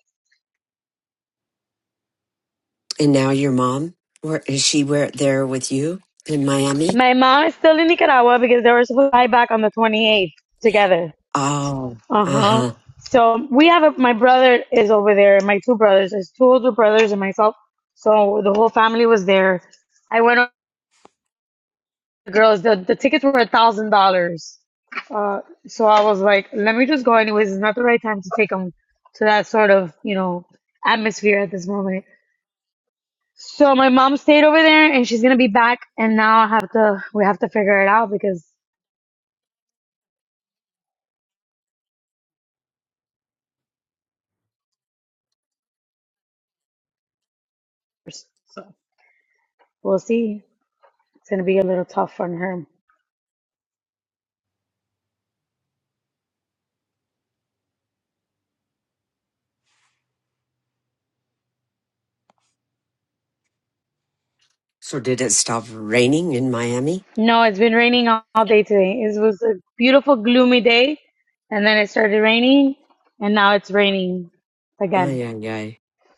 Speaker 3: And now your mom, where is she? Where there with you in Miami?
Speaker 12: My mom is still in Nicaragua because they were supposed to fly back on the 28th together.
Speaker 3: Oh,
Speaker 12: Uh
Speaker 3: uh
Speaker 12: huh.
Speaker 3: huh.
Speaker 12: So we have a, my brother is over there, my two brothers, there's two older brothers and myself. So the whole family was there. I went on the girls, the, the tickets were a thousand dollars. Uh, so I was like, let me just go anyways. It's not the right time to take them to that sort of, you know, atmosphere at this moment. So my mom stayed over there and she's gonna be back and now I have to we have to figure it out because so we'll see. It's gonna be a little tough on her.
Speaker 3: So did it stop raining in Miami?
Speaker 12: No, it's been raining all all day today. It was a beautiful gloomy day and then it started raining and now it's raining
Speaker 3: Oh
Speaker 12: again.
Speaker 3: yeah, yeah.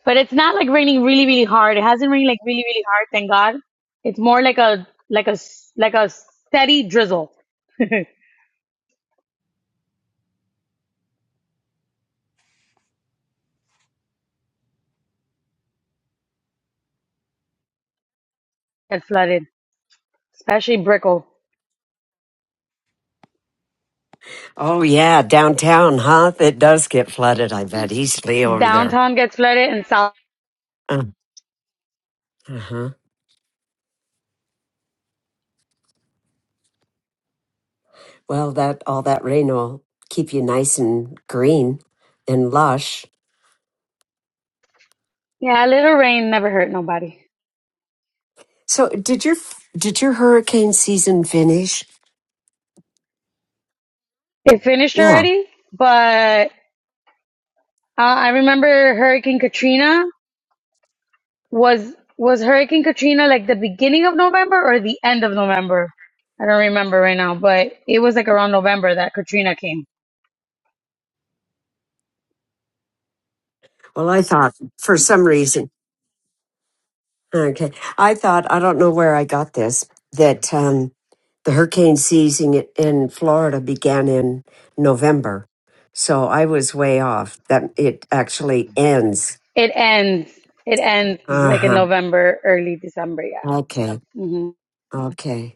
Speaker 12: But it's not like raining really really hard. It hasn't rained like really really hard, thank God. It's more like a like a s- like a steady drizzle that flooded, especially Brickell.
Speaker 3: Oh yeah, downtown, huh? It does get flooded. I bet easily over there.
Speaker 12: Downtown gets flooded and south
Speaker 3: Uh huh. Well, that all that rain will keep you nice and green and lush.
Speaker 12: Yeah, a little rain never hurt nobody.
Speaker 3: So did your did your hurricane season finish?
Speaker 12: It finished
Speaker 3: Yeah.
Speaker 12: already, but uh, I remember Hurricane Katrina was was Hurricane Katrina like the beginning of November or the end of November? I don't remember right now, but it was like around November that Katrina came.
Speaker 3: Well, I thought for some reason. Okay. I thought I don't know where I got this that um the hurricane season i- in Florida began in November. So I was way off that it actually ends.
Speaker 12: It ends. It ends like in
Speaker 3: Uh-huh.
Speaker 12: November, early December. Yeah,
Speaker 3: Okay.
Speaker 12: hmm
Speaker 3: Okay.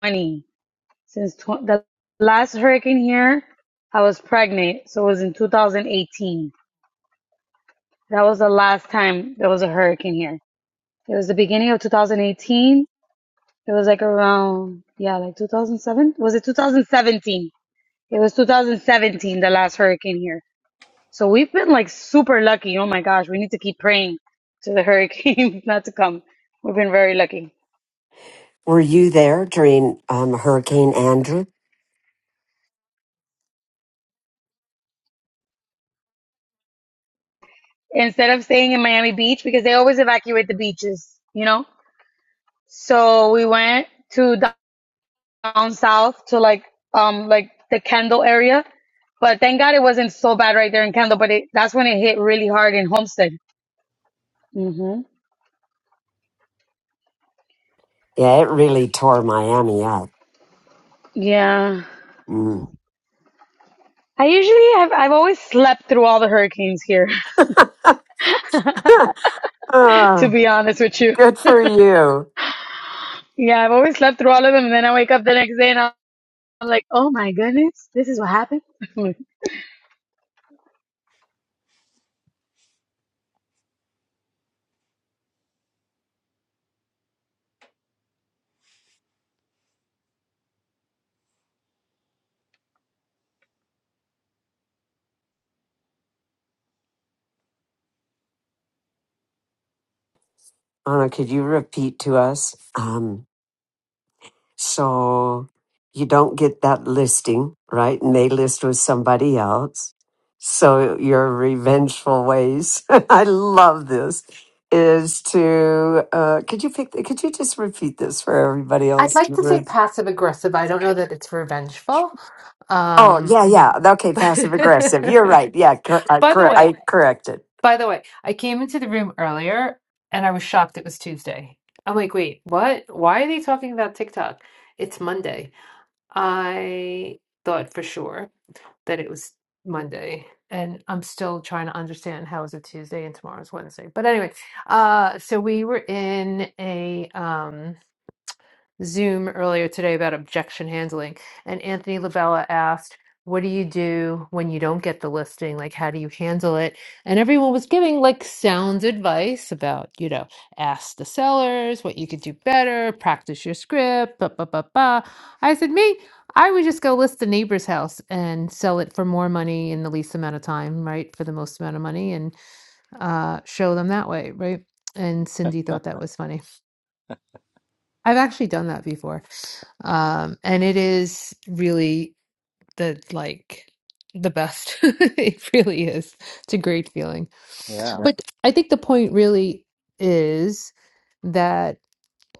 Speaker 12: twenty since tw- the last hurricane here, I was pregnant, so it was in 2018. That was the last time there was a hurricane here. It was the beginning of 2018. It was like around, yeah, like 2007. Was it 2017? It was 2017, the last hurricane here. So we've been like super lucky. Oh my gosh, we need to keep praying to the hurricane not to come. We've been very lucky.
Speaker 3: Were you there during um Hurricane Andrew?
Speaker 12: Instead of staying in Miami Beach, because they always evacuate the beaches, you know? So we went to down south to like, um, like the Kendall area. But thank God it wasn't so bad right there in Kendall, but it, that's when it hit really hard in Homestead hmm
Speaker 3: Yeah, it really tore Miami up.
Speaker 12: Yeah.
Speaker 3: Mm.
Speaker 12: I usually have I've always slept through all the hurricanes here, to
Speaker 3: Ah,
Speaker 12: be honest with you.
Speaker 3: good for you.
Speaker 12: Yeah, I've always slept through all of them and then I wake up the next day and I'm like, "Oh my goodness, this is what happened."
Speaker 3: Anna, could you repeat to us? Um, so you don't get that listing, right? And they list with somebody else. So your revengeful ways, I love this, is to, uh, could you pick, could you just repeat this for everybody
Speaker 9: I'd
Speaker 3: else?
Speaker 9: like
Speaker 3: in
Speaker 9: to
Speaker 3: the
Speaker 9: say
Speaker 3: room?
Speaker 9: passive aggressive. I don't know that it's revengeful.
Speaker 3: Oh,
Speaker 9: Um,
Speaker 3: yeah, yeah. Okay,
Speaker 9: by
Speaker 3: passive aggressive. You're right. Yeah, cor- I,
Speaker 9: the
Speaker 3: cor- I
Speaker 9: way,
Speaker 3: corrected.
Speaker 9: by the way, I came into the room earlier and I was shocked it was Tuesday. I'm like, wait, what? Why are they talking about TikTok? It's Monday. I thought for sure. that it was Monday. And I'm still trying to understand how is it Tuesday and tomorrow's Wednesday. But anyway, uh, so we were in a um, Zoom earlier today about objection handling, and Anthony Lavella asked, "What do you do when you don't get the listing? Like, how do you handle it?" And everyone was giving like sound advice about, you know, ask the sellers what you could do better, practice your script, ba ba ba ba. I said, "Me, I would just go list the neighbor's house and sell it for more money in the least amount of time, right? For the most amount of money, and uh, show them that way, right?" And Cindy thought that was funny. I've actually done that before. Um, and it is really the like the best. It really is. It's a great feeling.
Speaker 10: Yeah.
Speaker 9: Yeah. But I think the point really is that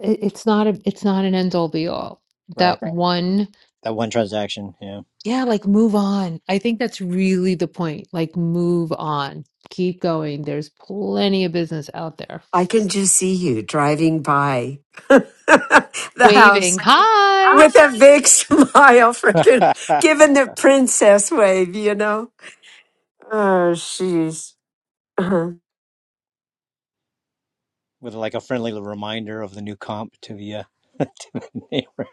Speaker 9: it, it's not a it's not an end all be all.
Speaker 10: Right.
Speaker 9: That Right. one,
Speaker 10: That one transaction. Yeah.
Speaker 9: yeah, like move on. I think that's really the point. Like move on. Keep going. There's plenty of business out there.
Speaker 3: I can just see you driving by the house
Speaker 9: Waving. Hi.
Speaker 3: with a big smile, freaking giving the princess wave, you know? Oh, jeez. Uh-huh.
Speaker 10: With like a friendly reminder of the new comp to the uh, neighbor.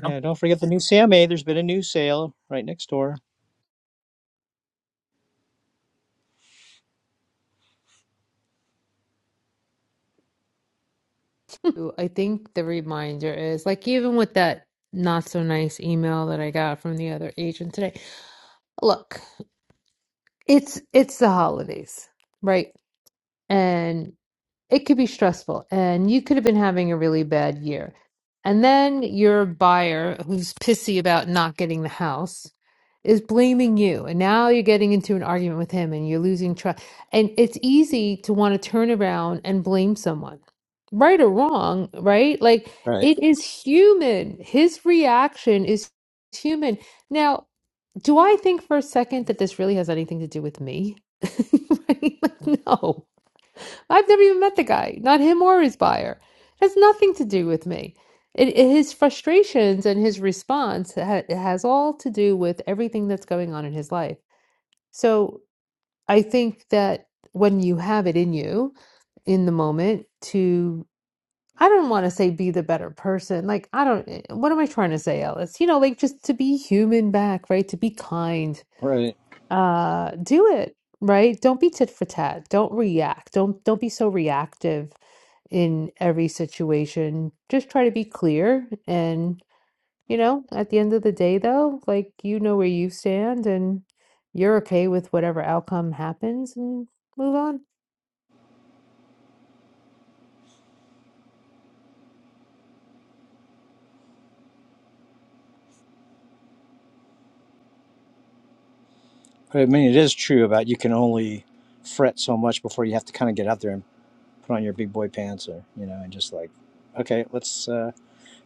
Speaker 10: Yeah. Don't forget the new CMA. There's been a new sale right next door.
Speaker 9: Ooh, I think the reminder is like even with that not so nice email that I got from the other agent today. Look, it's it's the holidays, right? And it could be stressful and you could have been having a really bad year. And then your buyer, who's pissy about not getting the house, is blaming you. And now you're getting into an argument with him and you're losing trust. And it's easy to want to turn around and blame someone, right or wrong, right? Like
Speaker 10: Right.
Speaker 9: it is human. His reaction is human. Now, do I think for a second that this really has anything to do with me? Right? Like, no I've never even met the guy, not him or his buyer. It has nothing to do with me. It, it- his frustrations and his response ha it has all to do with everything that's going on in his life. So I think that when you have it in you, in the moment, to I don't want to say be the better person. Like I don't. eh, What am I trying to say, Alice? You know, like just to be human back, right? To be kind.
Speaker 10: Right.
Speaker 9: Uh, do it right. Don't be tit for tat. Don't react. Don't don't be so reactive in every situation. Just try to be clear. And, you know, at the end of the day, though, like, you know where you stand and you're okay with whatever outcome happens and move on.
Speaker 10: But I mean, it is true about you can only fret so much before you have to kind of get out there and put on your big boy pants or, you know, and just like, okay, let's, uh,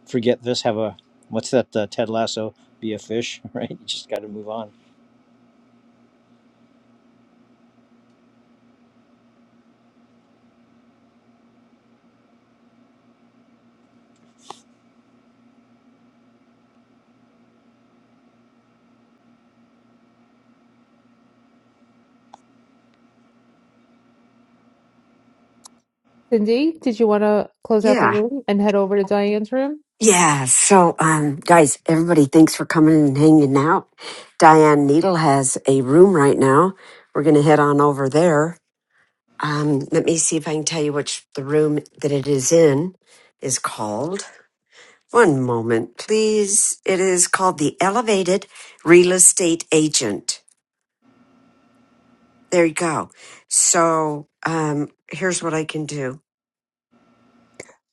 Speaker 10: forget this. Have a what's that? Uh, Ted Lasso. Be a fish, right? You just got to move on.
Speaker 9: Cindy, did you want to close out the
Speaker 3: Yeah.
Speaker 9: room and head over to Diane's room?
Speaker 3: Yeah. So, um, guys, everybody, thanks for coming and hanging out. Diane Needle has a room right now. We're going to head on over there. Um, let me see if I can tell you which the room that it is in is called. One moment, please. It is called the Elevated Real Estate Agent There you go. So um, here's what I can do.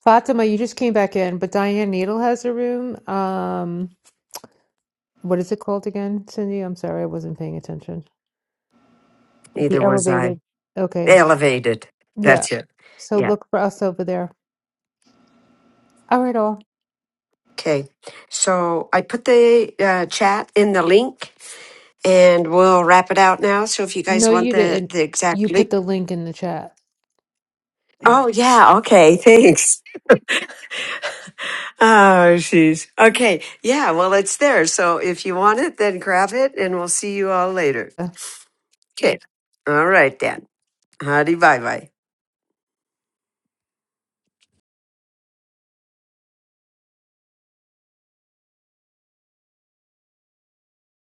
Speaker 9: Fatima, you just came back in, but Diane Needle has a room. Um, what is it called again, Cindy? I'm sorry, I wasn't paying attention. The
Speaker 3: Neither was I.
Speaker 9: elevated. Okay.
Speaker 3: Elevated.
Speaker 9: Yeah.
Speaker 3: That's it.
Speaker 9: So
Speaker 3: Yeah.
Speaker 9: look for us over there. All right, all.
Speaker 3: Okay. So I put the uh, chat in the link and we'll wrap it out now. So if you guys
Speaker 9: No,
Speaker 3: want
Speaker 9: you
Speaker 3: the,
Speaker 9: didn't.
Speaker 3: the exact
Speaker 9: You put
Speaker 3: link.
Speaker 9: the link in the chat.
Speaker 3: Oh, yeah. Okay. Thanks. Oh, jeez. Okay. Yeah. Well, it's there. So if you want it, then grab it and we'll see you all later. Okay. All right, Dan. Howdy. Bye bye.